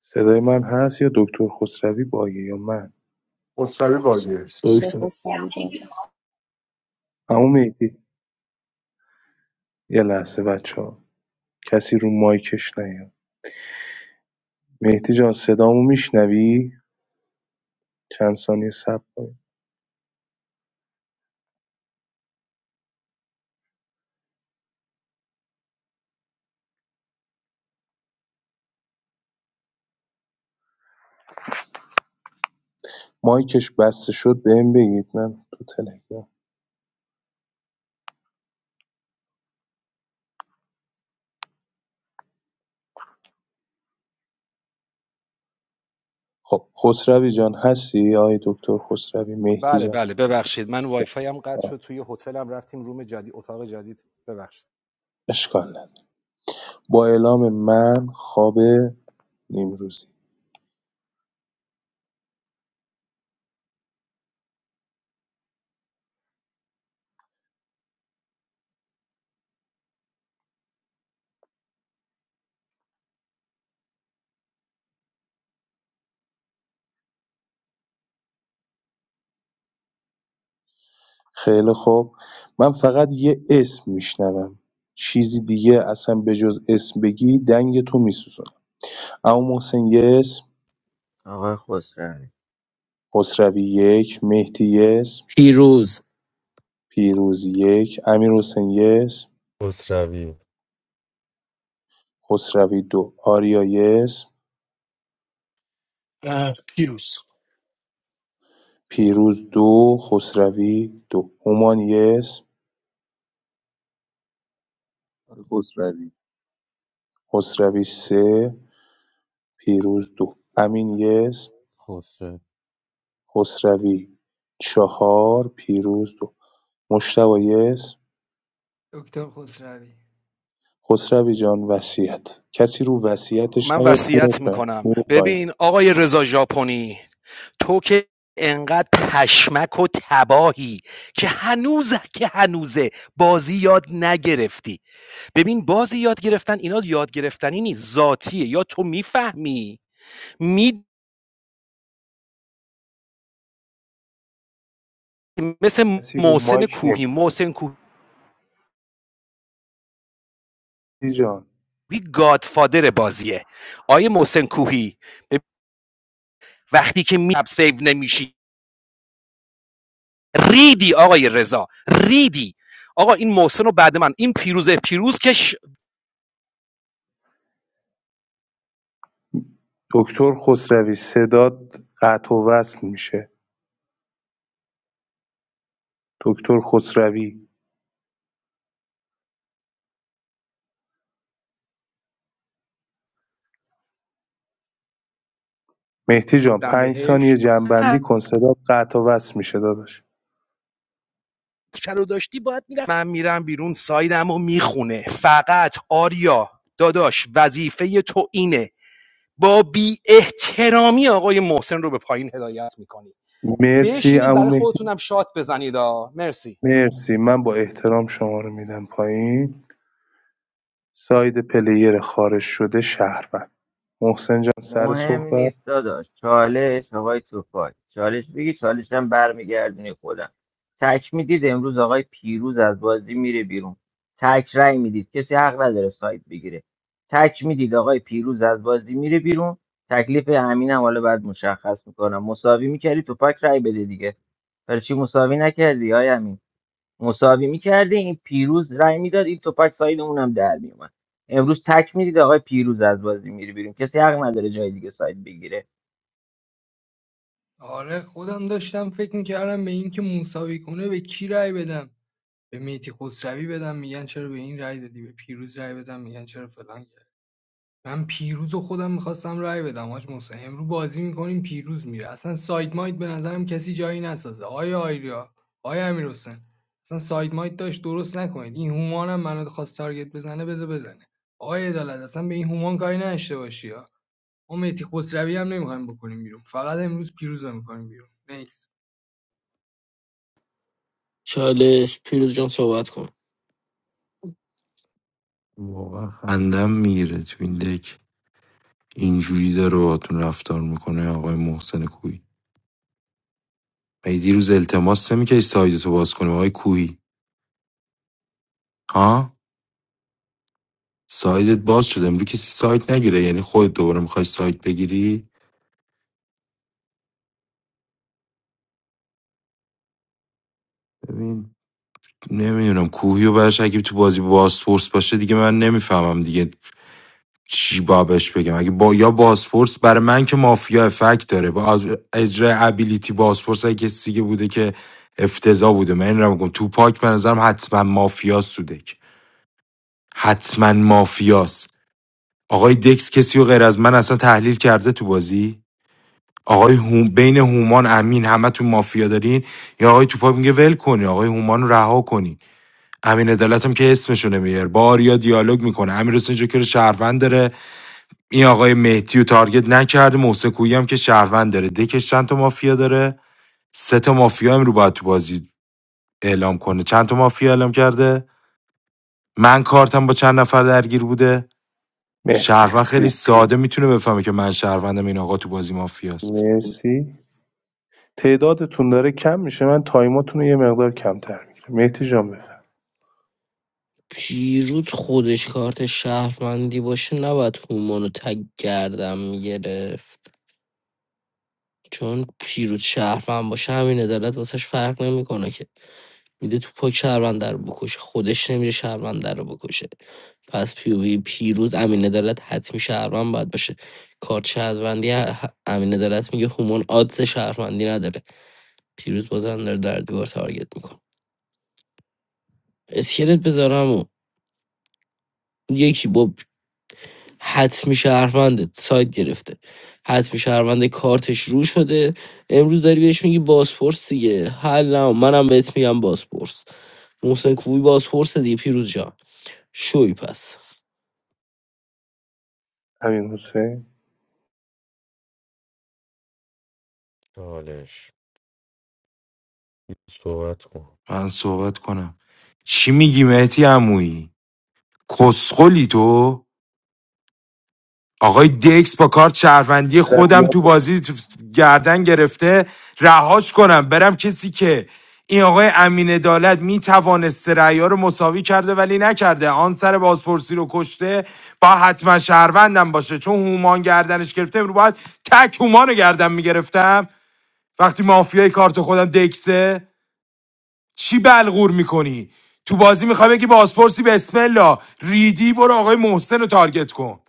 صدای من هست یا دکتر خسروی بایه یا من مصطفی باگه I'm دکتر so sorry. اما میگی یه لحظه بچه کسی رو مایکش نیاد مهدی جان صدامو میشنوی چند ثانیه صبر کنید مایکش بسته شد بهم بگید من تو تلگرام خب خسروی جان هستی آی دکتر خسروی مهدی بله جان بله ببخشید من وای خب، فای هم قطع شد توی هتلم رفتیم روم جدید اتاق جدید ببخشید اشکال نداره با اعلام من خواب نیمروزی خیلی خوب من فقط یه اسم میشنوم چیزی دیگه اصلا به جز اسم بگی دنگ تو میسوزن اما محسن یه اسم آقا خسروی خسروی یک مهدی یه اسم پیروز پیروز یک، امیرحسین یک، خسروی دو، آریا یک، اه، پیروز پیروز دو، خسروی دو، هومان یک، خسروی خسروی سه، پیروز دو، امین یک، خسرو خسروی چهار، پیروز دو، مشتبه یک، دکتر خسروی خسروی جان وصیت کسی رو وصیتش من نیاد میره وصیت پایین میکنم میره پایین. ببین آقای رضا ژاپنی تو که انقدر پشمک و تباهی که هنوز که هنوزه بازی یاد نگرفتی ببین بازی یاد گرفتن اینا یاد گرفتنی نیست ذاتیه یا تو میفهمی می مثل کسی رو محسن مایک کوهی نمیاد محسن کوهی جان گادفادر بازیه آیه محسن کوهی وقتی که می سیو نمیشی ریدی آقای رضا ریدی آقا این محسن رو بعد من این پیروزه پیروز که ش- دکتر خسروی صداد قطع و وصل میشه دکتر خسروی مهدی جان دم 5 ثانیه بهش جمع‌بندی کن صدات قطع و وصل میشه داداش چه رو داشتی باید میرفت من میرم بیرون سایدم رو میخونه فقط آریا داداش وظیفه تو اینه با بی احترامی آقای محسن رو به پایین هدایت میکنی مرسی بشینید عمو برای مهدی خودتونم شات بزنید آ. مرسی مرسی من با احترام شما رو میدم پایین ساید پلیر خارج شده شهروند محسن جان سر مهم صحبت نیست داداش چالش آقای توپاک چالش بگی چالشم برمیگردونی خودم تک میدید امروز آقای پیروز از بازی میره بیرون تک رأی میدید کسی حق نداره سایت بگیره تک میدید آقای پیروز از بازی میره بیرون تکلیف همینم حالا بعد مشخص میکنم مساوی میکردی توپاک رأی بده دیگه برای چی مساوی نکردی آیا امین مساوی میکرده این پیروز رای میداد این توپک ساید اونم در میومد امروز تک میدید آقای پیروز از بازی میری بیرون کسی حق نداره جای دیگه ساید بگیره آره خودم داشتم فکر میکردم به این که مساوی کنه به کی رأی بدم به مهدی خسروی بدم میگن چرا به این رای دادی به پیروز رای بدم میگن چرا فلان کردی من پیروز و خودم میخواستم رای بدم حاج محسن امرو بازی میکنیم پیروز میره اصلا ساید مایت به نظرم کسی جایی نسازه آیا آیریا آیا امیر اصلا ساید مایت داشت درست نکنید این هومانم منو خواست تارگت بزنه بذار بزنه آیا عدالت اصلا به این هومان کاری نداشته باشی ها ما مهدی خسروی هم نمیخوایم بکنیم بیرون فقط امروز پیروز رو میکنیم بیرون نیکس چالش پیروز جان صحبت کن واقعا خندم میگیره تو این دک اینجوری داره باهاتون رفتار میکنه آقای محسن کوهی مگه دیروز التماس نمیکردی سایدتو باز کنی آقای کوهی ها سایدت باز شده امروز کسی سایت نگیره یعنی خودت دوباره میخوای سایت بگیری ببین نمیدونم کوهی و برش اگه تو بازی بازپورس باشه دیگه من نمیفهمم دیگه چی بابش بگم اگه با یا بازپورس برای من که مافیا افکت داره با از- اجرای ابیلیتی بازپورس اگه کسی دیگه بوده که افتضاح بوده من این رو میگم تو پاک به نظرم حتما مافیاس حتما مافیاس آقای دکس کسی و غیر از من اصلا تحلیل کرده تو بازی آقای هوم بین هومان امین همه تو مافیا دارین یا آقای توپا میگه ول کنی آقای هومان رو رها کنی امین عدالت هم که اسمشو نمیار با آریا دیالوگ میکنه امیر حسین جوکر شهروند داره این آقای مهدی و تارگت نکرده محسن کویی هم که شهروند داره دکش چند تا مافیا داره سه تا مافیا هم رو باید تو بازی اعلام کنه چند تا مافیا اعلام کرده من کارتم با چند نفر درگیر بوده مرسی شهروند خیلی پیر ساده میتونه بفهمه که من شهروندم این آقا تو بازی مافیاست مرسی تعدادتون داره کم میشه من تایماتون رو یه مقدار کمتر میگیرم مهدی جان بفرم پیروز خودش کارت شهروندی باشه نباید هومانو تگ گردم میگرفت چون پیروز شهروند باشه همین عدالت واسش فرق نمیکنه که میده تو پاک شهروند رو بکشه خودش نمیره شهروند رو بکشه پس پیوی پیروز امین عدالت حتمی شهروند باید باشه کارت شهروندی ه- امین عدالت میگه هومان آدز شهروندی نداره پیروز بازم داره در دیوار تارگت میکنه اسکلت بذارم و یکی با حتمی شهروند سایت گرفته حتمی شهروند کارتش رو شده امروز داری بهش میگی بازپرس دیگه حل منم بهت میگم بازپرس محسن کوی بازپرس دیگه پیروز جان شوی پس امین حسین من صحبت کنم چی میگی مهتی عمویی کسخلی تو آقای دکس با کارت شهروندی خودم ادبیات تو بهتر. بازی گردن گرفته رهاش کنم برم کسی که این آقای امین عدالت میتوانست رأی رو مساوی کرده ولی نکرده آن سر بازپرسی رو کشته با حتما شهروندم باشه چون هومان گردنش گرفته باید تک هومان رو گردن میگرفتم وقتی مافیای کارت خودم دکسه چی بلغور میکنی تو بازی میخوای بگی بازپرسی بسم الله ریدی برو آقای محسن رو تارگت کن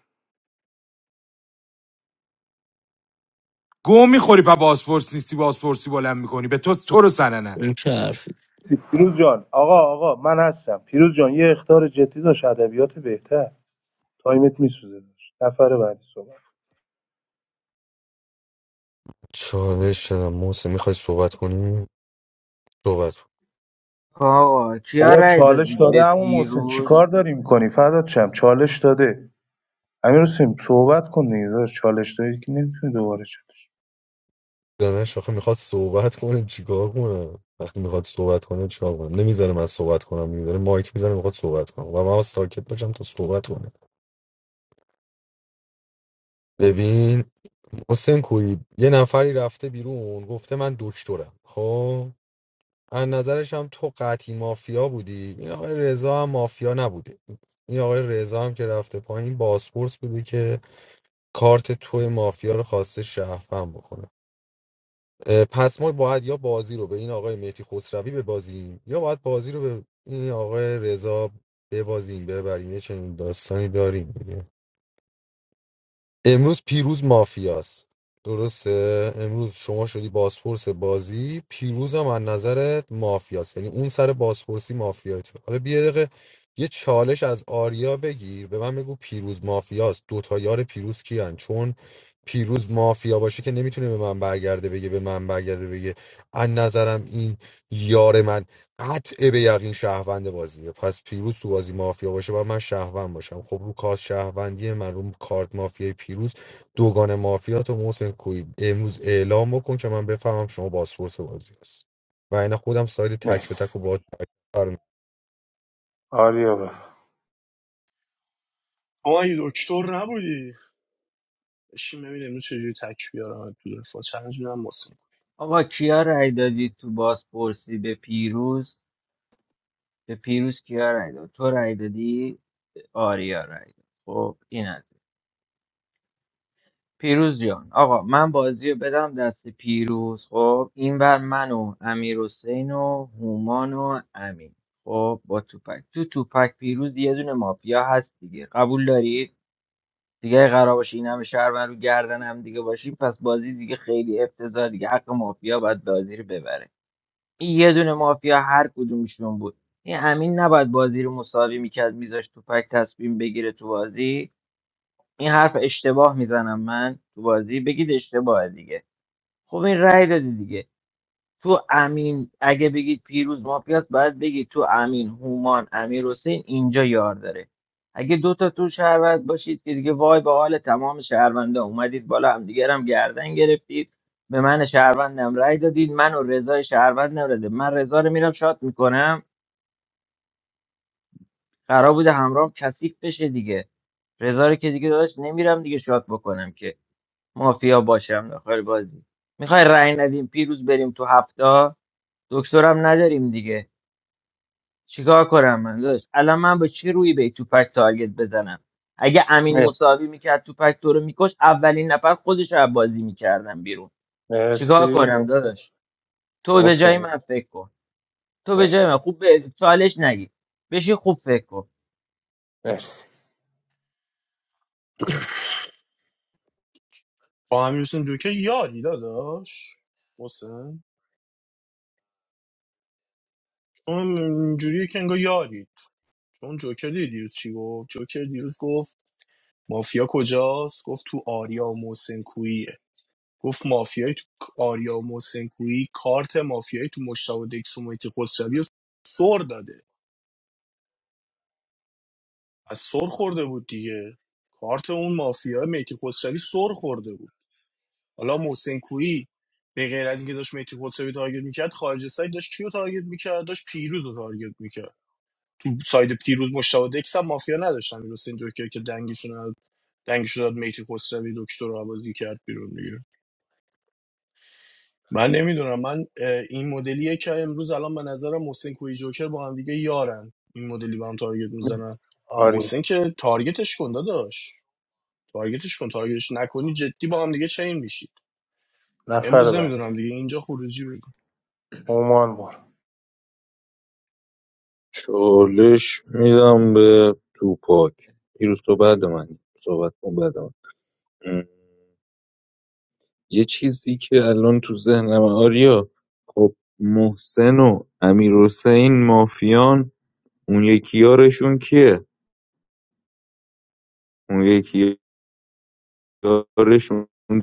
گم میخوری پا بازپرس نیستی بازپرسی بلند میکنی به تو تو رو سننه این چه حرفی پیروز جان آقا آقا من هستم پیروز جان یه اختار جدی داشت ادبیات بهتر تایمت میسوزه داشت نفر بعدی صحبت چالش شدم محسن میخوای صحبت کنی صحبت کن آقا کیا بابا رای چالش دادید داده به عمو محسن پیروز چیکار داری میکنی فدات شم چالش داده امیر حسین صحبت کن دیگه داداش. چالش دادی که نمیتونی دوباره چالش داداش آخه میخواد صحبت کنه چیکار کنه وقتی میخواد صحبت کنه چیکار کنه نمیذاره من صحبت کنم میذاره مایک میذاره میخواد صحبت کنه و من باید ساکت باشم تا صحبت کنه ببین محسن کوی یه نفری رفته بیرون گفته من دکترم خب از نظرش هم تو قطعی مافیا بودی این آقای رضا هم مافیا نبوده این آقای رضا هم که رفته پایین بازپرس بوده که کارت توی مافیا رو خواسته شهفن بکنه اه، پس ما باید یا بازی رو به این آقای مهدی خسروی ببازیم یا باید بازی رو به این آقای رضا ببازیم ببریم یه چنین داستانی داریم دیگه. امروز پیروز مافیاست درسته امروز شما شدی بازپرس بازی پیروز هم از نظرت مافیاست یعنی اون سر بازپرسی مافیا تو حالا بیا یه دقیقه یه چالش از آریا بگیر به من بگو پیروز مافیاست دوتا یار پیروز کیان چون پیروز مافیا باشه که نمیتونه به من برگرده بگه به من برگرده بگه از نظرم این یار من قطع به یقین شهروند بازیه پس پیروز تو بازی مافیا باشه و من شهروند باشم خب رو کارت شهروندی من رو کارت مافیای پیروز دوگان مافیا تو محسن کوی امروز اعلام بکن که من بفهمم شما بازپرس بازی هست و اینا خودم ساید تک به تک مرسی و با آریا بفر آی دکتر نبودی بشین ببین امروز چجوری تک بیارم تو دفاع چند جونم محسن آقا کیا رای دادید تو بازپرسی به پیروز به پیروز کیا رای داد تو رای دادی آریا رای داد خب این از این. پیروز جان آقا من بازی رو بدم دست پیروز خب این بر من و امیر حسین و هومان و امین خب با توپک تو توپک پیروز یه دونه مافیا هست دیگه قبول دارید دیگه اگه قرار باشه این همه شهر من رو گردن هم دیگه باشیم پس بازی دیگه خیلی افتضاح دیگه حق مافیا باید بازی رو ببره این یه دونه مافیا هر کدومشون بود این امین نباید بازی رو مساوی میکرد میذاشت توپک تصمیم بگیره تو بازی این حرف اشتباه میزنم من تو بازی بگید اشتباه دیگه خب این رأی دادی دیگه تو امین اگه بگید پیروز مافیاست باید بگید تو امین هومان امیر حسین اینجا یار داره اگه دوتا تو شهروند باشید که دیگه وای به حال تمام شهرونده اومدید بالا هم دیگه هم گردن گرفتید به من شهروندم رأی دادید من و رضای شهروند نرده من رضا رو میرم شات میکنم قرار بوده همراه کثیف بشه دیگه رضا رو که دیگه داداش نمیرم دیگه شات بکنم که مافیا باشم داخل بازی میخوای رأی ندیم پیروز بریم تو هفته دکترم نداریم دیگه چیکار کنم من داشت الان من با چی روی به تو پک تارگت بزنم اگه امین مر- مساوی میکرد تو پک تو رو میکش اولین نفر خودش رو از بازی میکردم بیرون چیکار مرسی کنم محسن داداش تو به جای محسن من فکر کن تو به جای مرسی من خوب به چالش نگی بشی خوب فکر کن مرسی با امیرحسین دوکه یاری داداش محسن اون اینجوریه که انگار یاری چون جوکر دیدی دیروز چی گفت جوکر دیروز گفت مافیا کجاست گفت تو آریا و محسن کوییه گفت مافیای تو آریا و محسن کویی کارت مافیایی تو مشتاق و دکس و مهدی خسروی رو سر داده از سر خورده بود دیگه کارت اون مافیا مهدی خسروی سر خورده بود حالا محسن کویی به غیر از اینکه داشت مهدی قدسوی تارگت میکرد خارج سایت داشت کیو تارگت میکرد داشت پیروز رو تارگت میکرد تو ساید پیروز مشتاق دکس هم مافیا نداشتن درست اینجور که که دنگشون رو- دنگشون داد مهدی خسروی دکتر رو آوازی کرد بیرون دیگه من نمیدونم من اه، این مدلیه که امروز الان به نظرم محسن کویی جوکر با هم دیگه یارن این مدلی با هم تارگت میزنن آریا محسن که تارگتش کنده داشت تارگتش کن تارگتش نکنی جدی با هم دیگه چین میشید نفر امروز بعدی نمیدونم دیگه اینجا خروجی هومان برو چالش میدم به توپاک دیروز تو بعد من صحبت کن بعد من ام. یه چیزی که الان تو ذهنم آریا خب محسن و امیر حسین مافیان اون یکی یارشون کیه اون یکی یارش اون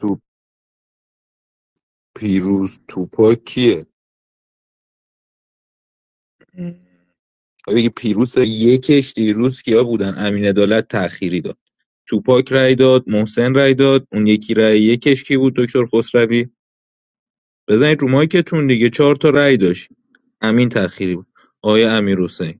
تو پیروز توپا کیه آیا بگی پیروز یکش دیروز کیا بودن امین عدالت تأخیری داد توپاک رای داد محسن رای داد اون یکی رای یکش کی بود دکتر خسروی بزنید رو مایکتون دیگه چهار تا رای داشت امین تأخیری بود آیا امیر حسین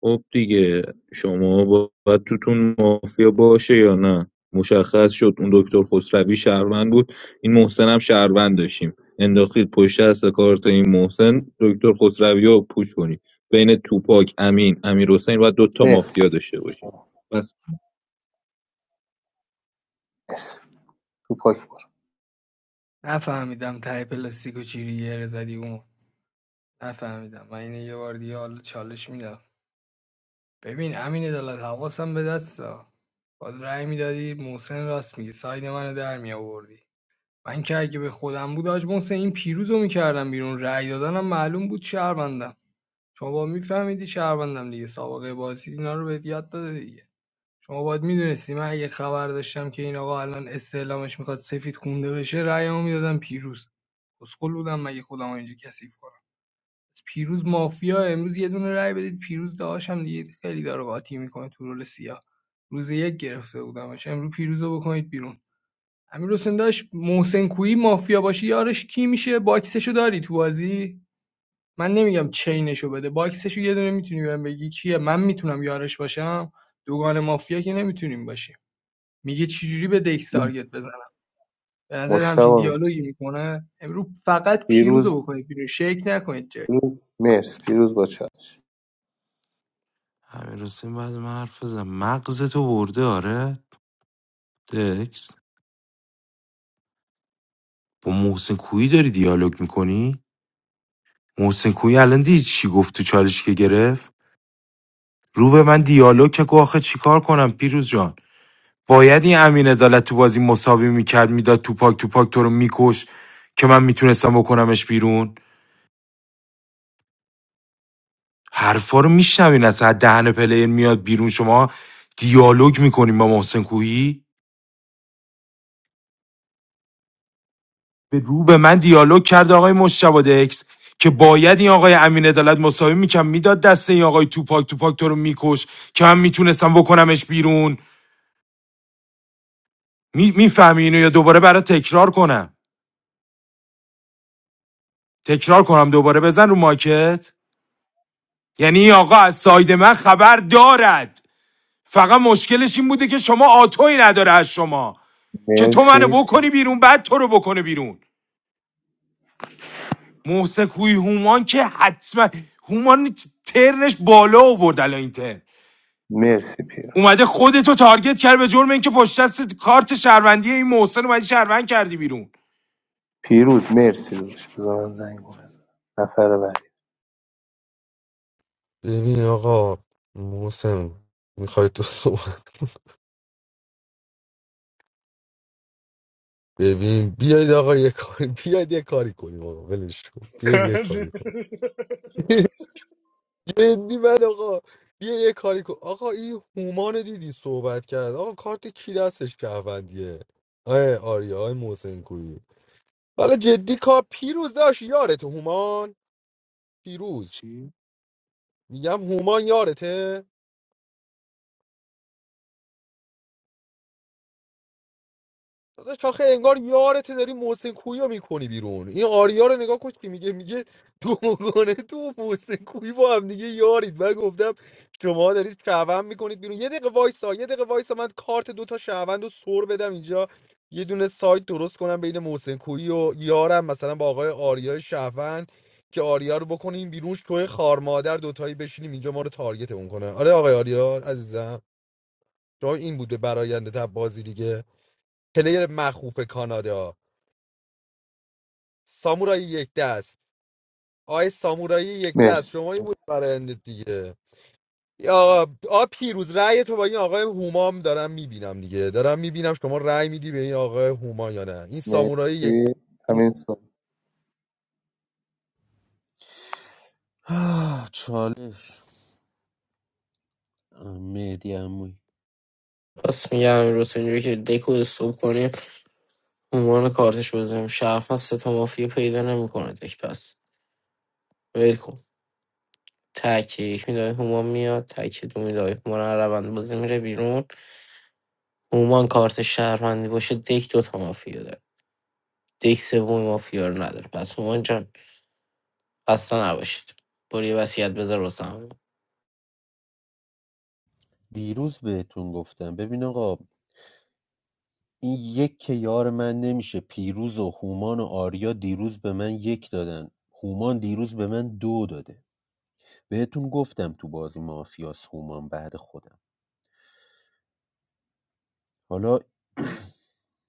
خب دیگه شما با باید توتون مافیا باشه یا نه مشخص شد اون دکتر خسروی شهروند بود این محسن هم شهروند داشتیم انداخید پشت دست کارت این محسن دکتر خسروی رو پوش کنید بین توپاک امین امیر حسین باید دوتا مرسی مافیا داشته باشیم بس مرسی تو پاک برو نفهمیدم ته پلاستیکو چیری یه رزدی اون نفهمیدم من اینو یه بار دیگه حالا چالش میدم ببین امین عدالت حواسم به دستا باید رأی میدادی محسن راست میگه ساید منو در می آوردی من که اگه به خودم بود آج محسن این پیروز میکردم بیرون رأی دادنم معلوم بود شهروندم شما با میفهمیدی شهروندم دیگه سابقه بازی اینا رو بهت یاد داده دیگه شما باید میدونستی من اگه خبر داشتم که این آقا الان استعلامش میخواد سفید خونده بشه رأیمو میدادم پیروز اسکل بودم مگه خودم اینجا کثیف کنم پس پیروز مافیا امروز یه دونه رای بدید پیروز داداش هم دیگه خیلی داره قاطی میکنه تو رول سیاه روز یک گرفته بودمش امروز پیروز بکنید بیرون امیر حسین داشت محسن کویی مافیا باشی یارش کی میشه باکسشو داری تو بازی من نمیگم چینشو بده باکسشو یه دونه میتونی بهم بگی کیه من میتونم یارش باشم دوگان مافیا که نمیتونیم باشیم میگه چجوری به دکس تارگت بزنم به نظر مشتبه همچین مرسی دیالوگی میکنه امروز فقط پیروز پیروز بکنید بیرون شیک نکنید جای. پیروز مرسی پیروز با چالش همین حسین بعد من حرف بزن مغزتو برده آره دکس با محسن کویی داری دیالوگ میکنی محسن کویی الان دیدی چی گفت تو چالش که گرفت رو به من دیالوگ که گفت آخه چیکار کنم پیروز جان باید این امین عدالت تو بازی مساوی میکرد میداد توپاک توپاک تو رو میکش که من میتونستم بکنمش بیرون حرفا رو میشنوین از دهن پلیر میاد بیرون شما دیالوگ میکنیم با محسن کوهی به رو به من دیالوگ کرد آقای مشتبه دکس که باید این آقای امین عدالت مساوی میکرد میداد دست این آقای توپاک توپاک تو رو میکش که من میتونستم بکنمش بیرون میفهمی اینو یا دوباره برای تکرار کنم تکرار کنم دوباره بزن رو ماکت یعنی این آقا از ساید من خبر دارد فقط مشکلش این بوده که شما آتوی نداره از شما که تو منو مرسی بکنی بیرون بعد تو رو بکنه بیرون محسن کوی هومان که حتما هومان ترنش بالا آورد الان این ترن مرسی پیروز اومده خودتو تارگت کرد به جرم اینکه پشت دست کارت شهروندی این محسن اومدی شهروند کردی بیرون پیروز مرسی داداش بذار من زنگ بزنم نفر بعدی ببین آقا محسن میخوای تو صحبت کنی؟ ببین بیاید آقا یه کاری بیاید یه کاری کنیم آقا ولش کن بیاید یه کاری کنیم جدی من آقا بیا یه کاری کن آقا این هومان رو دیدی صحبت کرد آقا کارت کی دستش کهوندیه آه آریا آه محسن کویی حالا جدی کار پیروز داشت یارته هومان پیروز چی؟ میگم هومان یارته داداش آخه انگار یارت داری محسن کویی رو میکنی بیرون این آریا رو نگاه کن که میگه میگه دوگانه تو و محسن کویی با هم دیگه یارید من گفتم شما دارید شهروند میکنید بیرون یه دقیقه وایسا یه دقیقه وایسا من کارت دوتا شهروند رو سر بدم اینجا یه دونه سایت درست کنم بین محسن کویی و یارم مثلا با آقای آریا شهروند که آریا رو بکنیم بیرون توی خار مادر دوتایی بشینیم اینجا ما رو تارگتمون کنه آره آقای آریا عزیزم جای این بود به براینده بازی دیگه پلیر مخوف کانادا سامورایی یک دست آی سامورایی یک دست مرسی شمایی بود برای اندت دیگه یا آقا آ پیروز رأی تو با این آقای هومام دارم میبینم دیگه دارم میبینم شما رأی میدی به این آقای هوما یا نه این سامورایی یک مرسی همین صحبت آه، چالش مهدی عموی پس میگم امروز اینجوری که دکو استوب کنیم عنوان کارتش بزنیم شرف از ستا مافیا پیدا نمیکنه دک پس ول کن. تک یک میدای هومان میاد تک دو میدای هومان از روند بازی میره بیرون هومان کارت شهروندی باشه دک دو تا مافیا داره دک سوم مافیا رو نداره پس هومان جان خسته نباشید برو یه وصیت بذار واسه همون. دیروز بهتون گفتم ببین آقا این یک که یار من نمیشه پیروز و هومان و آریا دیروز به من یک دادن هومان دیروز به من دو داده بهتون گفتم تو بازی مافیاس هومان بعد خودم حالا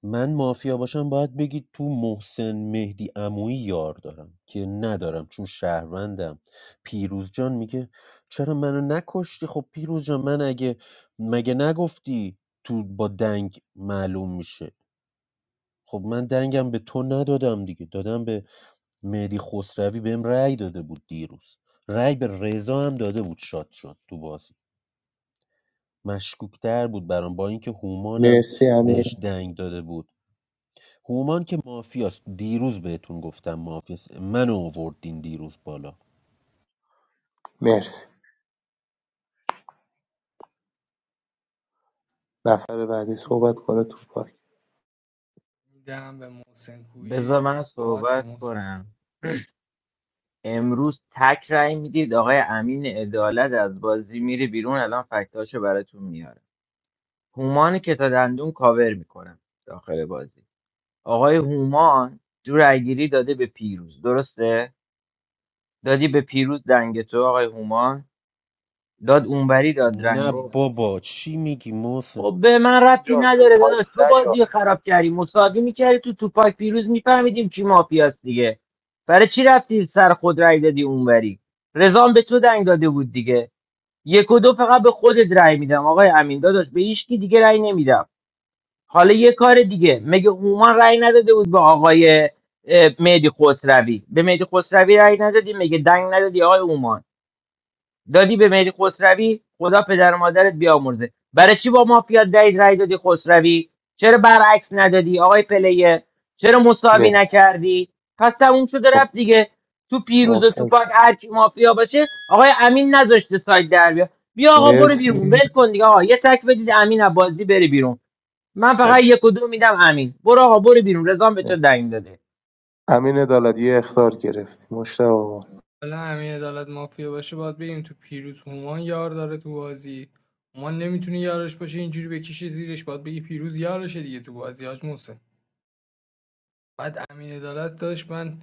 من مافیا باشم باید بگید تو محسن مهدی عمویی یار دارم که ندارم چون شهروندم پیروز جان میگه چرا منو نکشتی خب پیروز جان من اگه مگه نگفتی تو با دنگ معلوم میشه خب من دنگم به تو ندادم دیگه دادم به مهدی خسروی بهم رأی داده بود دیروز رأی به رضا هم داده بود شاد شد تو بازی مشکوکتر بود برام با اینکه هومانم مرسی بهش همین دنگ داده بود هومان که مافیاست دیروز بهتون گفتم مافیاست منو آوردین دیروز بالا مرسی نفر بعدی صحبت کنه تو پاک میدم به محسن بذار کویی من صحبت کن صحبت محسن کنم امروز تک رأی میدید آقای امین عدالت از بازی میره بیرون الان فکتاشو براتون میاره هومان که تا دندون کاور میکنم داخل بازی آقای هومان دو رأیگیری داده به پیروز درسته دادی به پیروز دنگ تو آقای هومان داد اونبری داد نه رنگو بابا چی میگی محسن خب به من ربطی اینجا رو نداره مایک داداش تو نیا بازی رو خراب کردی مساوی میکردی تو توپاک پیروز میفهمیدیم کی مافیاست دیگه برای چی رفتی سر خود رأی دادی اونوری رضا هم به تو دنگ داده بود دیگه یک و دو فقط به خودت رأی میدم آقای امین داداش به هیچکی دیگه رأی نمیدم حالا یه کار دیگه مگه هومان رأی نداده بود به آقای اه، مهدی خسروی به مهدی خسروی رأی ندادی مگه دنگ ندادی آقای هومان دادی به مهدی خسروی خدا پدر و مادرت بیامرزه برای چی با مافیا دهید رای دادی خسروی چرا برعکس ندادی آقای پلیه چرا مساوی مرسی نکردی پس تموم شده رفت دیگه تو پیروز و تو محسن پاک هر کی مافیا باشه آقای امین نذاشته سایت در بیا بیا آقا برو مرسی بیرون ول کن دیگه آقا یه تک بدید امین از بازی بری بیرون من فقط مرسی یک و دو میدم امین برو آقا برو بیرون رضام به تو مرسی دنگ داده امین عدالت یه اختار گرفتی مشتاق آقا. حالا همین عدالت مافیا باشه باید بگیم تو پیروز هومان یار داره تو بازی هومان نمیتونه یارش باشه اینجوری بکشه زیرش باید بگی پیروز یارشه دیگه تو بازی حاج محسن بعد امین عدالت داشت من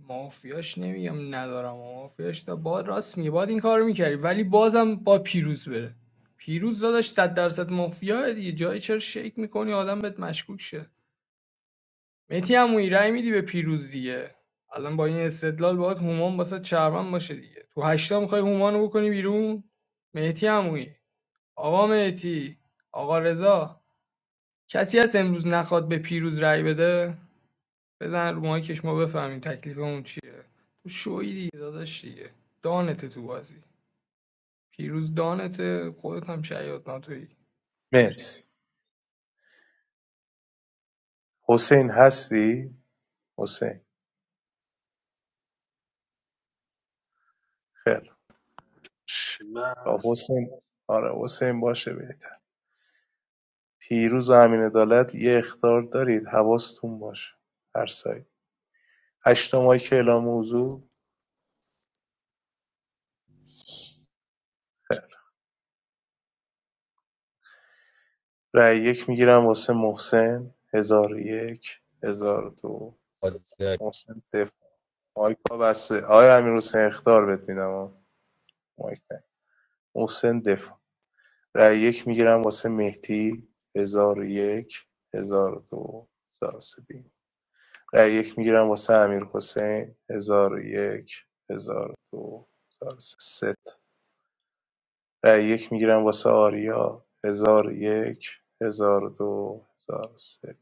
مافیاش نمیگم ندارم مافیاش تا با راست میگه باید این کارو میکردی ولی بازم با پیروز بره پیروز داداش 100 درصد مافیاه دیگه جایی چرا شیک میکنی آدم بهت مشکوک شه مهدی عمویی رأی میدی به پیروز دیگه الان با این استدلال باید هومان واسه چرمن باشه دیگه تو هشتا میخوای هومان رو بکنی بیرون مهدی عمویی آقا مهدی آقا رضا کسی هست امروز نخواد به پیروز رأی بده بزن رو مایکش ما بفهمیم تکلیفمون چیه تو شوی دیگه داداش دیگه دانته تو بازی پیروز دانته خودت هم شیاد ناتویی اکس مرسی حسین هستی حسین خیر خب Mas. حسین آره حسین باشه بیت پیروز و امینعدالت یه اخطار دارید حواستون باشه هر سایت هشتا ماهی که اعلام موضوع خیر رأی یک میگیرم واسه محسن هزار و یک هزار و دو دست محسن دفاع مایک ها بسته آیا امیر حسین اختار بهت میدم ها. مایک نه محسن دفاع رأی یک میگیرم واسه مهدی هزار و یک هزار و دو هزار رأی یک میگیرم واسه امیر حسین هزار و یک هزار و دو سه رأی یک میگیرم واسه آریا هزار یک هزار دو هزار سه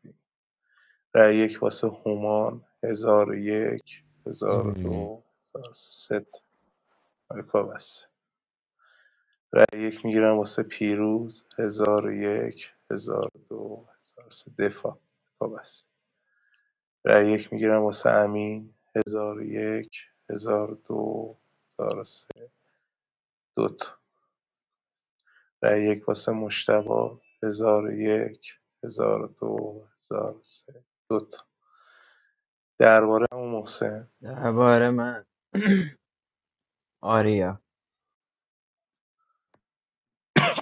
رأی یک واسه هومان هزار یک هزار ام، دو هزار سه ست آرکا بس رأی یک میگیرم واسه پیروز هزار یک هزار دو هزار سه دفاع آرکا بس رأی یک میگیرم واسه امین هزار یک هزار دو هزار سه دوتا. رای یک واسه مشتبا ۱۰۰۱ ۱۰۰۲ ۱۰۰۳ دو تا درباره عمو محسن درباره من آریا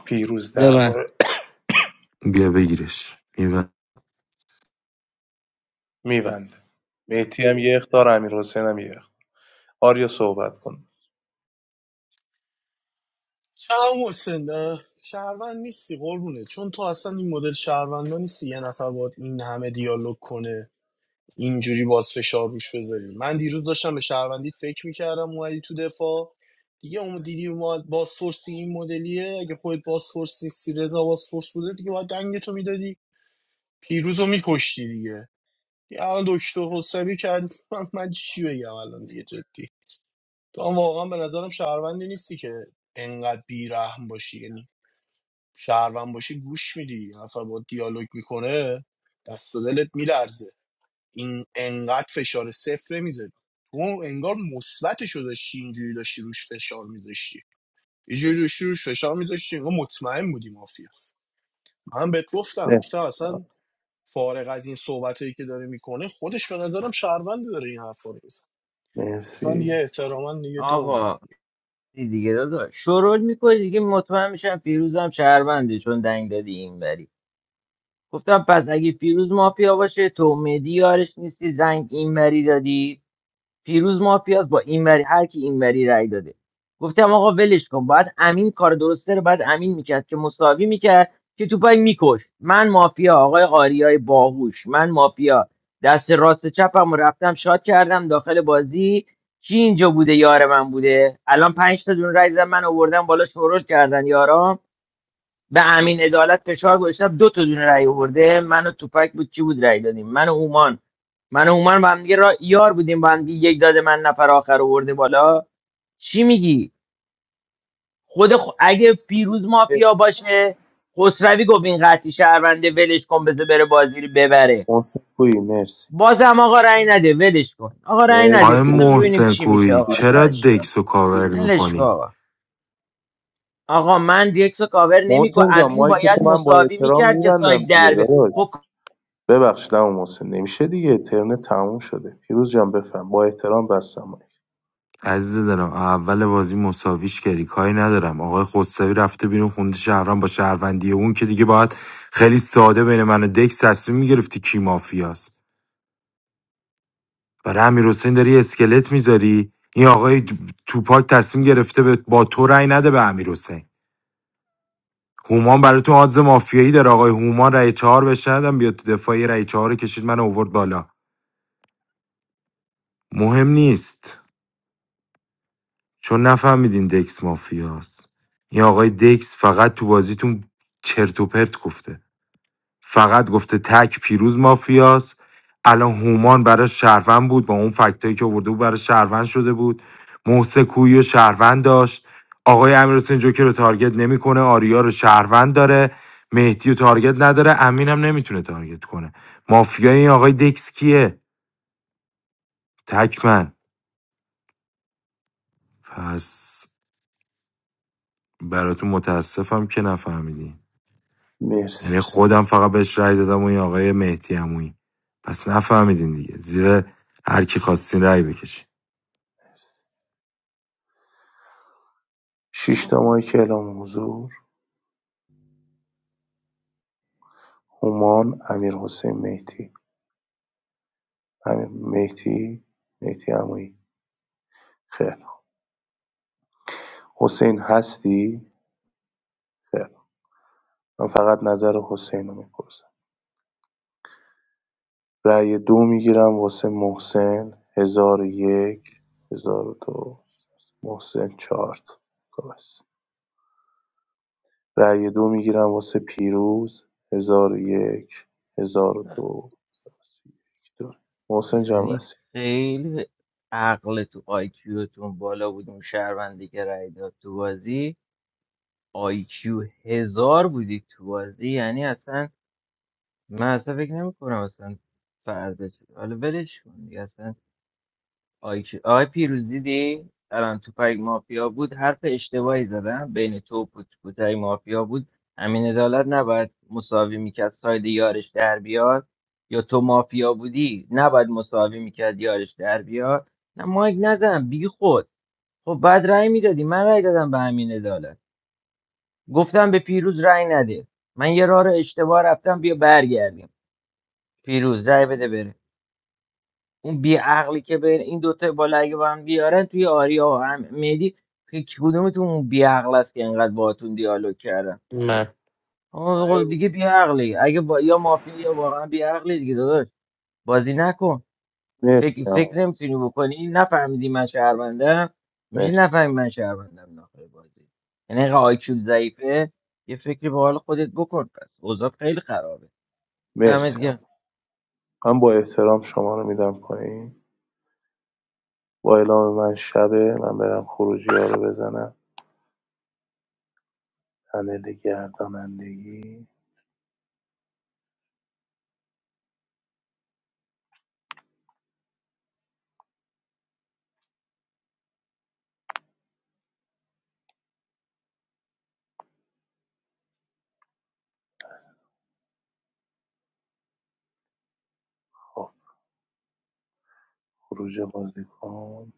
پیروز بده درباره بیا بگیرش میبن میبنده مهدی هم یه اختار امیرحسین هم یه اخطار. آریا صحبت کن چه حسین اه، شهروند نیستی قربونه چون تو اصلا این مدل شهروندا نیستی یه نفر باید این همه دیالوگ کنه اینجوری باز فشار روش بذاری من دیروز داشتم به شهروندی فکر میکردم اومدی تو دفاع دیگه اون دیدی اومد باز سورسی این مدلیه اگه خودت باز سورس نیستی رضا باز سورس بوده دیگه باید دنگ تو میدادی پیروز رو میکشتی دیگه یه الان دکتر حسابی کرد من چی بگم الان دیگه جدی تو هم واقعا به نظرم شهروندی نیستی که انقدر بیرحم باشی یعنی شهروند باشی گوش میدی یه نفر با دیالوگ میکنه دست و دلت میلرزه این انقدر فشار صفر نمیذاری تو انگار مثبتشو داشتی اینجوری داشتی روش فشار میذاشتی اینجوری داشتی روش فشار میذاشتی انگار مطمئن بودی مافیا من بهت گفتم نه گفتم اصلا فارغ از این صحبتایی که داره میکنه خودش به نظرم شهروند داره این حرفا رو بزن اصلا یه مرسی احتراما دیگه دو آقا میدم دیگه داداش شروع میکنی دیگه مطمئن میشم فیروزم شهرونده چون دنگ دادی اینوری گفتم پس اگه فیروز مافیا باشه تو مدی یارش نیستی دنگ اینوری دادی پیروز مافیاس با این وری هر کی این وری رای داده گفتم آقا ولش کن باید امین کار درسته رو باید امین میکرد که مساوی میکرد که تو پای میکش من مافیا آقای آریای باهوش من مافیا دست راست چپم رو رفتم شاد کردم داخل بازی کی اینجا بوده یار من بوده الان پنج تا دون رای زدن، من آوردم بالا شورول کردن یارام به امین عدالت فشار گذاشتم دو تا دونه رأی آورده من و توپک بود کی بود رأی دادیم من و هومان من و هومان با هم دیگه را... یار بودیم با هم دیگه یک داده من نفر آخر آورده بالا چی میگی خود خ... اگه پیروز مافیا باشه خسروی گفت این قطعی شهرونده ولش کن بذار بره بازی رو ببره محسن کوی مرسی بازم آقا رأی نده ولش کن آقا رأی نده آقای مرسی بذار ببینیم محسن چی میشه کوی آقا تو چرا هشتا دکس رو کاور ولش کن میکنی آقا آقا من دیگه کاور نمیکو محسن جان امین مایک تو باید من با مساوی احترام میکرد که میبندم سایب دیگه دربه داداش خب ببخشید اما محسن نمیشه دیگه ترن تموم شده پیروز جان بفهم با احترام بستم مایک عزیز دلم اول بازی مساویش کردی کاری ندارم آقای خسروی رفته بیرون خونده شهروند با شهروندی اون که دیگه باید خیلی ساده بین من و دکس تصمیم میگرفتی کی مافیاست برای امیر داری اسکلت میذاری این آقای توپاک تصمیم گرفته به با تو رأی نده به امیر هومان برای تو آدز مافیایی داره آقای هومان رأی چهار بشه ندم بیاد تو دفاعی رأی چهار کشید من اوورد بالا مهم نیست چون نفهمیدین دکس مافیاست این آقای دکس فقط تو بازیتون چرت و پرت گفته فقط گفته تک پیروز مافیاست الان هومان برای شهروند بود با اون فکتایی که آورده بود برای شهروند شده بود محسن کویی و شهروند داشت آقای امیرحسین جوکر رو تارگت نمیکنه آریا رو شهروند داره مهدی رو تارگت نداره امین هم نمیتونه تارگت کنه مافیای این آقای دکس کیه تکمن پس براتون متاسفم که نفهمیدین مرسی یعنی خودم فقط بهش رأی دادم و این آقای مهدی عمویی پس نفهمیدین دیگه زیر هر کی خواستین رأی بکشین ۶ تا مایک اعلام حضور هومان امیرحسین مهدی امیر مهدی مهدی عمویی خیر حسین هستی خیر من فقط نظر حسین رو میپرسم رأی دو میگیرم واسه محسن 1001 1002 محسن چارت کاس رأی دو میگیرم واسه پیروز 1001 1002 محسن جان یعنی وسی خیلی عقل تو آیکیوتون بالا بود اون شهروندی که رای داد تو بازی آیکیو هزار بودی تو بازی یعنی اصلا من اصلا فکر نمی کنم اصلا فردا چی- حالا ولش کن دیگه اصلا آی کی- آی پیروز دیدی الان تو پای مافیا بود حرف اشتباهی زدم بین تو و پوت پوتای مافیا بود همین عدالت نباید مساوی میکرد ساید یارش در بیاد یا تو مافیا بودی نباید مساوی میکرد یارش در بیاد نه مایک نزن بی خود خب بعد رأی میدادی من رأی دادم به همین عدالت گفتم به پیروز رأی نده من یه راه رو اشتباه رفتم بیا برگردیم پیروز رأی بده بره اون بی عقلی که بین این دوتا بالا اگه با هم بیارن توی آریا و هم- مهدی هیچ کدومتون اون بی عقل است که اینقدر باهاتون دیالوگ کردن من آقا خب دیگه بی عقلی اگه با یا مافیا یا واقعا بی عقلی دیگه داداش بازی نکن مرسی فکر فکر عمو. نمیتونی بکنی نفهمیدی من شهروندم میشه مرسی نفهمی من شهروندم داخل بازی یعنی اینقدر آیکیو ضعیفه یه فکری به حال خودت بکن پس اوضاع خیلی خرابه دمت مرسی گرم من با احترام شما رو می‌دم پایین با اعلام من شبه من برم خروجی ها رو بزنم پنل گردانندگی خب خروج بازیکن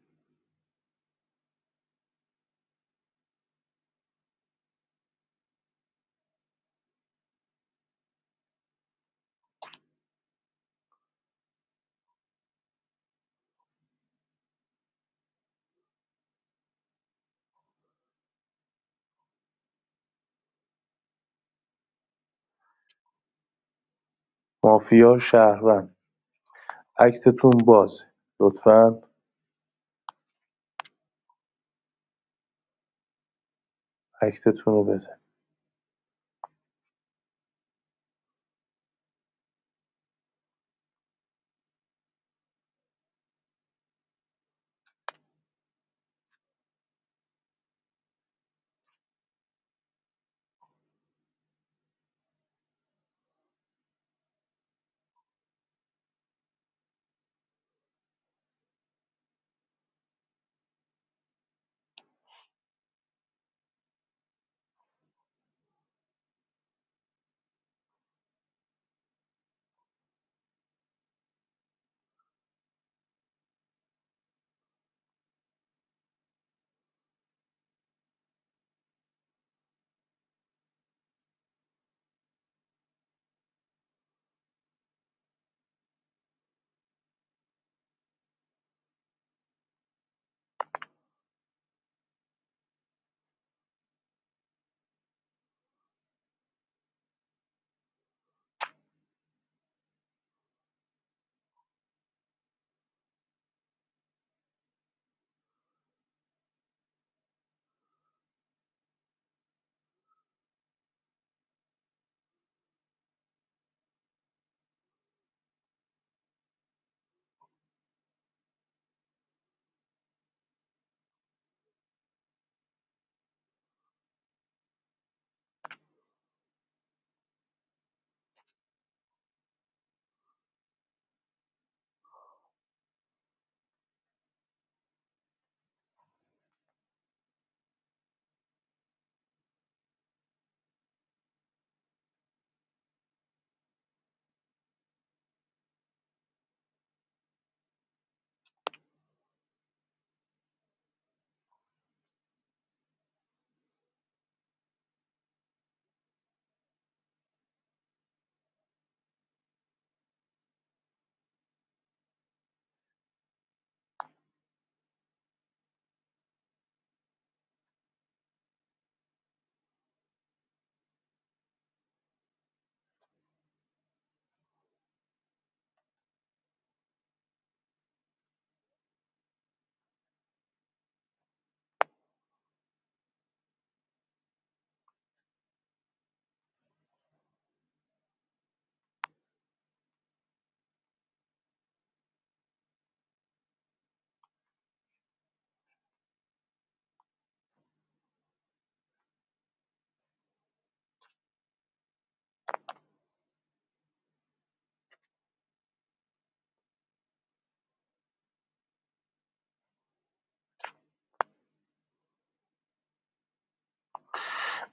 مافیا شهروند اکتتون باز لطفاً اکتتون رو بزن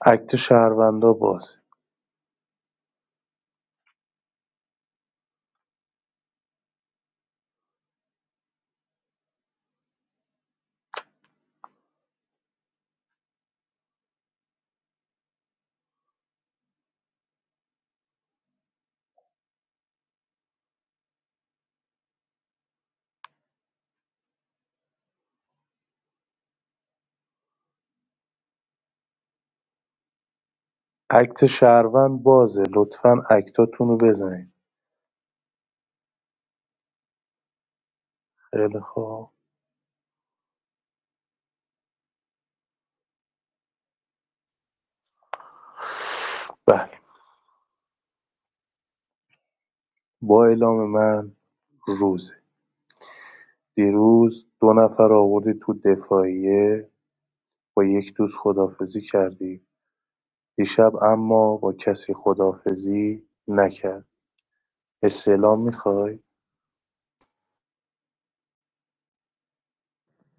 اکت شهروندا باز اکت شهروند بازه لطفاً اکتاتون رو بزنید خیلی خوب بله با اعلام من روزه دیروز دو نفر آوردی تو دفاعیه با یک دوست خدافزی کردی دیشب اما با کسی خداحافظی نکرد استعلام میخوای؟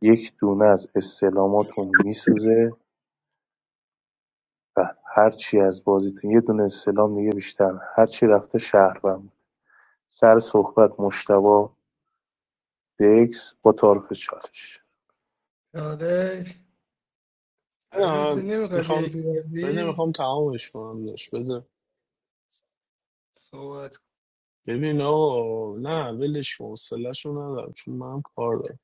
یک دونه از استعلاماتون میسوزه و هرچی از بازیتون یه دونه استعلام دیگه بیشتر هرچی رفته شهروند سر صحبت مشتبا دکس با تعارف چالش داداش امیر نه حسین نمیخوای بیای میخوام تو بده بازی میخوام تمامش کنم داشت بده صحبت ببین آقا نه ولش کن حوصله‌شو ندارم چون منم کار دارم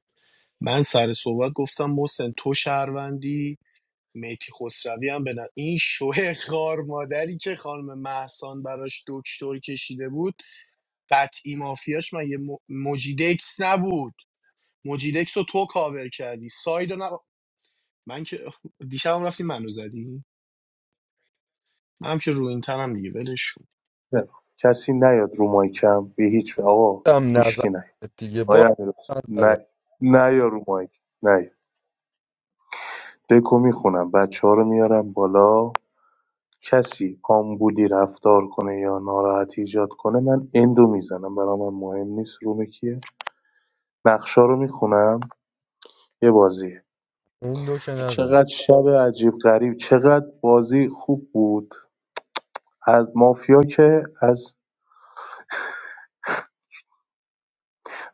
من سر صحبت گفتم محسن تو شهروندی میتی خسروی هم به ن- این شوه خار مادری که خانم محسان براش دکتر کشیده بود قطعی مافیاش من یه م... مجیدکس نبود مجیدکس رو تو کاور کردی ساید رو نب... من که دیشب هم رفتی منو زدی من هم که رو این تنم دیگه ولش کن. بله. کسی نیاد رو مایکم به هیچ وجه. آقا هم نزن هیچکی نیاد دیگه با آیا من زدم. نه نه یا رو مایک نه دکو میخونم بچه ها رو میارم بالا کسی آمبولی رفتار کنه یا ناراحتی ایجاد کنه من اندو میزنم برا من مهم نیست روم کیه نقشا رو میخونم یه بازیه اون دوشه نزنه چقدر شب عجیب غریب چقدر بازی خوب بود از مافیا که از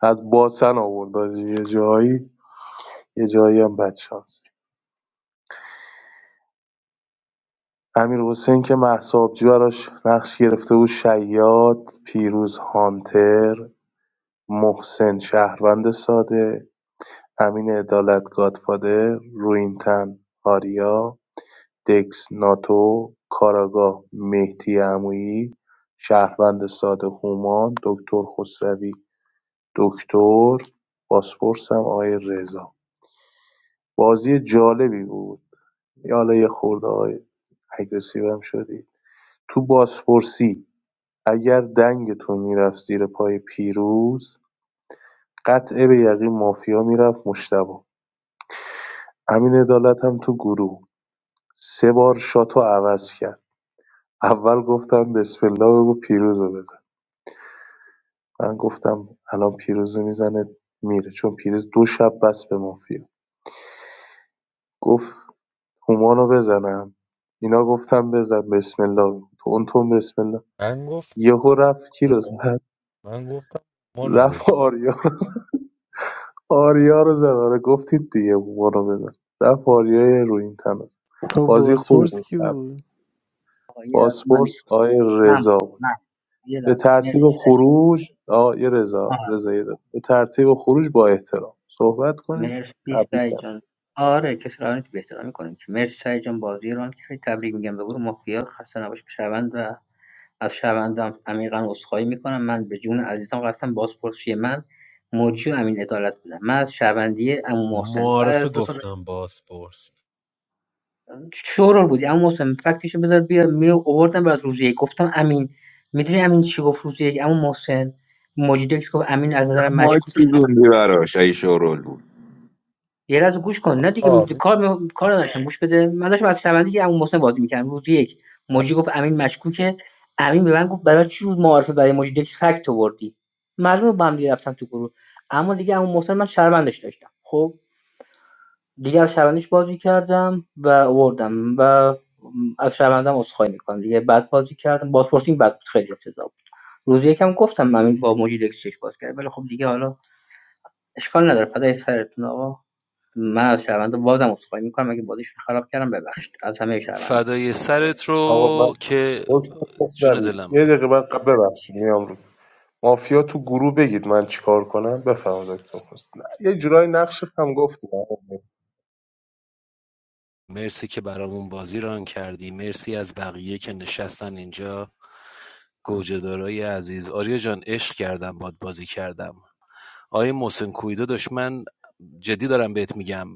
از باسن آورد آجی. یه جایی یه جایی هم بدشانس امیر حسین که محسابجی براش نقش گرفته بود شیاد پیروز هانتر محسن شهروند ساده امین عدالت گادفادر، رویینتن، آریا، دکس ناتو، کاراگاه مهدی عمویی، شهروند ساده هومان، دکتر خسروی دکتر، بازپرس هم آقای رضا بازی جالبی بود یه حالا یه خورده های اگرسیو هم شدید تو بازپرسی اگر دنگتون میرفت زیر پای پیروز قطعه به یقین مافیا میرفت مشتبه امین عدالت هم تو گروه سه بار شاتو عوض کرد اول گفتم بسم الله بگو پیروزو بزن من گفتم الان پیروزو میزنه میره چون پیروز دو شب بس به مافیا گفت هومانو بزنم اینا گفتم بزن بسم الله بگو. تون تون بسم الله من گفت یهو رفت کی رو زد من گفتم مانو بزن رفت آریا رو زد. آریا رو زد آره گفتید دیگه هومانو بزن رفت آریای رو این تن رو زد. I بازی was a خوبی school بود student. آقا یه لحظه من گوش پاسپورس کنم. آقای من رضا بود. من یه به لحظه مرسی ترتیب سعی خروج آقای رضا رضا یه به ترتیب خروج با احترام صحبت کنید مرسی تبریک سعی هم جان آره کسی رو آنتی به احترام می‌کنیم که مرسی سعی جان بازی رو که خیلی تبریک میگم به گروه مافیا خسته نباش به شهروند و از شهروندم عمیقا عذرخواهی میکنم من به جون عزیزم قسم بازپرسی من مرجی و امین عدالت بودم من از شهروندی عمو محسن بعد معارفه از دو سال گفتم باسپورس شورول بودی اما محسن فکتشو بذار بیا می آوردم برات روز یک گفتم امین میدونی امین چی گفت روز یک اما محسن مجیدکس گفت امین از چرا نظر مایک مشکوک سوزوندی براش ای شورول بود یه لحظه گوش کن نه دیگه م- آه، کار کار نداشتم گوش بده من داشتم از شنونده که محسن بازی میکردم روز یک موجی گفت امین مشکوکه امین به من گفت برای چی روز معارفه برای موجی فکت آوردی معلومه با هم دیگه رفتم تو گروه اما دیگه امون محسن من شرمندش داشتم خب دیگر شبنیش بازی کردم و آوردم و از شرمندم عذرخواهی میکنم دیگه بعد بازی کردم بازپرسی بد بود خیلی افتضاح بود روز یکم گفتم همین با موجی چش باز کرد ولی خب دیگه حالا اشکال نداره پدای سرتون آقا من از شرمنده بازم عذرخواهی میکنم اگه بازیشون خراب کردم ببخشید از همه شرمنده فدای میکنم. سرت آقا من رو که دکتر جون خسروی دلم یه دقیقه من قبل ببخشید میام رو مافیا تو گروه بگید من چیکار کنم بفهم دکتر خسروی نه، یه جورای نقش هم گفتیم آقا. مرسی که برامون بازی ران کردی مرسی از بقیه که نشستن اینجا گوجهدارای عزیز آریا جان عشق کردم باد بازی کردم آقای محسن کویدو داشت من جدی دارم بهت میگم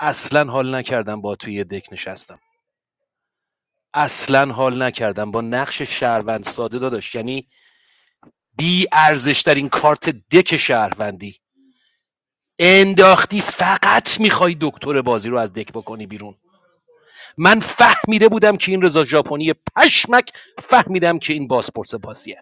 اصلا حال نکردم با توی یه دک نشستم اصلا حال نکردم با نقش شهروند ساده داداش یعنی بی ارزشترین کارت دک شهروندی انداختی فقط میخوای دکتر بازی رو از دک بکنی بیرون من فهمیده بودم که این رضا ژاپنی پشمک فهمیدم که این بازپرس بازیه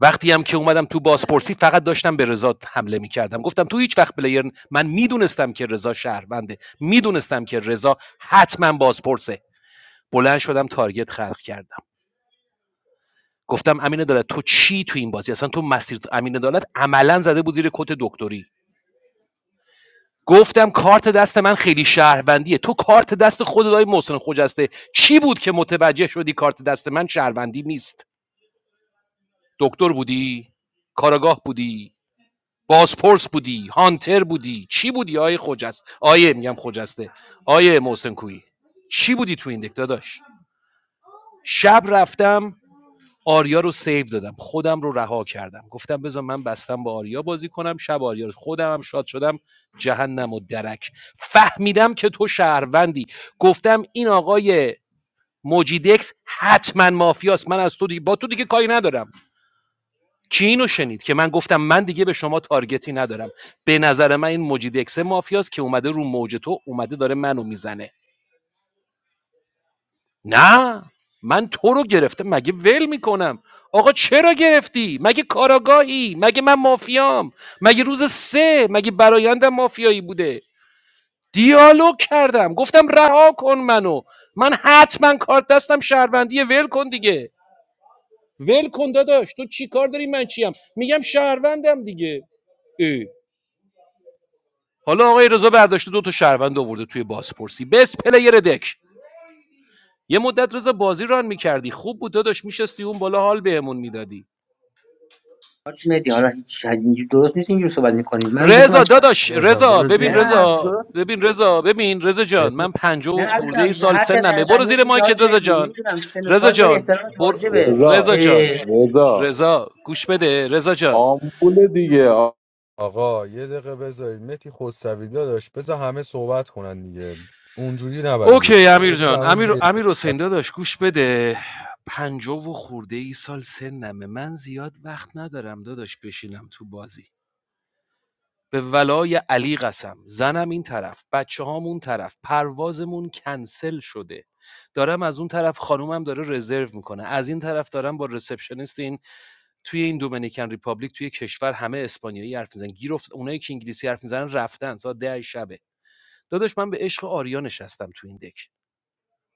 وقتی هم که اومدم تو بازپرسی فقط داشتم به رضا حمله میکردم گفتم تو هیچ وقت پلیر ن- من میدونستم که رضا شهرونده میدونستم که رضا حتما بازپرسه بلند شدم تارگت خلق کردم گفتم امین عدالت تو چی تو این بازی اصلا تو مسیر امین عدالت عملا زده بود زیر کت دکتری گفتم کارت دست من خیلی شهروندیه تو کارت دست خود دای محسن خجسته چی بود که متوجه شدی کارت دست من شهروندی نیست دکتر بودی کاراگاه بودی بازپرس بودی هانتر بودی چی بودی آیه خجست آیه میگم خجسته آیه محسن کویی چی بودی تو این دک داداش شب رفتم آریا رو سیو دادم خودم رو رها کردم گفتم بذار من بستم با آریا بازی کنم شب آریا رو خودم هم شاد شدم جهنم و درک فهمیدم که تو شهروندی گفتم این آقای موجیدکس حتما مافیاست من از تو دیگه با تو دیگه کاری ندارم کی اینو شنید که من گفتم من دیگه به شما تارگتی ندارم به نظر من این مجید اکسه مافیاست که اومده رو موج تو اومده داره منو میزنه نه من تو رو گرفتم مگه ول میکنم آقا چرا گرفتی مگه کاراگاهی مگه من مافیام مگه روز سه مگه برایندم مافیایی بوده دیالوگ کردم گفتم رها کن منو من حتما کارت دستم شهروندیه ول کن دیگه ول کن داداش تو چی کار داری من چیم میگم شهروندم دیگه اه. حالا آقای رضا برداشته دو تا شهروند آورده توی بازپرسی بست پلیر دک یه مدت رضا بازی ران میکردی خوب بود داداش میشستی اون بالا حال بهمون میدادی حاج مهدی حالا هیچ اینجوری درست نیست اینجور صحبت میکنی من داشتم رضا از شرمنده داداش رضا رضا برو ببین زیر نه مایک رضا درست ببین رضا ببین رضا جان من پنجاه نه و خورده ای عزیزم سال هر چه سنمه برو از زیر میگه حاج مایکت رضا مهدی جان نمیدونم سن و رضا سال داری جان احترامت بر... واجبه رضا رضا جان اه، رضا رضا گوش بده رضا جان آمبول دیگه آ- آقا یه دقیقه بذارید متی خسروی داداش بذار همه صحبت کنن دیگه اونجوری نبریدش اوکی امیر بذار جان همه امیر, پیدا امیر حسین داداش گوش بده پنجاه و خورده ای سال سنمه من زیاد وقت ندارم داداش بشینم تو بازی به ولای علی قسم زنم این طرف بچه هام اون طرف پروازمون کنسل شده دارم از اون طرف خانومم داره رزرو میکنه از این طرف دارم با رسپشنیست این توی این دومینیکن ریپابلیک توی کشور همه اسپانیایی حرف میزنن گیر افت- اونایی که انگلیسی حرف میزنن رفتن ساعت ده شبه داداش من به عشق آریا نشستم تو این دک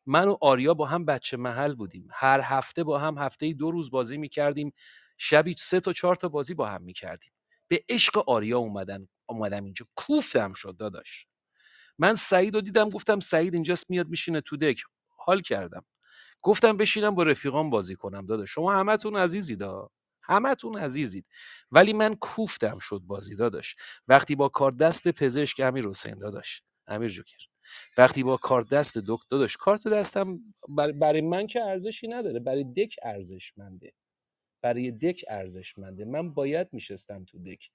من و آریا با هم بچه محل بودیم. هر هفته با هم هفته‌ای دو روز بازی می‌کردیم. شبی سه تا چهار تا بازی با هم می‌کردیم. به عشق آریا اومدن اومدم اینجا کوفتم شد داداش. من سعید رو دیدم گفتم سعید اینجاست میاد میشینه تو دک حال کردم گفتم بشینم با رفیقام بازی کنم داده شما همتون عزیزید ها همتون عزیزید ولی من کوفتم شد بازی داداش وقتی با کار دست پزشک امیر حسین داداش امیر جوکر وقتی با کار دست دکتر داداش کارت دستم بر- برای بر من که ارزشی نداره برای دک ارزشمنده برای دک ارزشمنده من باید میشستم تو دک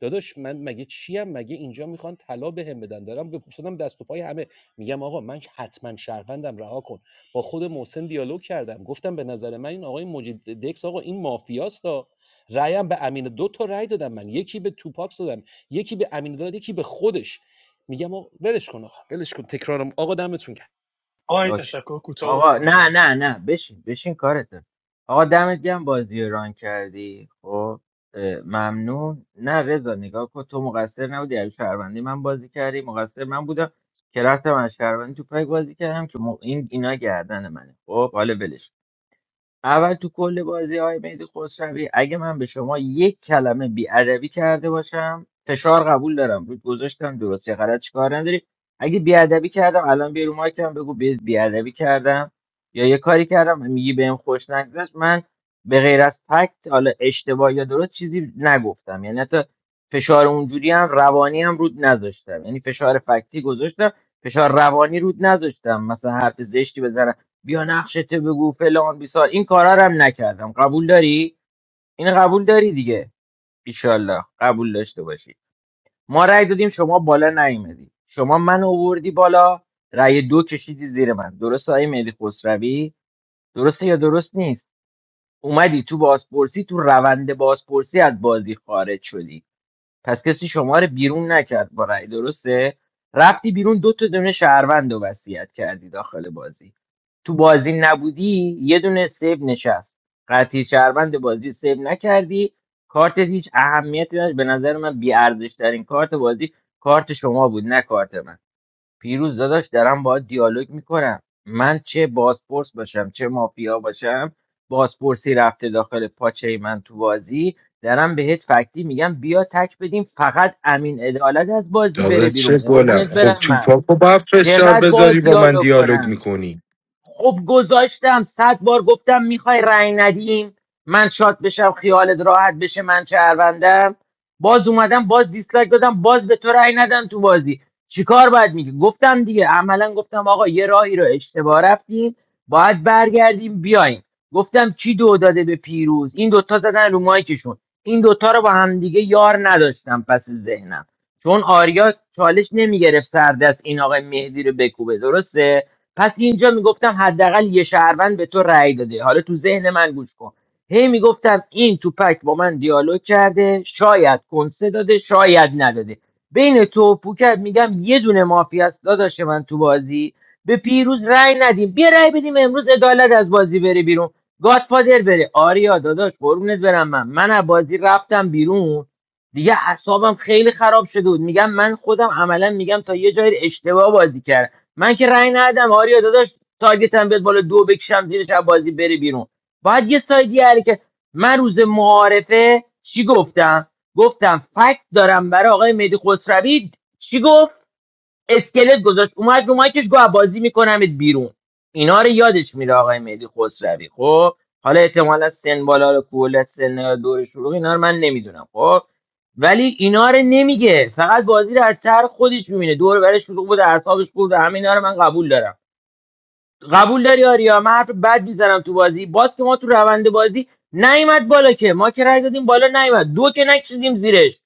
داداش من مگه چیم مگه اینجا میخوان طلا بهم بدن دارم به شدم دست و پای همه میگم آقا من حتما شهروندم رها کن با خود محسن دیالوگ کردم گفتم به نظر من این آقای مجید دکس آقا این مافیاستا رأیم به امین دو تا رأی دادم من یکی به توپاکس دادم یکی به امین داد یکی به خودش میگم آقا ولش کن آقا ولش کن تکرارم آقا دمتون گرم آی اوکی تشکر کوتاه آقا نه بکنم نه نه بشین بشین کارته آقا دمت گرم بازی رو ران کردی خب اه، ممنون نه رضا نگاه کن تو مقصر نبودی از شهروندی من بازی کردی مقصر من بودم که رفتم از شهروندی تو پای بازی کردم که م... این اینا گردن منه خب حالا ولش کن. اول تو کل بازی های مهدی خسروی اگه من به شما یک کلمه بی ادبی کرده باشم فشار قبول دارم رود گذاشتم درست یا غلط چیکار نداری اگه بی ادبی کردم الان بیا رو مایکم بگو بی ادبی کردم یا یه کاری کردم میگی بهم خوش نگذشت من به غیر از فکت حالا اشتباه یا درست چیزی نگفتم یعنی حتی فشار اونجوری هم روانی هم رود نذاشتم یعنی فشار فکتی گذاشتم فشار روانی رود نذاشتم مثلا حرف زشتی بزنم بیا نقشته بگو فلان بیسار این کارا رو هم نکردم قبول داری این قبول داری دیگه ایشالله قبول داشته باشی ما رأی دادیم شما بالا نیومدی شما من اووردی بالا رأی دو کشیدی زیر من درست آقای مهدی خسروی درسته یا درست نیست اومدی تو بازپرسی تو روند بازپرسی از بازی خارج شدی پس کسی شما رو بیرون نکرد با رأی درسته رفتی بیرون دو تا دونه شهروند و وصیت کردی داخل بازی تو بازی نبودی یه دونه سیو نشست قطعی شهروند بازی سیو نکردی کارت هیچ اهمیتی نداشت به نظر من بیارزش ترین کارت بازی کارت شما بود نه کارت من پیروز داداش دارم باید دیالوگ میکنم من چه بازپرس باشم چه مافیا باشم بازپرسی رفته داخل پاچه من تو بازی دارم بهت فکتی میگم بیا تک بدیم فقط امین عدالت از بازی داغ بره بیرون چه گلم قربونت خب برم تو من پاکو باید فشار چقدر با بذاری با من دیالوگ دیالوگ کنم میکنی خب گذاشتم صد بار گفتم میخوای رأی ندیم من شاد بشم خیالت راحت بشه من شهروندم باز اومدم باز دیسلایک دادم باز به تو رأی ندم تو بازی چیکار باید میگه گفتم دیگه عملا گفتم آقا یه راهی رو اشتباه رفتیم باید برگردیم بیایم گفتم کی دو داده به پیروز این دوتا زدن رو مایکشون این دوتا رو با هم دیگه یار نداشتم پس ذهنم چون آریا چالش نمیگرفت سردست این آقای مهدی رو بکوبه درسته پس اینجا میگفتم حداقل یه شهروند به تو رأی داده حالا تو ذهن من گوش کن هی میگفتم این توپک با من دیالوگ کرده شاید کنسه داده شاید نداده بین تو و پوکت میگم یه دونه مافی است داداش من تو بازی به پیروز رأی ندیم بیا رأی بدیم امروز عدالت از بازی بره بیرون گادفادر بره آریا داداش قربونت برم من من از بازی رفتم بیرون دیگه اعصابم خیلی خراب شده بود میگم من خودم عملا میگم تا یه جای اشتباه بازی کردم من که رأی ندادم آریا داداش تارگتم بیاد بالا دو بکشم زیرش از بازی بره بیرون باید یه سایدی هره که من روز معارفه چی گفتم گفتم فکت دارم برای آقای مهدی خسروی چی گفت اسکلت گذاشت اومد رو مایکش گوه بازی میکنمت بیرون اینا رو یادش میره آقای مهدی خسروی خب حالا احتمالا سن بالا رو کولت سن یا دور شروع اینا رو من نمیدونم خب ولی اینا رو نمیگه فقط بازی رو از طرح خودش میبینه دور و برش شروع بود اعصابش خورد همه اینا رو من قبول دارم قبول داری آریا من حرف بد میزنم تو بازی باز که ما تو روند بازی نیومد بالا که ما که رای دادیم بالا نیومد دو که نکشیدیم زیرش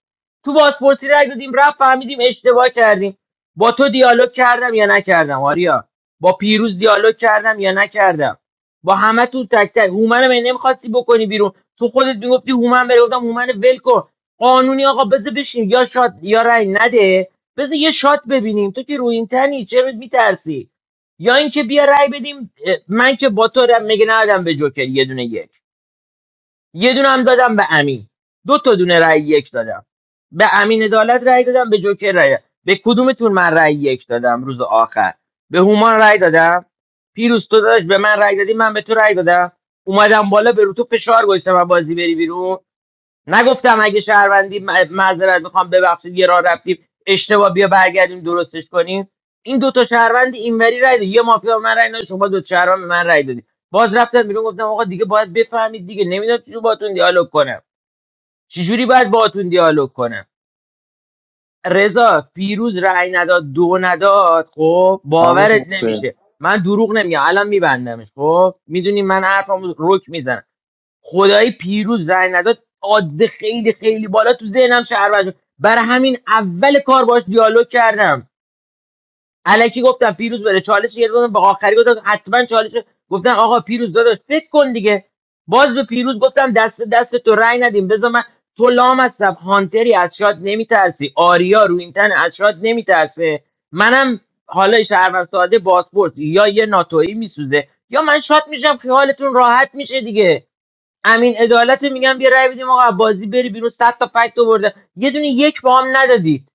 تو بازپرسی رای دادیم رفت فهمیدیم اشتباه کردیم با تو دیالوگ کردم یا نکردم آریا با پیروز دیالوگ کردم یا نکردم با همه تو تک تک هومنم من نمیخواستی بکنی بیرون تو خودت میگفتی هومن بره گفتم هومن ول کن قانونی آقا بذار بشین یا شات یا رای نده بذار یه شات ببینیم تو که رویین تنی چرا میترسی یا اینکه بیا رأی بدیم اه، من که با تو رأی- مگه ندادم به جوکر یه دونه یک یه دونه هم دادم به امین دو تا دونه رأی یک دادم به امین عدالت رأی دادم به جوکر رأی دادم. به کدومتون من رأی یک دادم روز آخر به هومان رأی دادم پیروز تو داداش به من رأی دادی من به تو رأی دادم اومدم بالا به رو تو فشار گذاشتم از بازی بری بیرون نگفتم اگه شهروندی م- معذرت میخوام ببخشید یه راه رفتیم اشتباه بیا برگردیم درستش کنیم این دوتا شهروند اینوری رای داد یه مافیا به من رای نداد شما دو تا شهروند به من رای دادید باز رفتم بیرون گفتم آقا دیگه باید بفهمید دیگه نمیدونم چجوری باهاتون دیالوگ کنم چجوری باید باهاتون دیالوگ کنم رضا پیروز رای نداد دو نداد خب عمو باورت حسین نمیشه من دروغ نمیگم الان میبندمش خب میدونی من حرفمو رک میزنم خدای پیروز رای نداد آدز خیلی خیلی بالا تو ذهنم شهر برای همین اول کار باش دیالوگ کردم الکی گفتم پیروز بره چالش گرفتم به آخری گفتم حتما چالش گفتم آقا پیروز داداش فکر کن دیگه باز به پیروز گفتم دست دست تو رای ندیم بذار من تو لام هستم هانتری از شاد نمیترسی آریا رو این تن از شاد نمیترسه منم حالا شهروند ساده باسپورت یا یه ناتویی میسوزه یا من شاد میشم خیالتون راحت میشه دیگه امین عدالت میگم بیا رای بدیم آقا بازی بری بیرون صد تا فکت آورده یه دونه یک با هم ندادید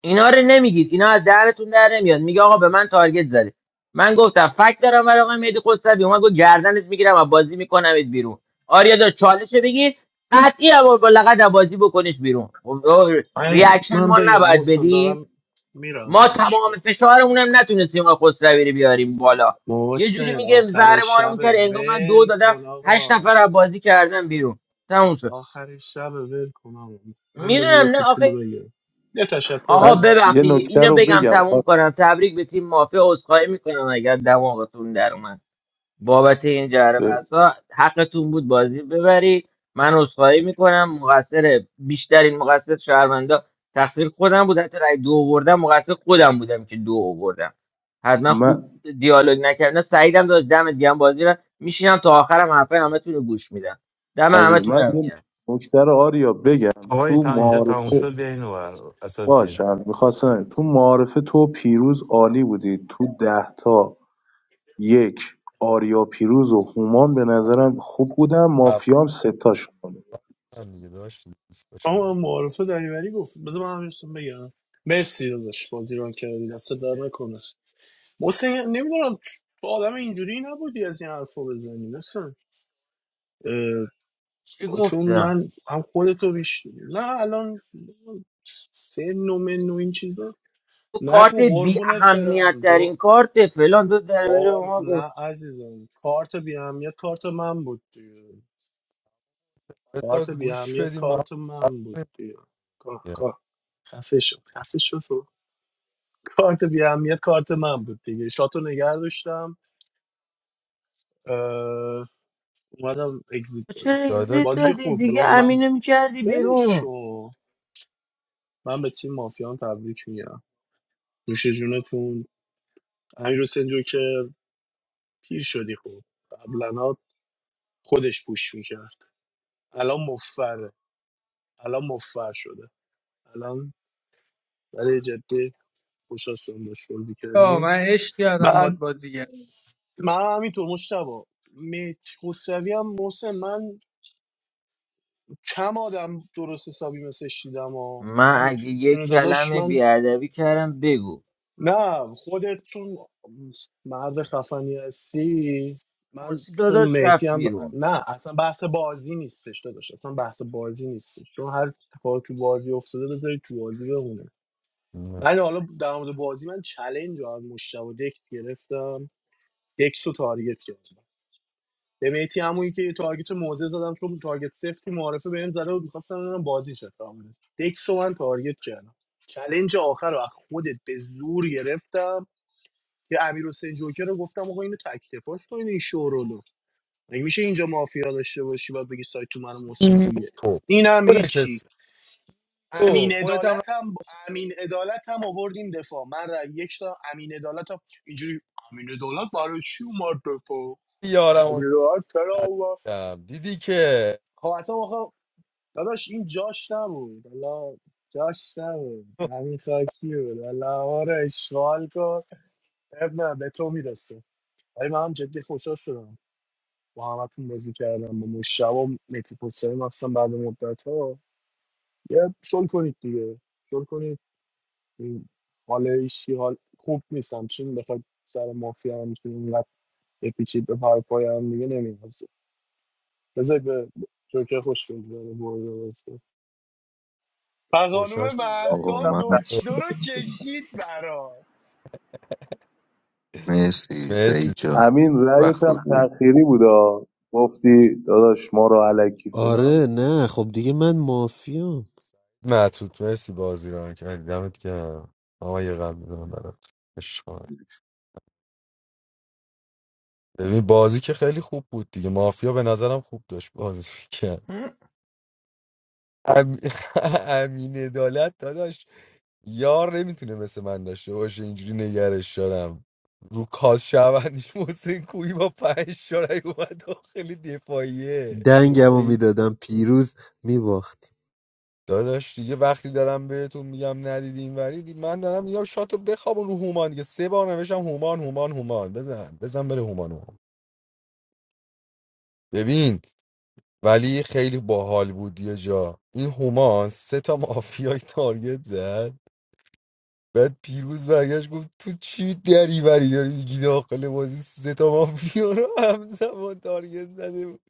اینا رو نمیگید اینا از دهنتون در نمیاد میگه آقا به من تارگت زدی من گفتم فکت دارم برای آقای مهدی خسروی اومد گفت گردنت میگیرم و بازی میکنمت بیرون آریا دار چالش رو بگیر قطعی هم با لقد بازی بکنش بیرون خب، آه، آی، ریاکشن من ما بگم نباید محسن بدیم دارم میرم ما داداش تمام فشارمونم نتونستیم آقا خسروی رو بیاریم بالا یه جوری محسن میگه زهر آخر ما رو شب میکرد انگار من دو ول دادم کن هشت آقا نفر از بازی کردم بیرون تموم شد آخر شب ول کن آقا من بذار میدونم یه نه آخه کوچولو بگم یه تشکر آقا کنم من یه ببخشید نکته اینو رو بگم بگم آ- تموم کنم تبریک به تیم مافیا عذرخواهی میکنم اگر دماغتون در اومد بابت این جره اه، بسا حقتون بود بازی ببری من عذرخواهی میکنم مقصر بیشترین مقصر شهروندا تقصیر خودم بود حتی رای دو آوردم مقصر خودم بودم که دو آوردم حتما خوب من دیالوگ نکردم سعیدم داشت دم دیگه بازی رو میشینم تا آخرم حرفای همتون رو گوش میدم دم عزیز همتون من هم یه گرم نکته رو آریا بگم آقای تو تا اینجا تموم معارفه شد بیا این ور اساتید باشه الان میخواستم تو معارفه تو پیروز عالی بودی تو ده تا یک آریا پیروز و هومان به نظرم خوب بودن صحبت مافیام ستاش کنه کنن دیگه داشت دیسکشن آقا معارفه دریوری گفت بذار من همینستون بگم مرسی داداش بازی رو کردی دست در نکنه محسن نمیدونم تو آدم اینجوری نبودی از این حرفا بزنی محسن چی چون گفتم من هم خودتو بیش نه الان سه نومه نو این چیزا تو کارت نگو بی قربونت اهمیت برم ترین دو کارت فلان تو درباره به قار ما گفت نه عزیزم کارت بی اهمیت کارت من بود دیگه. بذار کارت بی گوش اهمیت بدیم ما هم کارت صحبت من بود کنیم دیگه کار دیگه. کار خفه شد خفه شد تو. کارت بی اهمیت کارت من بود دیگه شاتو نگه داشتم اومدم اگزیت تو دادم چرا داداش اگزیت بازی که دادی خوب بود دیگه آقا من امینو میکردی ولش بیرون شو من به تیم مافیان تبریک میگم نوش جونتون امیر حسین جو که پیر شدی خوب قبلا خودش پوش میکرد الان مفره الان مفر شده الان ولی جدی خوش هستم باش بازی آه من کردیم عشق کردم باد بعد بازی من همینطور مشتبا مت خسروی هم محسن من کم آدم درست حسابی مثل دیدم و من من اگه یه چون داداش کلمه من بیادبی کردم بگو نه خودت چون مرد خفنی هستی من پرسی چون داداش مهدی رفت هم بیرون نه اصلا بحث بازی نیستش داداش اصلا بحث بازی نیستش چون هر کار تو بازی افتاده بذاری تو بازی بمونه نه. من حالا در مورد بازی من چلنج رو از مشتاق دکس گرفتم دکس رو تارگت کردم به مهدی همونی که یه تارگت موزه زدم چون تارگت سفتی معرفه بهم زده و میخواستم ببینم بازی چه خبره. دکس رو من تارگت کردم چلنج آخر رو از خودت به زور گرفتم که امیر حسین جوکر رو گفتم آقا اینو تک تفاش کن این شورولو مگه میشه اینجا مافیا داشته باشی و بگی سایت تو من و محسن این کویه تو اینم تو هیچی نشستی. امین تو خودت هم عدالت هم امین عدالت هم آوردیم دفاع من رأی یک تا امین عدالت هم اینجوری امین عدالت برای چی اومد دفاع رفتی امین یارم عدالت چرا اومد کردم دیدی که خب اصلا آقا داداش این جاش نبود حالا جاش نبود همین خاکی بود حالا ما رو اشغال کن اب نه به تو میرسه ولی من هم جدی خوشحال شدم با همتون بازی کردم با مشتبه و متی پوسترین اصلا بعد مدت ها یه شل کنید دیگه شل کنید این حال ایشی حال خوب نیستم چون بخواد سر مافیا هم میتونیم اینقدر بپیچید به پای پای هم دیگه نمیرسه بذار به جوکر خوش بگذاره برده بازی و خانوم این خوشاش رأیت آقا هم محسان منم ت- دکتر رو کشید برات مرسی سعید مرسی جان امین رأیت وقت هم بخیر. تأخیری بودا گفتی داداش ما رو علکی فلان آره نه خب دیگه من مافیام متوت مرسی بازی رو کردی دمت گرم آقا یه قلب می‌زنم برات عشق. ببین بازی که خیلی خوب بود دیگه مافیا به نظرم خوب داشت بازی کرد هم. ام... امین عدالت داداش یار نمیتونه مثل من داشته باشه اینجوری نگرش دارم رو کاس شوندیش محسن کوی با پنج شارعی اومد داخل دفاعیه گفت به دنگمو این میدادم پیروز میباختی داداش دیگه وقتی دارم بهتون میگم ندیدی این وریدی من دارم یا شاتو بخوابون رو هومان دیگه سه بار نوشتم هومان هومان هومان بزن بزن بره هومان هومان ببین ولی خیلی باحال بود یه جا این هومان سه تا مافیای تارگت زد بعد پیروز برگشت گفت تو چی دری داری میگی داخل بازی سه تا مافیا رو همزمان تارگت زده بود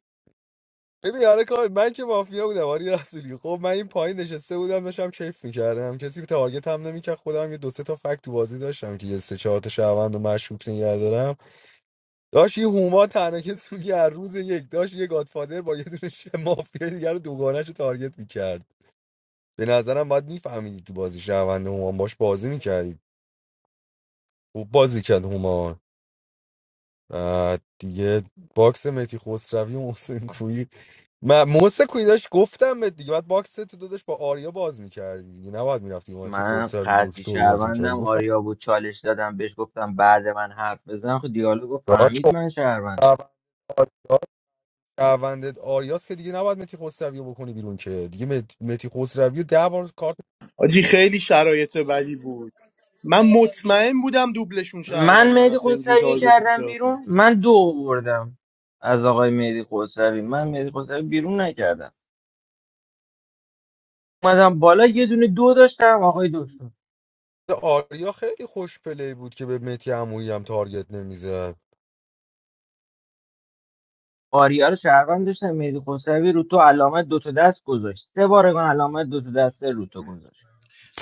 ببین حالا کار من که مافیا بودم آری رسولی خب من این پایین نشسته بودم داشتم کیف میکردم کسی تارگت هم نمیکرد خودم یه دو سه تا فکت تو بازی داشتم که یه سه چهار تا شهروند و مشکوک نگه دارم داشت یه هوما تنها کسی بود که هر روز یک داشت یه گادفادر با یه دونه شه- مافیا دیگر رو دوگانش رو تارگت میکرد به نظرم باید میفهمیدید تو بازی شهروند هوما باش بازی میکردید خوب بازی کرد هوما بعد دیگه باکس متی خسروی و محسن کویی من محسن کویی داشت گفتم به دیگه باید باکس تو دادش با آریا باز میکردی دیگه نباید میرفتی متی من خسروی قطعی دکتر رو باز میکردی شهروندم گفتم آریا بود چالش دادم بهش گفتم بعد من حرف بزن خود دیالوگو را فهمید چون من شهروندم شهروندت آریاس که دیگه نباید متی خسروی رو بکنی بیرون که دیگه مت- متی خسروی رو ده بار کارت آجی خیلی شرایط بدی بود من مت من مهدی خسروی تارگت کردم می‌کردم. بیرون من دو آوردم از آقای مهدی خسروی من مهدی خسروی بیرون نکردم اومدم بالا یه دونه دو داشتم آقای دکتر آریا خیلی خوش پلی بود که به متی عمویی هم تارگت نمیزد آریا رو شهروند داشتم مهدی خسروی رو تو علامت دو تا دست گذاشت سه بار علامت دو تا دست رو تو گذاشت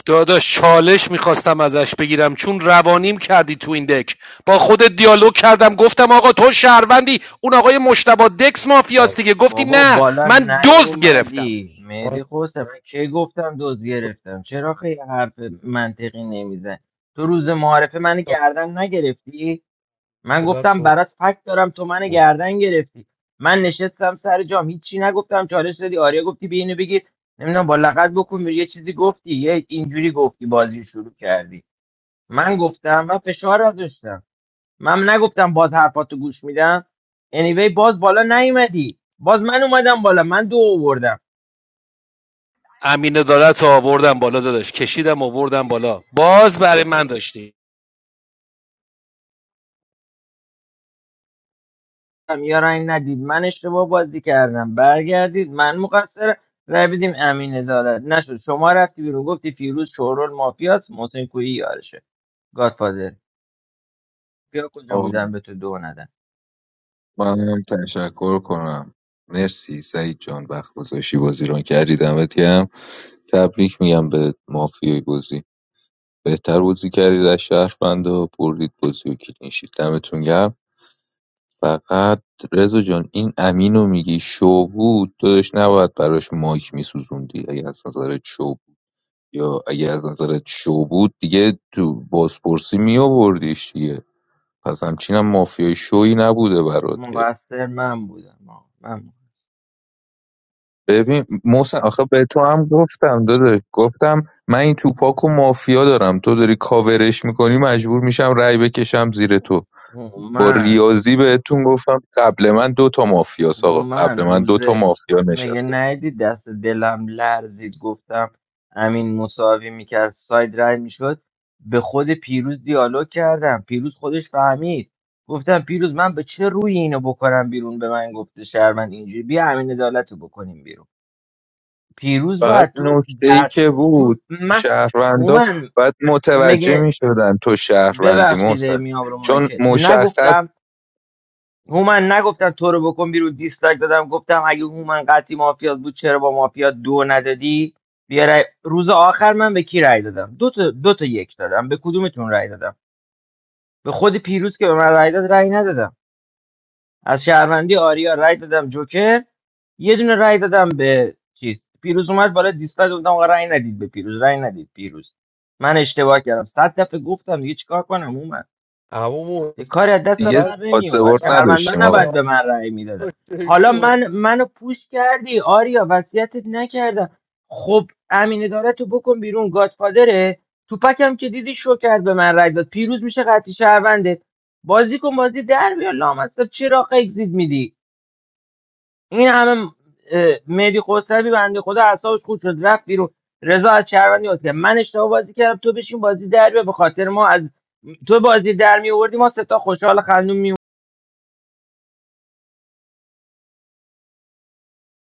داداش چالش میخواستم ازش بگیرم چون روانیم کردی تو این دک با خودت دیالوگ کردم گفتم آقا تو شهروندی اون آقای مشتبه دکس مافیاست دیگه گفتی بابا نه بالا من دزد گرفتم نیومدی مهدی خوسته من کی گفتم دوز گرفتم چرا خیلی حرف منطقی نمیزن تو روز معارفه من گردن نگرفتی من گفتم برات فکت دارم تو من گردن گرفتی من نشستم سر جام هیچی نگفتم چالش دادی آریا گفتی به اینو بگیر نمیدونم با لغت بکن بیر، یه چیزی گفتی یه اینجوری گفتی بازی شروع کردی من گفتم و فشار داشتم من نگفتم باز حرفاتو گوش میدم انیوی باز بالا نیومدی باز من اومدم بالا من دو آوردم امین دارت آوردم بالا داداش کشیدم آوردم بالا باز برای من داشتی یا رنگ ندید من اشتباه بازی کردم برگردید من مقصر رای بدیم امین عدالت نشد شما رفتی بیرون گفتی فیروز شورول مافیاس محسن کویی یارشه گادفادر بیا کجا آقا بودم به تو دو ندن من هم تشکر کنم مرسی سعید جان وقت گذاشتی بازی ران کردی دمت گرم تبریک میگم به مافیای بازی بهتر بازی کردید از شهروند و بردید بازی و کلینشید دمتون گرم فقط رضا جان این امینو میگی شو بود داداش نباید براش مایک میسوزوندی اگه از نظرت شو بود یا اگه از نظرت شو بود دیگه تو بازپرسی میآوردیش دیگه پس همچینم مافیای شوی نبوده برات که مقصر من بودم آه، من مقصر. ببین محسن آخه به تو هم گفتم داده گفتم من این توپاک و مافیا دارم تو داری کاورش میکنی مجبور میشم رأی بکشم زیر تو آه، با من ریاضی بهتون گفتم قبل من دو تا مافیاس آقا من قبل من دو تا روزه مافیا مگه نشسته ندیدی دست دلم لرزید گفتم امین مساوی میکرد ساید رای میشد به خود پیروز دیالوگ کردم پیروز خودش فهمید گفتم پیروز من به چه روی اینو بکنم بیرون به من گفته شهروند اینجوری بیا امین عدالت رو بکنیم بیرون پیروز فقط باید تو نکته ای در که تو بود من شهروندا هومن باید متوجه مگه میشدن شدن تو شهروندی ببخشید محسن میام رو چون مایکت مشخص نگفتم هومن نگفتم تو رو بکن بیرون دیسلایک دادم گفتم اگه هومن قطعی مافیا بود چرا با مافیا دو ندادی بیا رأی- روز آخر من به کی رای دادم دو تا دو تا یک دادم به کدومتون رای دادم به خود پیروز که به من رای داد رای ندادم از شهروندی آریا رای دادم جوکر یه دونه رای دادم به چیز پیروز اومد بالا دیسلایک گفتم آقا رای ندید به پیروز رای ندید پیروز من اشتباه کردم صد دفعه گفتم دیگه چیکار کنم هومن عمو یه کاری از دستم دیگه بر مسافرت نمی اومد آدزورد بد شهرمندان نداشتیم آقا نباید برای به من رأی میدادن حالا آریا من منو پوش کردی آریا وصیتت نکردم خب امین ادارتو بکن بیرون گادفادره توپکم که دیدی شو کرد به من رأی داد پیروز میشه قطعی شهرونده بازی کن بازی در بیار لامصب چرا اگزییت میدی این همه اه، مهدی خسروی بنده خدا اعصابش خود شد رفت بیرون رضا از شهروندی واسه من اشتباه بازی کردم تو بشین بازی در بیار به خاطر ما از تو بازی در می آوردی ما سه تا خوشحال خندون